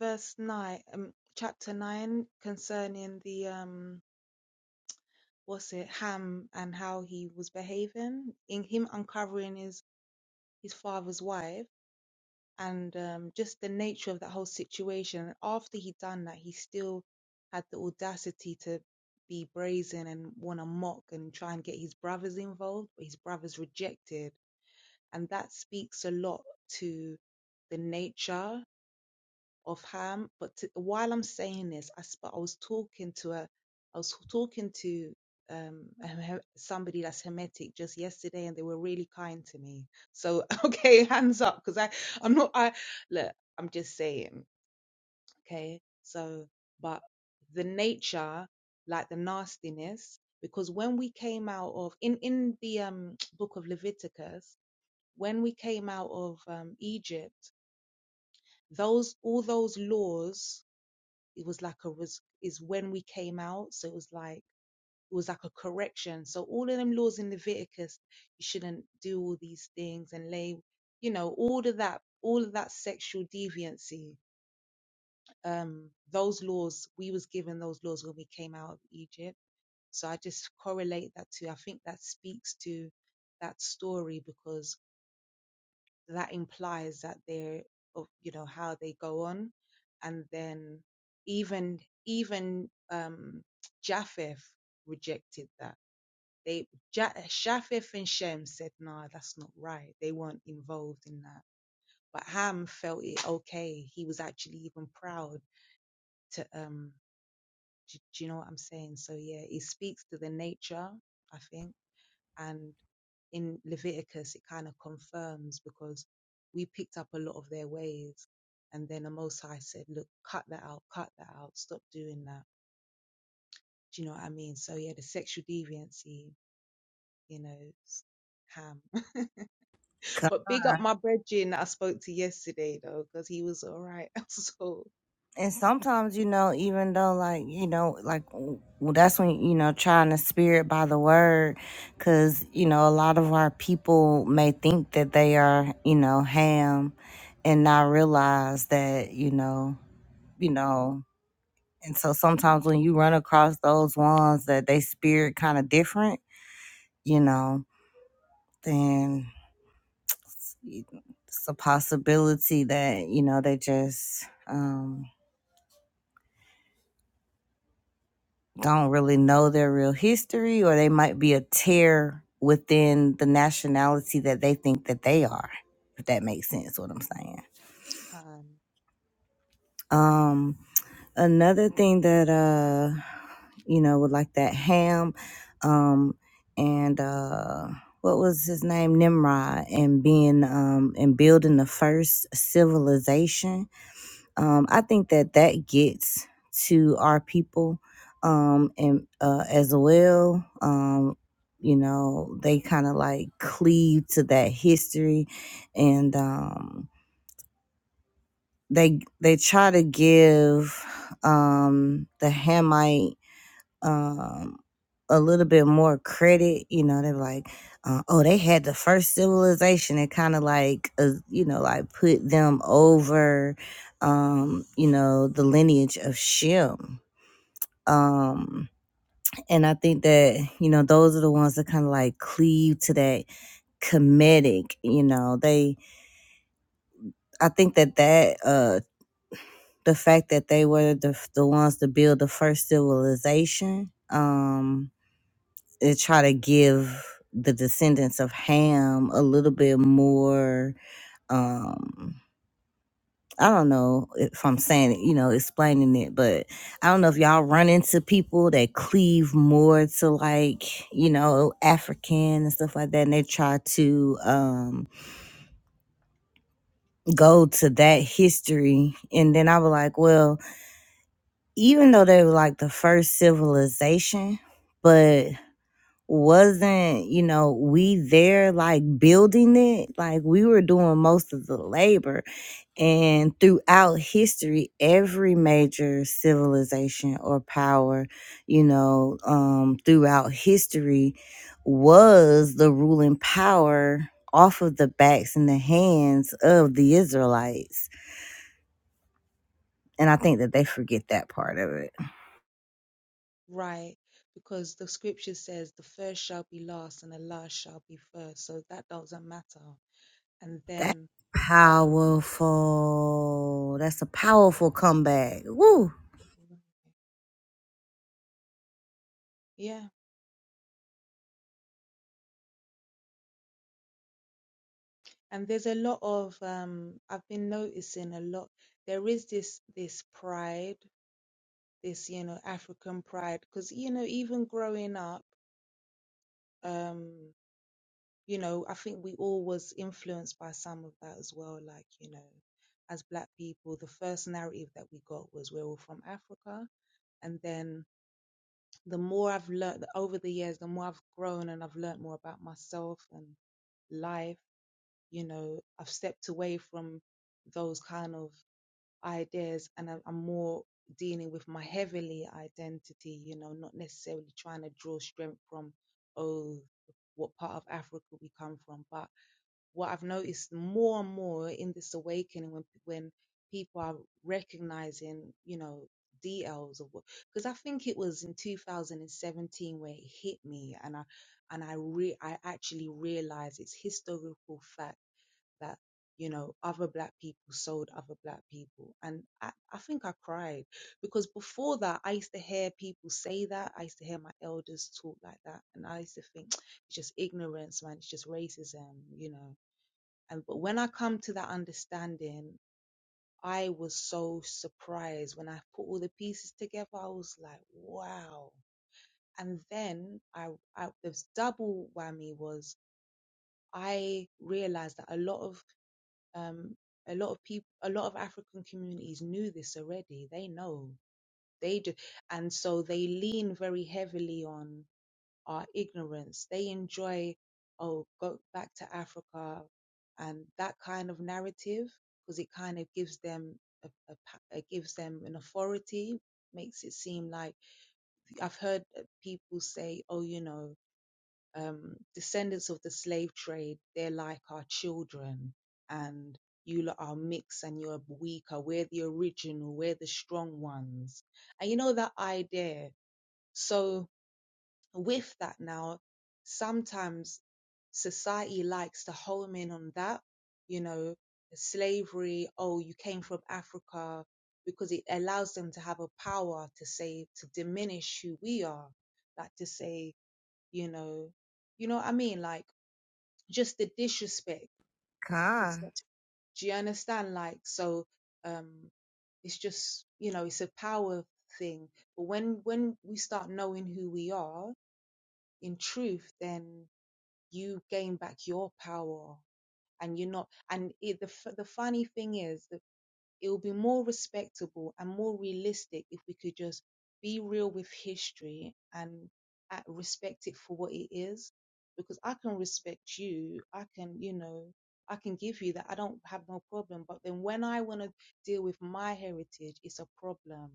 S5: verse nine um chapter nine concerning the um what's it Ham and how he was behaving in him uncovering his his father's wife and um, just the nature of that whole situation. After he'd done that, he still had the audacity to be brazen and want to mock and try and get his brothers involved, but his brothers rejected, and that speaks a lot to the nature of harm. But t while I'm saying this, I, sp- I was talking to a, I was talking to um, a he- somebody that's Hermetic just yesterday, and they were really kind to me. So <laughs> okay, hands up, because I, I'm not. I look, I'm just saying. Okay, so but the nature, like the nastiness, because when we came out of in in the um, <tsk> book of Leviticus, when we came out of um, Egypt, those all those laws it was like a was is when we came out so it was like it was like a correction so all of them laws in leviticus you shouldn't do all these things and lay you know all of that all of that sexual deviancy um those laws we was given those laws when we came out of egypt so i just correlate that to i think that speaks to that story because that implies that they're of you know how they go on and then even even um Japheth rejected that they ja- Japheth and Shem said nah that's not right they weren't involved in that but Ham felt it okay he was actually even proud to um do, do you know what I'm saying so yeah it speaks to the nature I think and in Leviticus, it kind of confirms because we picked up a lot of their ways. And then the Most High said, look, cut that out, cut that out, stop doing that. Do you know what I mean? So yeah, the sexual deviancy, you know, s- ham. <laughs> But big up my brethren that I spoke to yesterday though, because he was all right. <laughs> so
S2: and sometimes you know even though like you know like w- that's when you know trying to spirit by the word because you know a lot of our people may think that they are you know ham and not realize that you know you know and so sometimes when you run across those ones that they spirit kind of different you know then it's it's a possibility that you know they just um, don't really know their real history or they might be a tear within the nationality that they think that they are if that makes sense what i'm saying
S5: calm.
S2: um another thing that uh you know with like that ham um and uh what was his name nimrod and being um and building the first civilization um, I think that that gets to our people um, and uh, as well. Um, you know, they kind of like cleave to that history, and um, they they try to give um, the Hamite um a little bit more credit you know they're like uh, oh they had the first civilization and kind of like uh, you know like put them over um you know the lineage of shem um and i think that you know those are the ones that kind of like cleave to that comedic you know they i think that that uh the fact that they were the, the ones to build the first civilization um and try to give the descendants of Ham a little bit more um I don't know if I'm saying it, you know, explaining it, but I don't know if y'all run into people that cleave more to like, you know, African and stuff like that, and they try to um go to that history. And then I was like, well, even though they were like the first civilization, but. wasn't, you know, we there like building it, like we were doing most of the labor. And throughout history, every major civilization or power, you know, um, throughout history was the ruling power off of the backs and the hands of the Israelites. And I think that they forget that part of it.
S5: Right. Because the scripture says the first shall be last and the last shall be first. So that doesn't matter. And
S2: That
S5: then um
S2: powerful. That's a powerful comeback. Woo
S5: Right. Yeah, and there's a lot of um I've been noticing a lot. There is this this pride, this, you know, African pride, because you know, even growing up, um, you know, I think we all was influenced by some of that as well. Like, you know, as black people, the first narrative that we got was we're all from Africa. And then the more I've learned over the years, the more I've grown and I've learned more about myself and life. you know i've stepped away from those kind of ideas and I- i'm more dealing with my heavily identity you know not necessarily trying to draw strength from oh what part of africa we come from but what i've noticed more and more in this awakening when when people are recognizing you know dls of what because i think it was in 2017 where it hit me and i and I re I actually realized it's historical fact that you know other black people sold other black people and I, I think i cried because before that i used to hear people say that i used to hear my elders talk like that and i used to think <tsk> it's just ignorance man it's just racism you know and but when i come to that understanding i was so surprised when i put all the pieces together i was like wow and then i, I the double whammy was I realized that a lot of um, a lot of people a lot of african communities knew this already they know they do and so they lean very heavily on our ignorance they enjoy oh go back to africa and that kind of narrative because it kind of gives them a, a pa- it gives them an authority makes it seem like i've heard uh, people say oh you know um, descendants of the slave trade, they're like our children, and you lot are mixed and you're weaker. We're the original, we're the strong ones. And you know that idea. So, with that now, sometimes society likes to home in on that, you know, slavery, oh, you came from Africa, because it allows them to have a power to say, to diminish who we are, like to say, you know, you know what I mean? Like just the disrespect. To, se-
S2: Con.
S5: do you understand? Like so, um, it's just you know, it's a power thing. But when when we start knowing who we are in truth, then you gain back your power, and you're not. And it, the f- the funny thing is, It would be more respectable and more realistic if we could just be real with history and uh, respect it for what it is. Because I can respect you, I can, you know, I can give you that. I don't have no problem. But then when I want to deal with my heritage, it's a problem.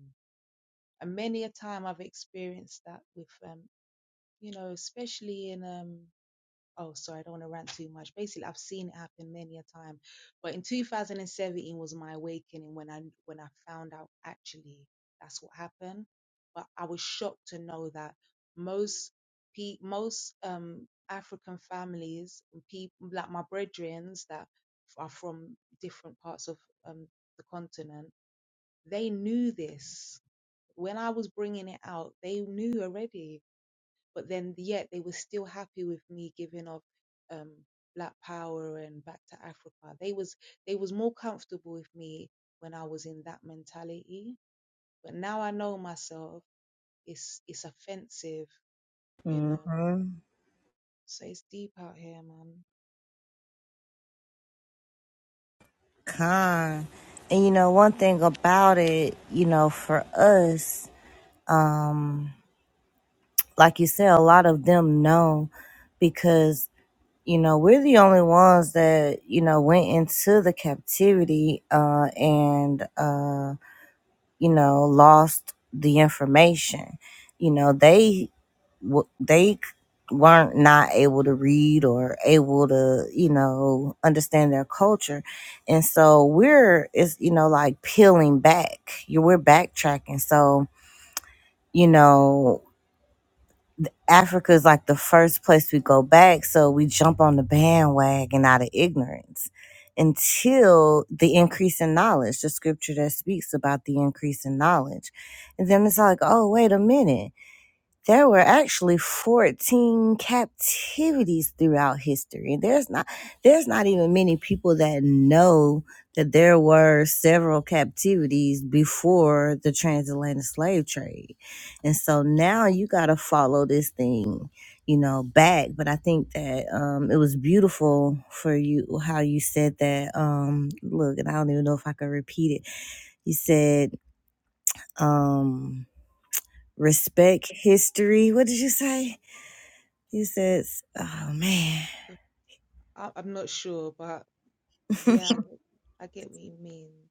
S5: And many a time I've experienced that with, um, you know, especially in um, oh sorry i don't want to rant too much basically i've seen it happen many a time but in 2017 was my awakening when i when i found out actually that's what happened but i was shocked to know that most pe- most um african families people like my brethrens that are from different parts of um the continent they knew this when i was bringing it out they knew already but then yet they were still happy with me giving off um black power and back to africa they was they was more comfortable with me when i was in that mentality but now i know myself it's it's offensive you
S2: hmm
S5: know so it's deep out here man
S2: Con. And you know, one thing about it, you know, for us, um, like you said, a lot of them know because, you know, we're the only ones that, you know, went into the captivity uh and uh, you know, lost the information. You know, they w- they weren't not able to read or able to you know understand their culture and so we're it's you know like peeling back you we're backtracking so you know africa is like the first place we go back so we jump on the bandwagon out of ignorance until the increase in knowledge the scripture that speaks about the increase in knowledge and then it's like oh wait a minute there were actually 14 captivities throughout history and there's not there's not even many people that know that there were several captivities before the transatlantic slave trade and so now you got to follow this thing you know back but i think that um it was beautiful for you how you said that um look and i don't even know if i could repeat it you said um respect history what did you say he says, "Oh man."
S5: I, i'm not sure but
S2: <laughs>
S5: yeah i get i get what you mean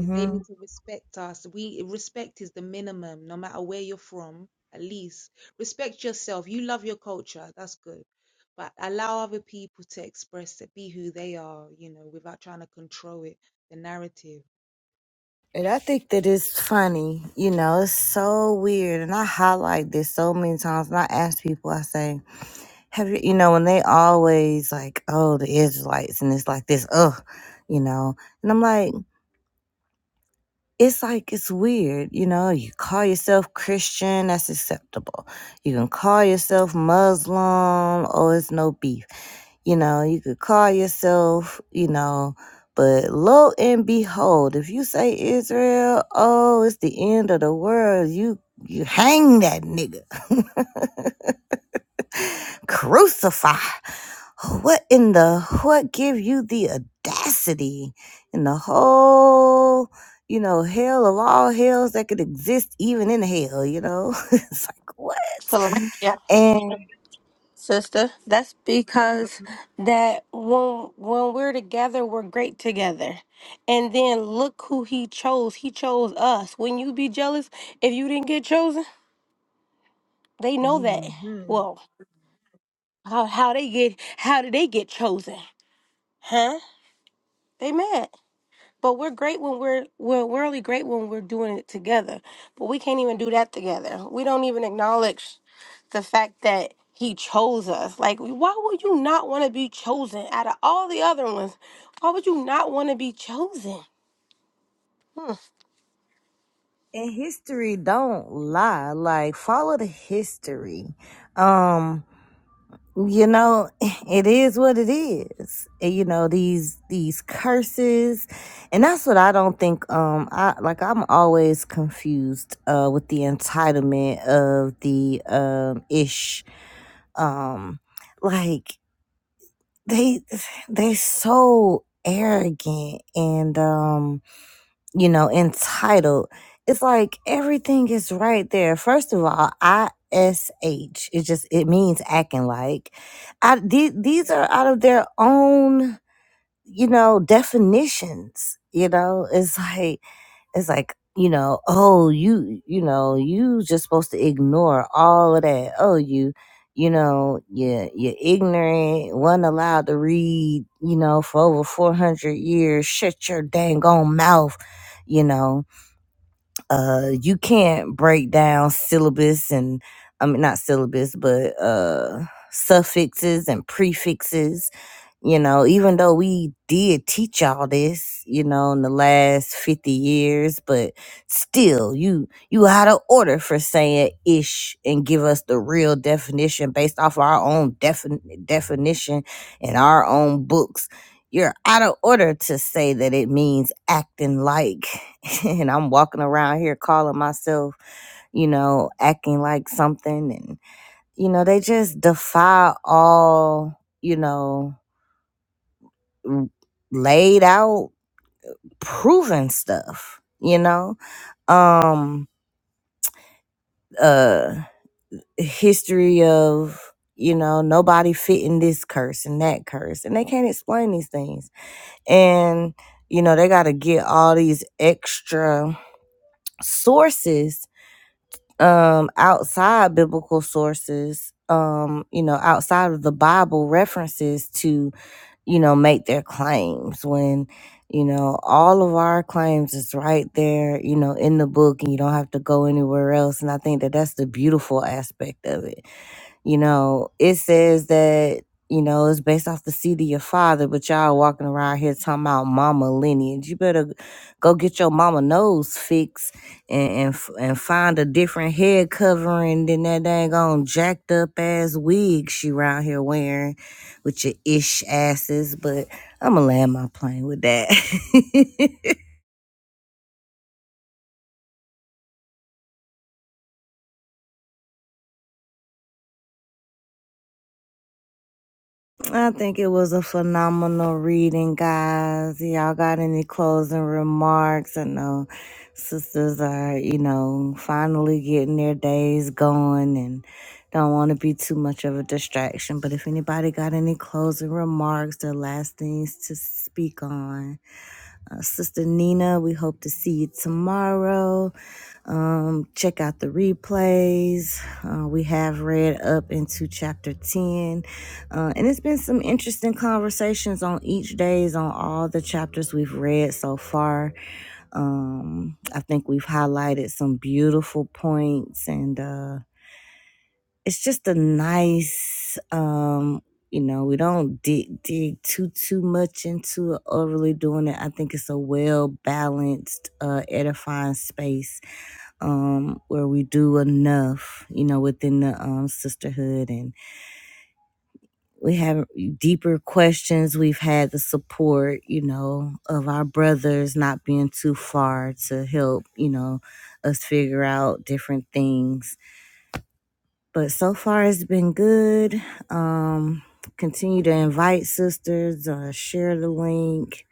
S5: is they need to respect us. We respect is the minimum, no matter where you're from. At least respect yourself. You love your culture. That's good. But allow other people to express it, be who they are, you know, without trying to control it, the narrative.
S2: And I think that it's funny, you know, it's so weird. And I highlight this so many times. And I ask people, I say, have you, you know, when they always like, oh, the Israelites, and it's like this, ugh, you know. And I'm like, it's like, it's weird, you know, you call yourself Christian, that's acceptable. You can call yourself Muslim, oh, it's no beef you know, you could call yourself, you know, but lo and behold, if you say Israel, oh, it's the end of the world, you you hang that nigga. <laughs> Crucify. What in the what give you the audacity in the whole you know, hell of all hells that could exist even in hell, you know? <laughs> it's like what?
S1: So, yeah.
S2: And
S1: sister. That's because that when when we're together, we're great together. And then look who he chose. He chose us. When you be jealous if you didn't get chosen, they know that.
S2: hmm
S1: Well, how how they get how did they get chosen? Huh? They mad. But we're great when we're we're we're only great when we're doing it together. But we can't even do that together. We don't even acknowledge the fact that he chose us. Like why would you not want to be chosen out of all the other ones? Why would you not want to be chosen? Hmm.
S2: and history don't lie like follow the history um you know <laughs> it is what it is And, you know these these curses and that's what i don't think um i like i'm always confused uh with the entitlement of the um ish um like they <sighs> they so arrogant and um you know, entitled. It's like everything is right there. First of all, ISH, it just it means acting like. I the- these are out of their own, you know, definitions. You know, it's like it's like you know oh you you know you just supposed to ignore all of that oh you you know you you're ignorant wasn't allowed to read you know for over 400 years shut your dang on mouth you know uh you can't break down syllabus and i mean not syllabus but uh suffixes and prefixes you know, even though we did teach y'all this, you know, in the last 50 years, but still you you out of order for saying ish and give us the real definition based off our own defin- definition and our own books. You're out of order to say that it means acting like <laughs> and I'm walking around here calling myself, you know, acting like something and you know, they just defy all, you know, laid out proven stuff you know um uh history of you know nobody fitting this curse and that curse and they can't explain these things and you know they got to get all these extra sources um outside biblical sources um you know outside of the bible references to. you know, make their claims when, you know, all of our claims is right there, you know, in the book and you don't have to go anywhere else. And I think that that's the beautiful aspect of it you know, it says that, you know, it's based off the seed of your father, but y'all walking around here talking about mama lineage. You better go get your mama nose fixed and and, f- and find a different head covering than that dang on jacked up ass wig she round here wearing with your ish asses. But I'ma land my plane with that. <laughs> I think it was a phenomenal reading, guys. Y'all got any closing remarks? I know sisters are, you know, finally getting their days going and don't want to be too much of a distraction. But if anybody got any closing remarks, the last things to speak on uh, Sister Nina, we hope to see you tomorrow. Um, check out the replays. Uh, we have read up into chapter 10. Uh, and it's been some interesting conversations on each days on all the chapters we've read so far. Um, I think we've highlighted some beautiful points and, uh, it's just a nice um you know we don't dig dig too too much into it or really doing it i think it's a well balanced uh edifying space um where we do enough you know within the um sisterhood and we have deeper questions we've had the support you know of our brothers not being too far to help you know us figure out different things but so far it's been good. Um, continue to invite sisters, uh, share the link,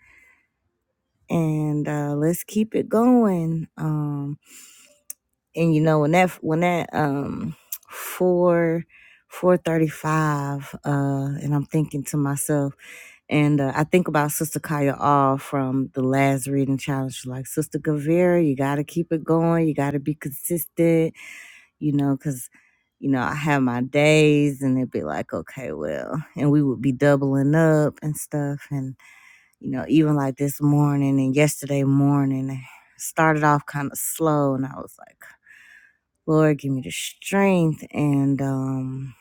S2: and uh, let's keep it going. Um, and you know when that when that um four four thirty five, uh, and I'm thinking to myself, and uh, I think about Sister Kaya All from the last reading challenge. Like Sister Gavira, you got to keep it going. You got to be consistent you know, because, you know, I have my days and it'd be like, okay, well, and we would be doubling up and stuff. And, you know, even like this morning and yesterday morning, it started off kind of slow. And I was like, Lord, give me the strength. And, um,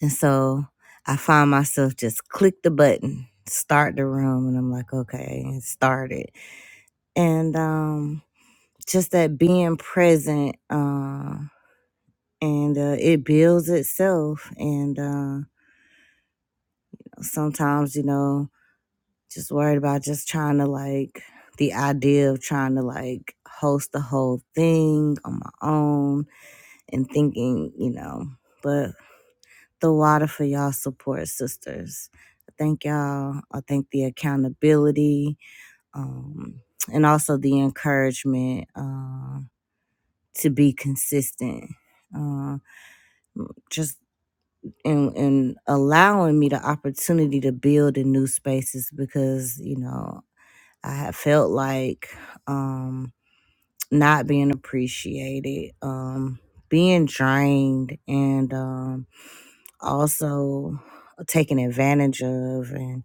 S2: and so I find myself just click the button, start the room. And I'm like, okay, and start it. And, um, just that being present, uh, and uh, it builds itself. And uh, sometimes, you know, just worried about just trying to like the idea of trying to like host the whole thing on my own and thinking, you know, but the water for y'all support sisters. I thank y'all. I thank the accountability um, and also the encouragement uh, to be consistent. Uh, just and and allowing me the opportunity to build in new spaces because you know I have felt like um not being appreciated um being drained and um also taken advantage of and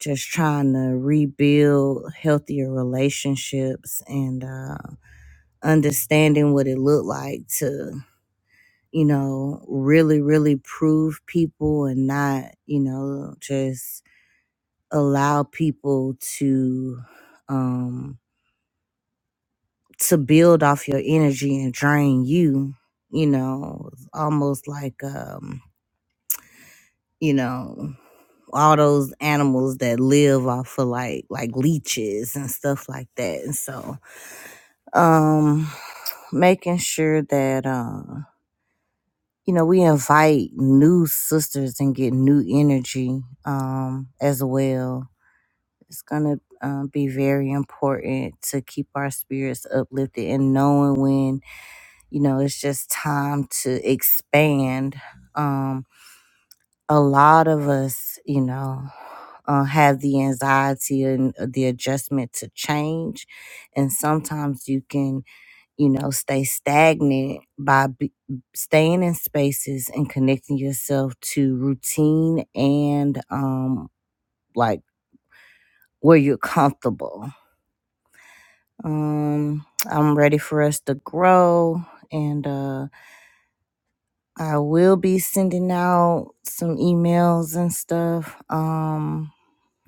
S2: just trying to rebuild healthier relationships and uh understanding what it looked like to. you know, really, really prove people and not, you know, just allow people to um to build off your energy and drain you, you know, almost like um, you know, all those animals that live off of like like leeches and stuff like that. And so um <sighs> making sure that uh. you know, we invite new sisters and get new energy um, as well. It's going to um, be very important to keep our spirits uplifted and knowing when, you know, it's just time to expand. Um, a lot of us, you know, uh, have the anxiety and uh, the adjustment to change. And sometimes you can you know, stay stagnant by be, staying in spaces and connecting yourself to routine and um like where you're comfortable. Um I'm ready for us to grow and uh I will be sending out some emails and stuff um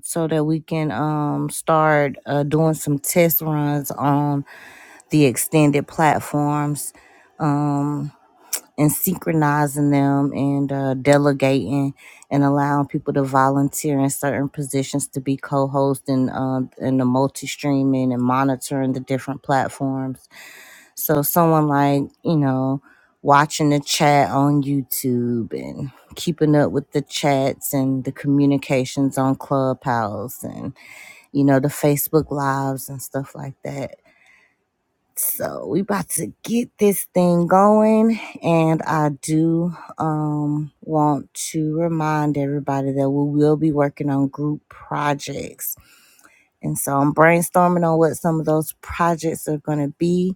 S2: so that we can um start uh doing some test runs on the extended platforms. Um and synchronizing them and uh, delegating and allowing people to volunteer in certain positions to be co-host and uh, and the multi-streaming and monitoring the different platforms. So someone like you know watching the chat on YouTube and keeping up with the chats and the communications on Clubhouse and you know the Facebook lives and stuff like that so we about to get this thing going, and I do um, want to remind everybody that we will be working on group projects, and so I'm brainstorming on what some of those projects are going to be.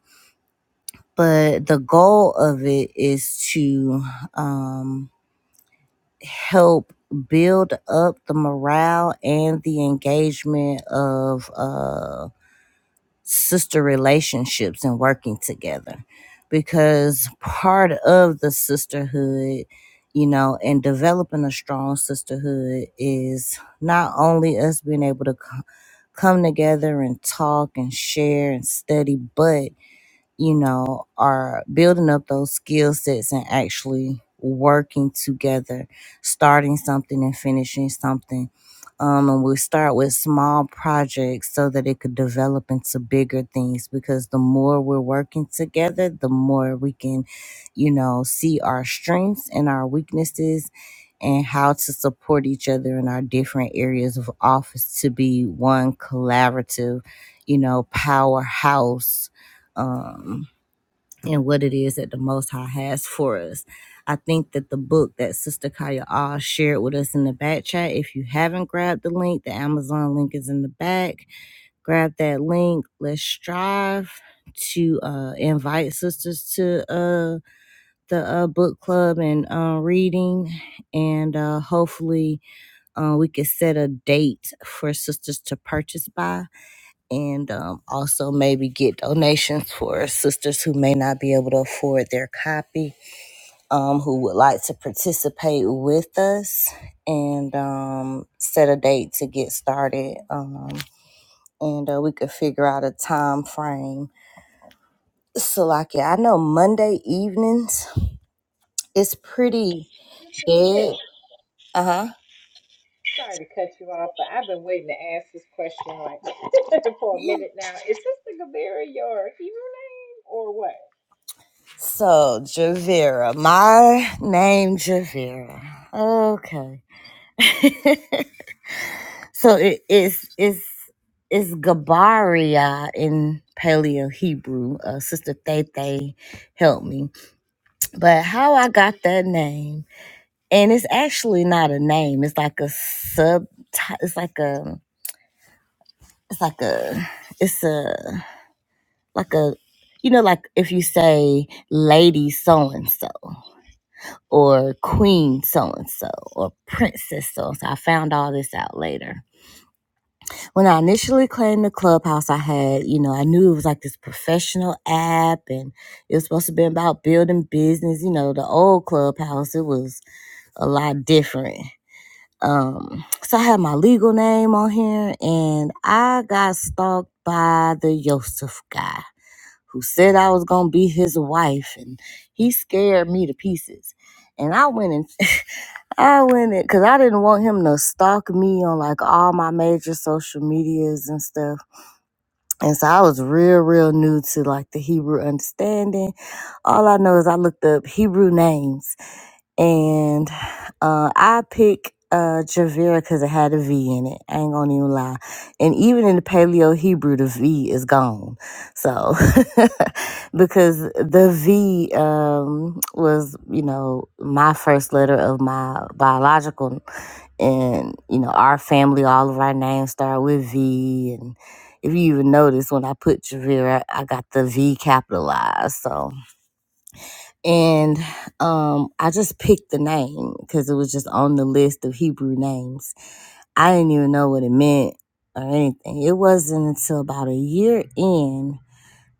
S2: But the goal of it is to um, help build up the morale and the engagement of. uh. sister relationships and working together because part of the sisterhood you know and developing a strong sisterhood is not only us being able to co- come together and talk and share and study but you know, are building up those skill sets and actually working together, starting something and finishing something. Um, and we start with small projects so that it could develop into bigger things because the more we're working together, the more we can, you know, see our strengths and our weaknesses and how to support each other in our different areas of office to be one collaborative, you know, powerhouse um, and what it is that the Most High has for us. I think that the book that Sister Kaya Ah shared with us in the back chat, if you haven't grabbed the link, the Amazon link is in the back. Grab that link. Let's strive to uh, invite sisters to uh, the uh, book club and uh, reading. And uh, hopefully, uh, we can set a date for sisters to purchase by and um, also maybe get donations for sisters who may not be able to afford their copy, um, who would like to participate with us, and um, set a date to get started. Um, and uh, we could figure out a time frame. So, like, yeah, I know Monday evenings is pretty
S3: Just like a very
S2: dead. Uh huh.
S3: Sorry to cut you off, but I've been waiting to ask this question like <laughs> for a minute now. Is Sister Gabira your Hebrew name or what?
S2: So, Javera, my name Javera. Okay. <laughs> So it is is is Gabaria in Paleo Hebrew. Uh, Sister Thaythay helped me, but how I got that name, and it's actually not a name. It's like a sub. It's like a. It's like a. It's a like a. You know, like if you say lady so and so, or queen so and so, or princess so and so. I found all this out later when I initially claimed the clubhouse, I had, you know, I knew it was like this professional app and it was supposed to be about building business. You know, the old clubhouse, it was a lot different. Um, so I had my legal name on here and I got stalked by the Yosef guy who said I was going to be his wife and he scared me to pieces. And I went and <laughs> I went in because I didn't want him to stalk me on like all my major social medias and stuff. And so I was real, real new to like the Hebrew understanding. All I know is I looked up Hebrew names and uh, I pick uh, Javera because it had a V in it. I ain't gonna even lie. And even in the Paleo Hebrew, the V is gone. So <laughs> because the V um, was, you know, my first letter of my biological and you know our family all of our names start with v and. If you even notice when I put Javira, I got the V capitalized. So, and um, I just picked the name because it was just on the list of Hebrew names. I didn't even know what it meant or anything. It wasn't until about a year in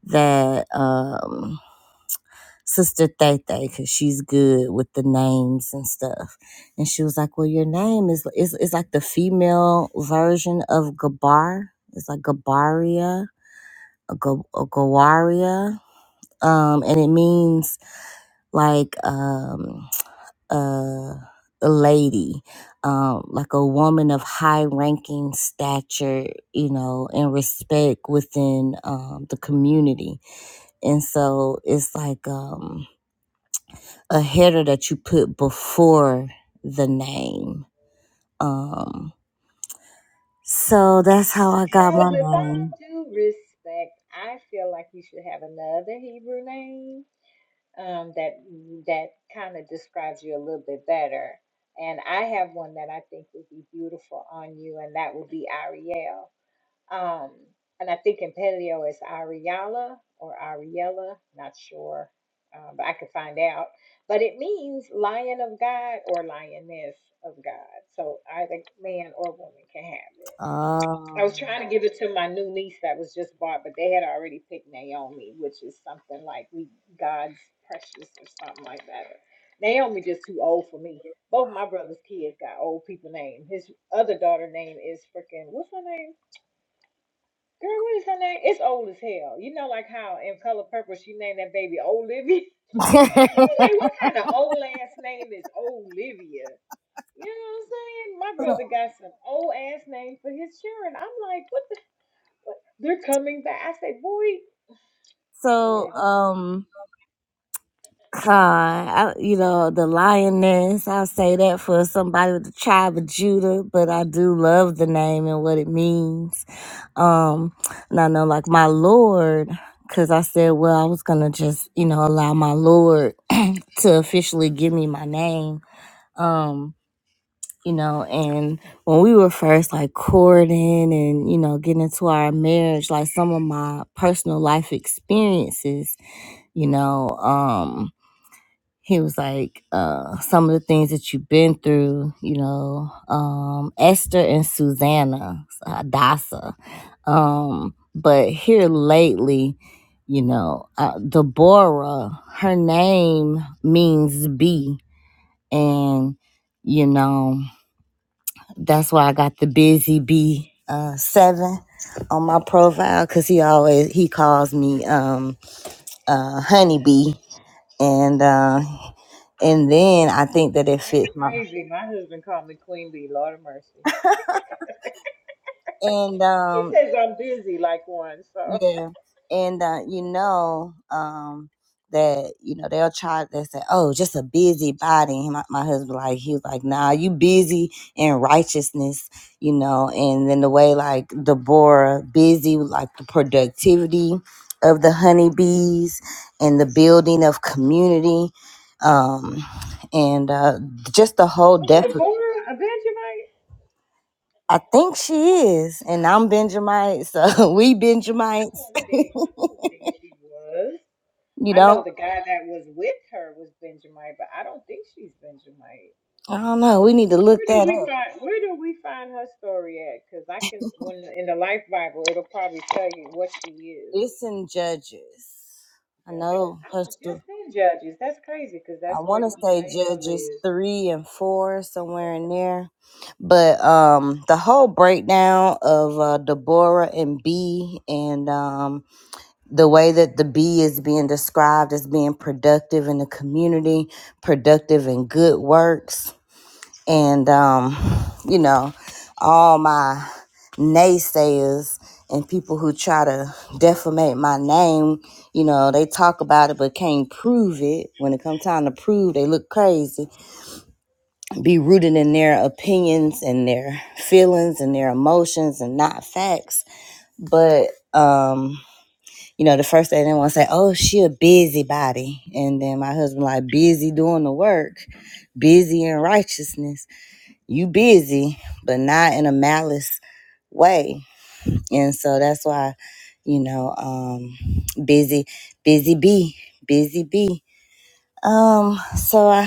S2: that um, Sister Thethe, because she's good with the names and stuff, and she was like, "Well, your name is is is like the female version of Gabar. It's like Gabaria." a Go- a gawaria, um, and it means like um, uh, a lady, um, like a woman of high ranking stature, you know, and respect within um, the community. And so it's like um, a header that you put before the name. Um, So that's how I got
S3: Well,
S2: my
S3: with
S2: name.
S3: all due respect, I feel like you should have another Hebrew name um, that that kind of describes you a little bit better. And I have one that I think would be beautiful on you, and that would be Ariel. Um, and I think in paleo it's Ariella or Ariella, not sure, uh, but I could find out. But it means lion of God or lioness of God. So either man or woman can have it. I
S2: Oh.
S3: was trying to give it to my new niece that was just bought, but they had already picked Naomi, which is something like we God's precious or something like that. Naomi just too old for me. Both my brother's kids got old people names. His other daughter name is freaking what's her name? Girl, what is her name? It's old as hell. You know, like how in Color Purple she named that baby Olivia. <laughs>
S2: <laughs>
S3: She's like, what kind of old ass name is Olivia? You know what I'm saying? My brother got some old ass name for his children. I'm like, what the? What? They're coming back. I say, boy, Lord
S2: so
S3: have mercy.
S2: um, Uh, I, you know, the lioness, I'll say that for somebody with the tribe of Judah, but I do love the name and what it means. Um, and I know, like, my Lord, because I said, well, I was going to just, you know, allow my Lord to officially give me my name. Um, you know, and when we were first like courting and, you know, getting into our marriage, like some of my personal life experiences, you know, um, he was like uh some of the things that you've been through you know um esther and susanna Dasa. um but here lately you know uh, deborah her name means bee and you know that's why i got the busy bee uh seven on my profile because he always he calls me um uh honeybee and uh, and then I think that it
S3: That's
S2: fits my
S3: crazy. My husband called me Queen Bee. Lord have mercy.
S2: and
S3: He
S2: um
S3: says I'm busy like one. So
S2: yeah and uh, you know um that you know they'll try they say oh just a busy body my, my husband like he was like nah you busy in righteousness you know and then the way like Deborah busy with, like the productivity of the honeybees and the building of community um and uh just the whole
S3: was
S2: def
S3: Deborah a Benjamite?
S2: I think she is, and I'm Benjamite, so <laughs> we
S3: I
S2: Benjamites.
S3: don't
S2: <laughs>
S3: think. I
S2: you
S3: don't think she was. I know
S2: know,
S3: the guy that was with her was Benjamite, but I don't think she's Benjamite.
S2: I don't know. We need to look
S3: Where do
S2: that
S3: we
S2: up.
S3: find Where do we find her story at? Because I can, when in the Life Bible, it'll probably tell you what she is.
S2: It's in Judges. I
S3: Judges.
S2: know
S3: I
S2: her
S3: was
S2: sto-
S3: just in Judges. That's crazy because
S2: I
S3: that's where
S2: want to say
S3: Jael
S2: Judges
S3: is.
S2: three and four somewhere in there, but um, the whole breakdown of uh, Deborah and B and um, the way that the B is being described as being productive in the community, productive in good works and um, you know, all my naysayers and people who try to defamate my name, you know, they talk about it but can't prove it. When it comes time to prove, they look crazy. Be rooted in their opinions and their feelings and their emotions and not facts. But um, you know, the first day they want to say, "Oh, she a busybody," and then my husband like busy doing the work, busy in righteousness you busy, but not in a malice way. And so that's why, you know, um, busy, busy bee, busy bee. Um, so I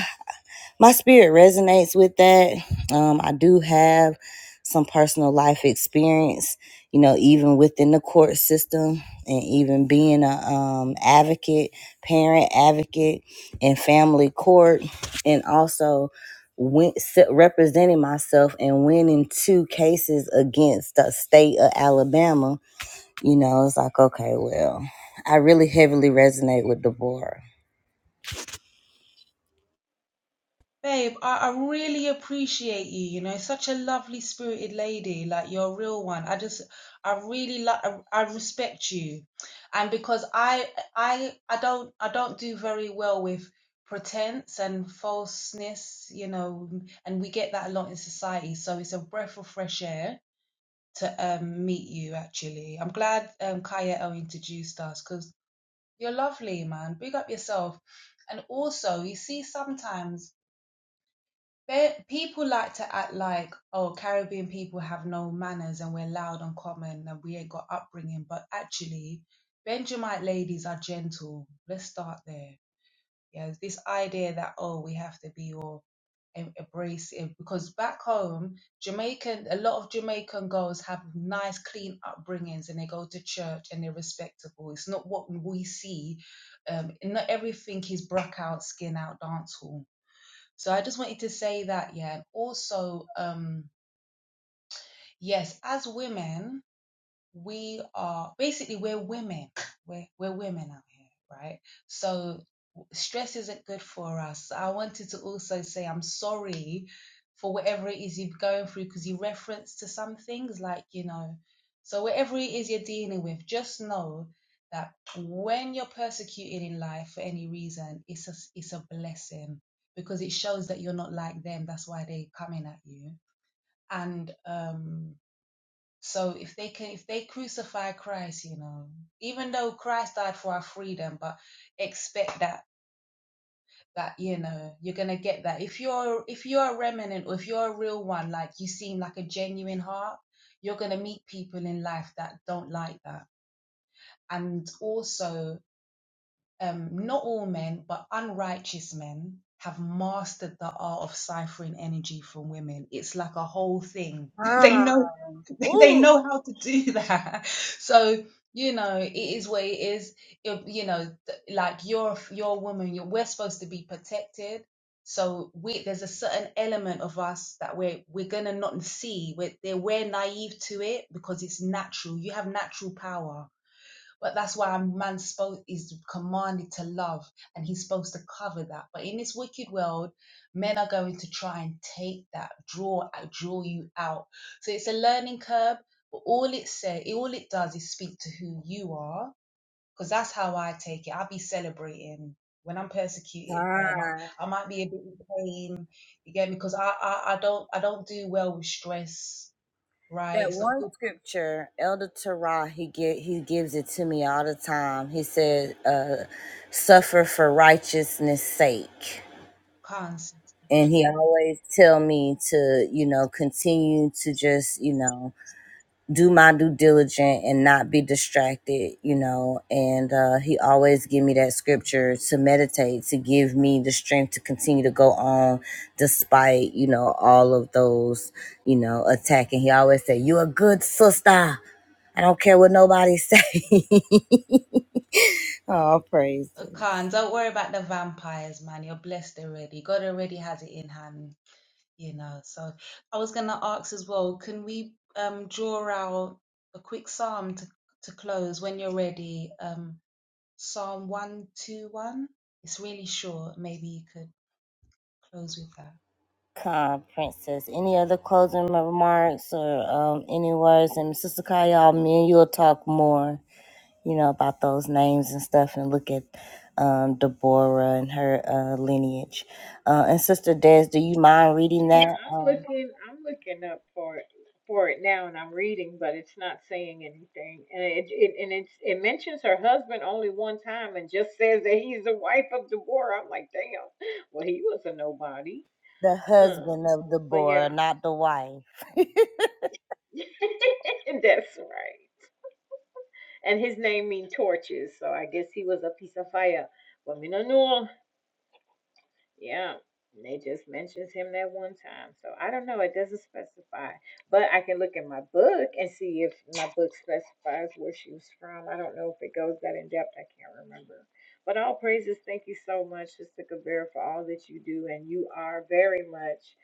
S2: my spirit resonates with that. Um, I do have some personal life experience, you know, even within the court system and even being a um, advocate, parent advocate in family court, and also went, representing myself and winning two cases against the state of Alabama. You know, it's like, okay, well, I really heavily resonate with Deborah.
S5: Babe, I, I really appreciate you. You know, such a lovely spirited lady. Like you're a real one. I just, I really like, I, I respect you. And because I, I, I don't, I don't do very well with pretense and falseness. You know, and we get that a lot in society. So it's a breath of fresh air to um, meet you. Actually, I'm glad um, Kayao introduced us because you're lovely, man. Big up yourself. And also, you see, sometimes they, people like to act like, oh, Caribbean people have no manners and we're loud and common and we ain't got upbringing. But actually, Benjamite ladies are gentle. Let's start there. Yeah, it's this idea that, oh, we have to be all em- abrasive because back home, Jamaican, a lot of Jamaican girls have nice, clean upbringings and they go to church and they're respectable. It's not what we see. Um, not everything is brack out, skin out, dance hall. So I just wanted to say that, yeah. And also, um, yes, as women, we are basically we're women. We're we're women out here, right? So stress isn't good for us. I wanted to also say I'm sorry for whatever it is you're going through because you referenced to some things like you know. So whatever it is you're dealing with, just know that when you're persecuted in life for any reason, it's a it's a blessing because it shows that you're not like them. That's why they're coming at you. And um so if they can, if they crucify Christ, you know, even though Christ died for our freedom, but expect that that you know you're gonna get that. If you're if you're a remnant or if you're a real one, like you seem like a genuine heart, you're gonna meet people in life that don't like that. And also um, not all men, but unrighteous men have mastered the art of ciphering energy from women. It's like a whole thing. <laughs> they know <laughs> they know how to do that. <laughs> So you know it is what it is. It- you know, th- like you're you're a woman. You're, we're supposed to be protected. So we, there's a certain element of us that we're we're gonna not see. We're they- we're naive to it because it's natural. You have natural power but that's why a man is commanded to love, and he's supposed to cover that. But in this wicked world, men are going to try and take that, draw, uh, draw you out. So it's a learning curve. But all it say, all it does is speak to who you are, because that's how I take it. I'll be celebrating when I'm persecuted. Where I, might, I might be a bit in pain. You get me? Because I, I, I don't, I don't do well with stress. Right?
S2: that
S5: It's not
S2: one
S5: good.
S2: scripture, Elder Terah, he get he gives it to me all the time. He said, uh, "Suffer for righteousness' sake,"
S5: Cancer.
S2: and he always tell me to, you know, continue to just, you know do my due diligence and not be distracted, you know. And uh, he always give me that scripture to meditate, to give me the strength to continue to go on despite, you know, all of those, you know, attacking. He always say, you a good sister. I don't care what nobody say. <laughs> oh,
S5: I
S2: praises.
S5: can't. Don't worry about the vampires, man. You're blessed already. God already has it in hand, you know. So I was gonna ask as well, can we um draw out a quick psalm to to close when you're ready? Um Psalm one two one. It's really short. Maybe you could close with that.
S2: Come, princess. Any other closing remarks or um, any words? And Sister Kyle, me and you'll talk more. you know, about those names and stuff and look at um, Deborah and her uh, lineage. Uh, and Sister Des, do you mind
S3: Yeah,
S2: reading that?
S3: I'm
S2: Um,
S3: looking. I'm looking up for it for it now, and I'm reading, but it's not saying anything. And it, it and it's it mentions her husband only one time, and just says that he's the wife of the war. I'm like, damn. Well, he was a nobody.
S2: the husband
S3: Um,
S2: of
S3: but
S2: Deborah,
S3: yeah,
S2: not the wife.
S3: <laughs> that's right. And his name means torches, so I guess he was a piece of fire. Well, me no know. Yeah, and they just mentions him that one time. So I don't know. It doesn't specify, but I can look in my book and see if my book specifies where she was from. I don't know if it goes that in depth. I can't remember. But all praises. Thank you so much, Sister Kabir, for all that you do, and you are very much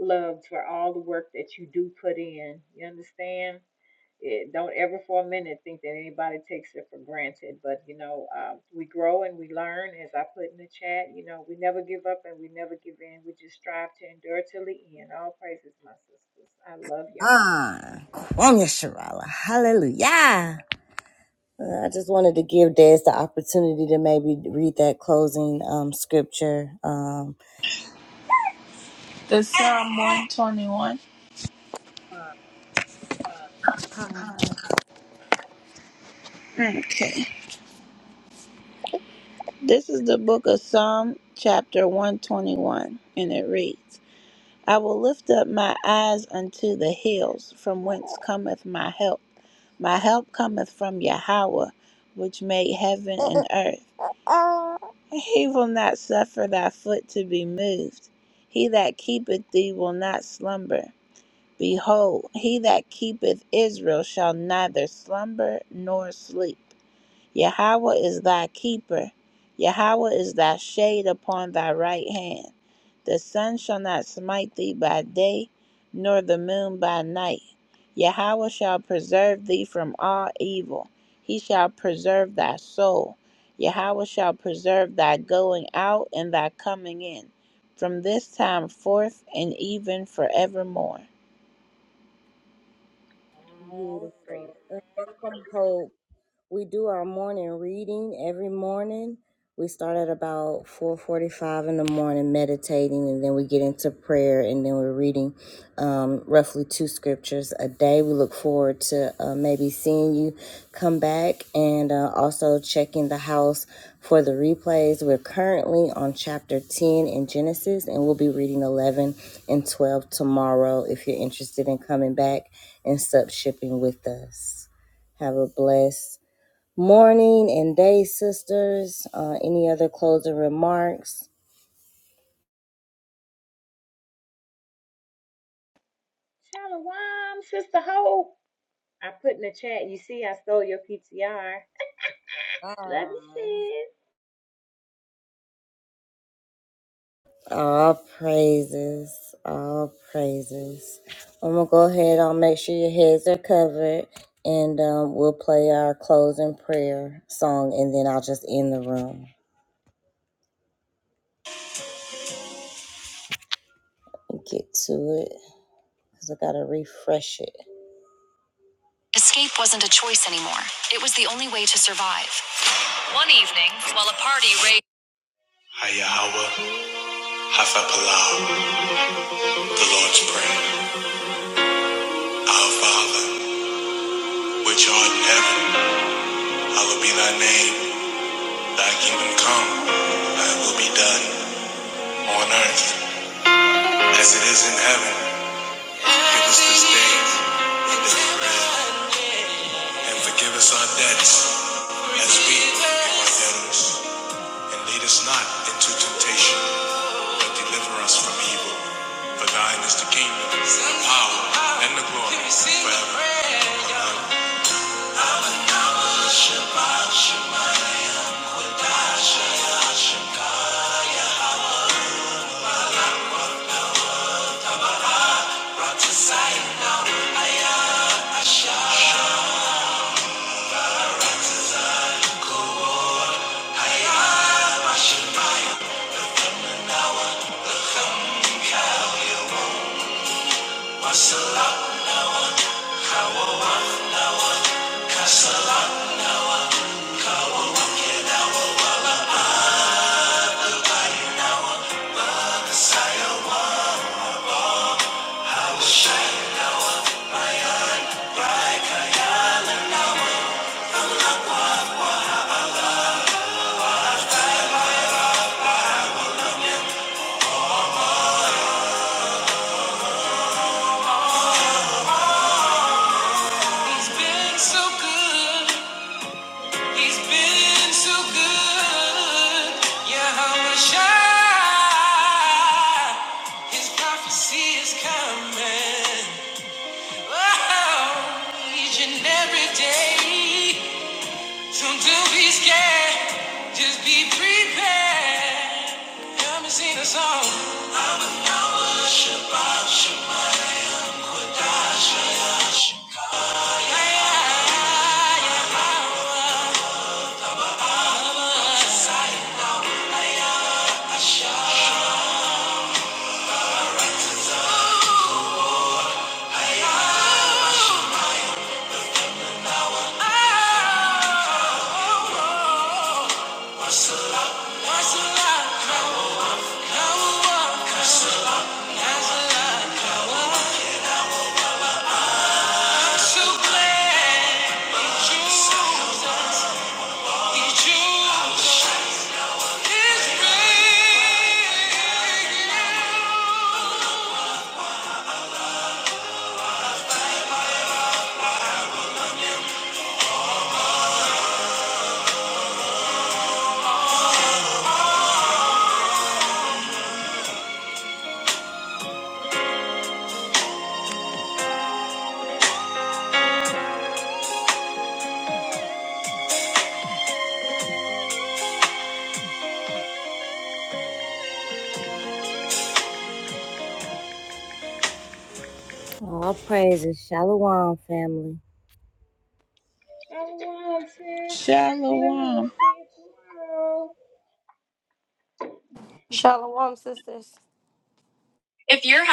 S3: loved for all the work that you do put in. You understand? it, don't ever for a minute think that anybody takes it for granted. But you know, um, we grow and we learn. As I put in the chat, you know, we never give up and we never give in. We just strive to endure till the end. All praises, my sisters. I love y'all.
S2: Ah, Kwame Sharala. Hallelujah. Uh, I just wanted to give Des the opportunity to maybe read that closing um, scripture. Um,
S4: The Psalm 121.
S5: Can't.
S4: Okay. This is the book of Psalm, chapter 121, and it reads I will lift up my eyes unto the hills, from whence cometh my help. My help cometh from Yahweh, which made heaven and <laughs> earth. He will not suffer thy foot to be moved. He that keepeth thee will not slumber. Behold, he that keepeth Israel shall neither slumber nor sleep. Yahweh is thy keeper. Yahweh is thy shade upon thy right hand. The sun shall not smite thee by day, nor the moon by night. Yahweh shall preserve thee from all evil. He shall preserve thy soul. Yahweh shall preserve thy going out and thy coming in, from this time forth and even forevermore.
S3: All
S2: Beautiful.
S3: praises.
S2: And welcome, Hope. We do our morning reading every morning. We start at about 4:45 in the morning meditating and then we get into prayer and then we're reading um, roughly two scriptures a day. We look forward to uh, maybe seeing you come back and uh, also checking the house for the replays. We're currently on chapter 10 in Genesis and we'll be reading 11 and 12 tomorrow if you're interested in coming back and sub shipping with us. Have a blessed morning and day, sisters. Uh, any other closing remarks?
S3: Shalom, sister Hope. I put in the chat. You see, I stole your PTR. Love you, sis.
S2: All praises, all praises. I'm gonna go ahead. I'll make sure your heads are covered, and um, we'll play our closing prayer song, and then I'll just end the room and get to it because I gotta refresh it. Escape wasn't a choice anymore. It was the only way to survive. One evening, while a party raged. Hayahawa, Hafapalau, the Lord's Prayer. Our Father, which art in heaven, hallowed be thy name. Thy kingdom come, thy will be done, on earth as it is in heaven. Give us this day our daily bread, and forgive us our debts as we forgive our debtors. And lead us not into temptation, but deliver us from evil. For thine is the kingdom, the power, and the glory forever. Amen. It's been so good. He's been so good. Yeah, how much I His prophecy is coming. Oh, each and every day. So don't be scared. Just be prepared. Come and sing a song. I'm a Yahweh Shabbat Shemayim Kodash Hayashikaya. Yeah, yeah, yeah. Ooh, ooh. All praises, Shalom family.
S3: Shalom, sis. God willing,
S4: Shalom.
S3: we'll see you tomorrow.
S1: Shalom, sisters.
S2: If you're.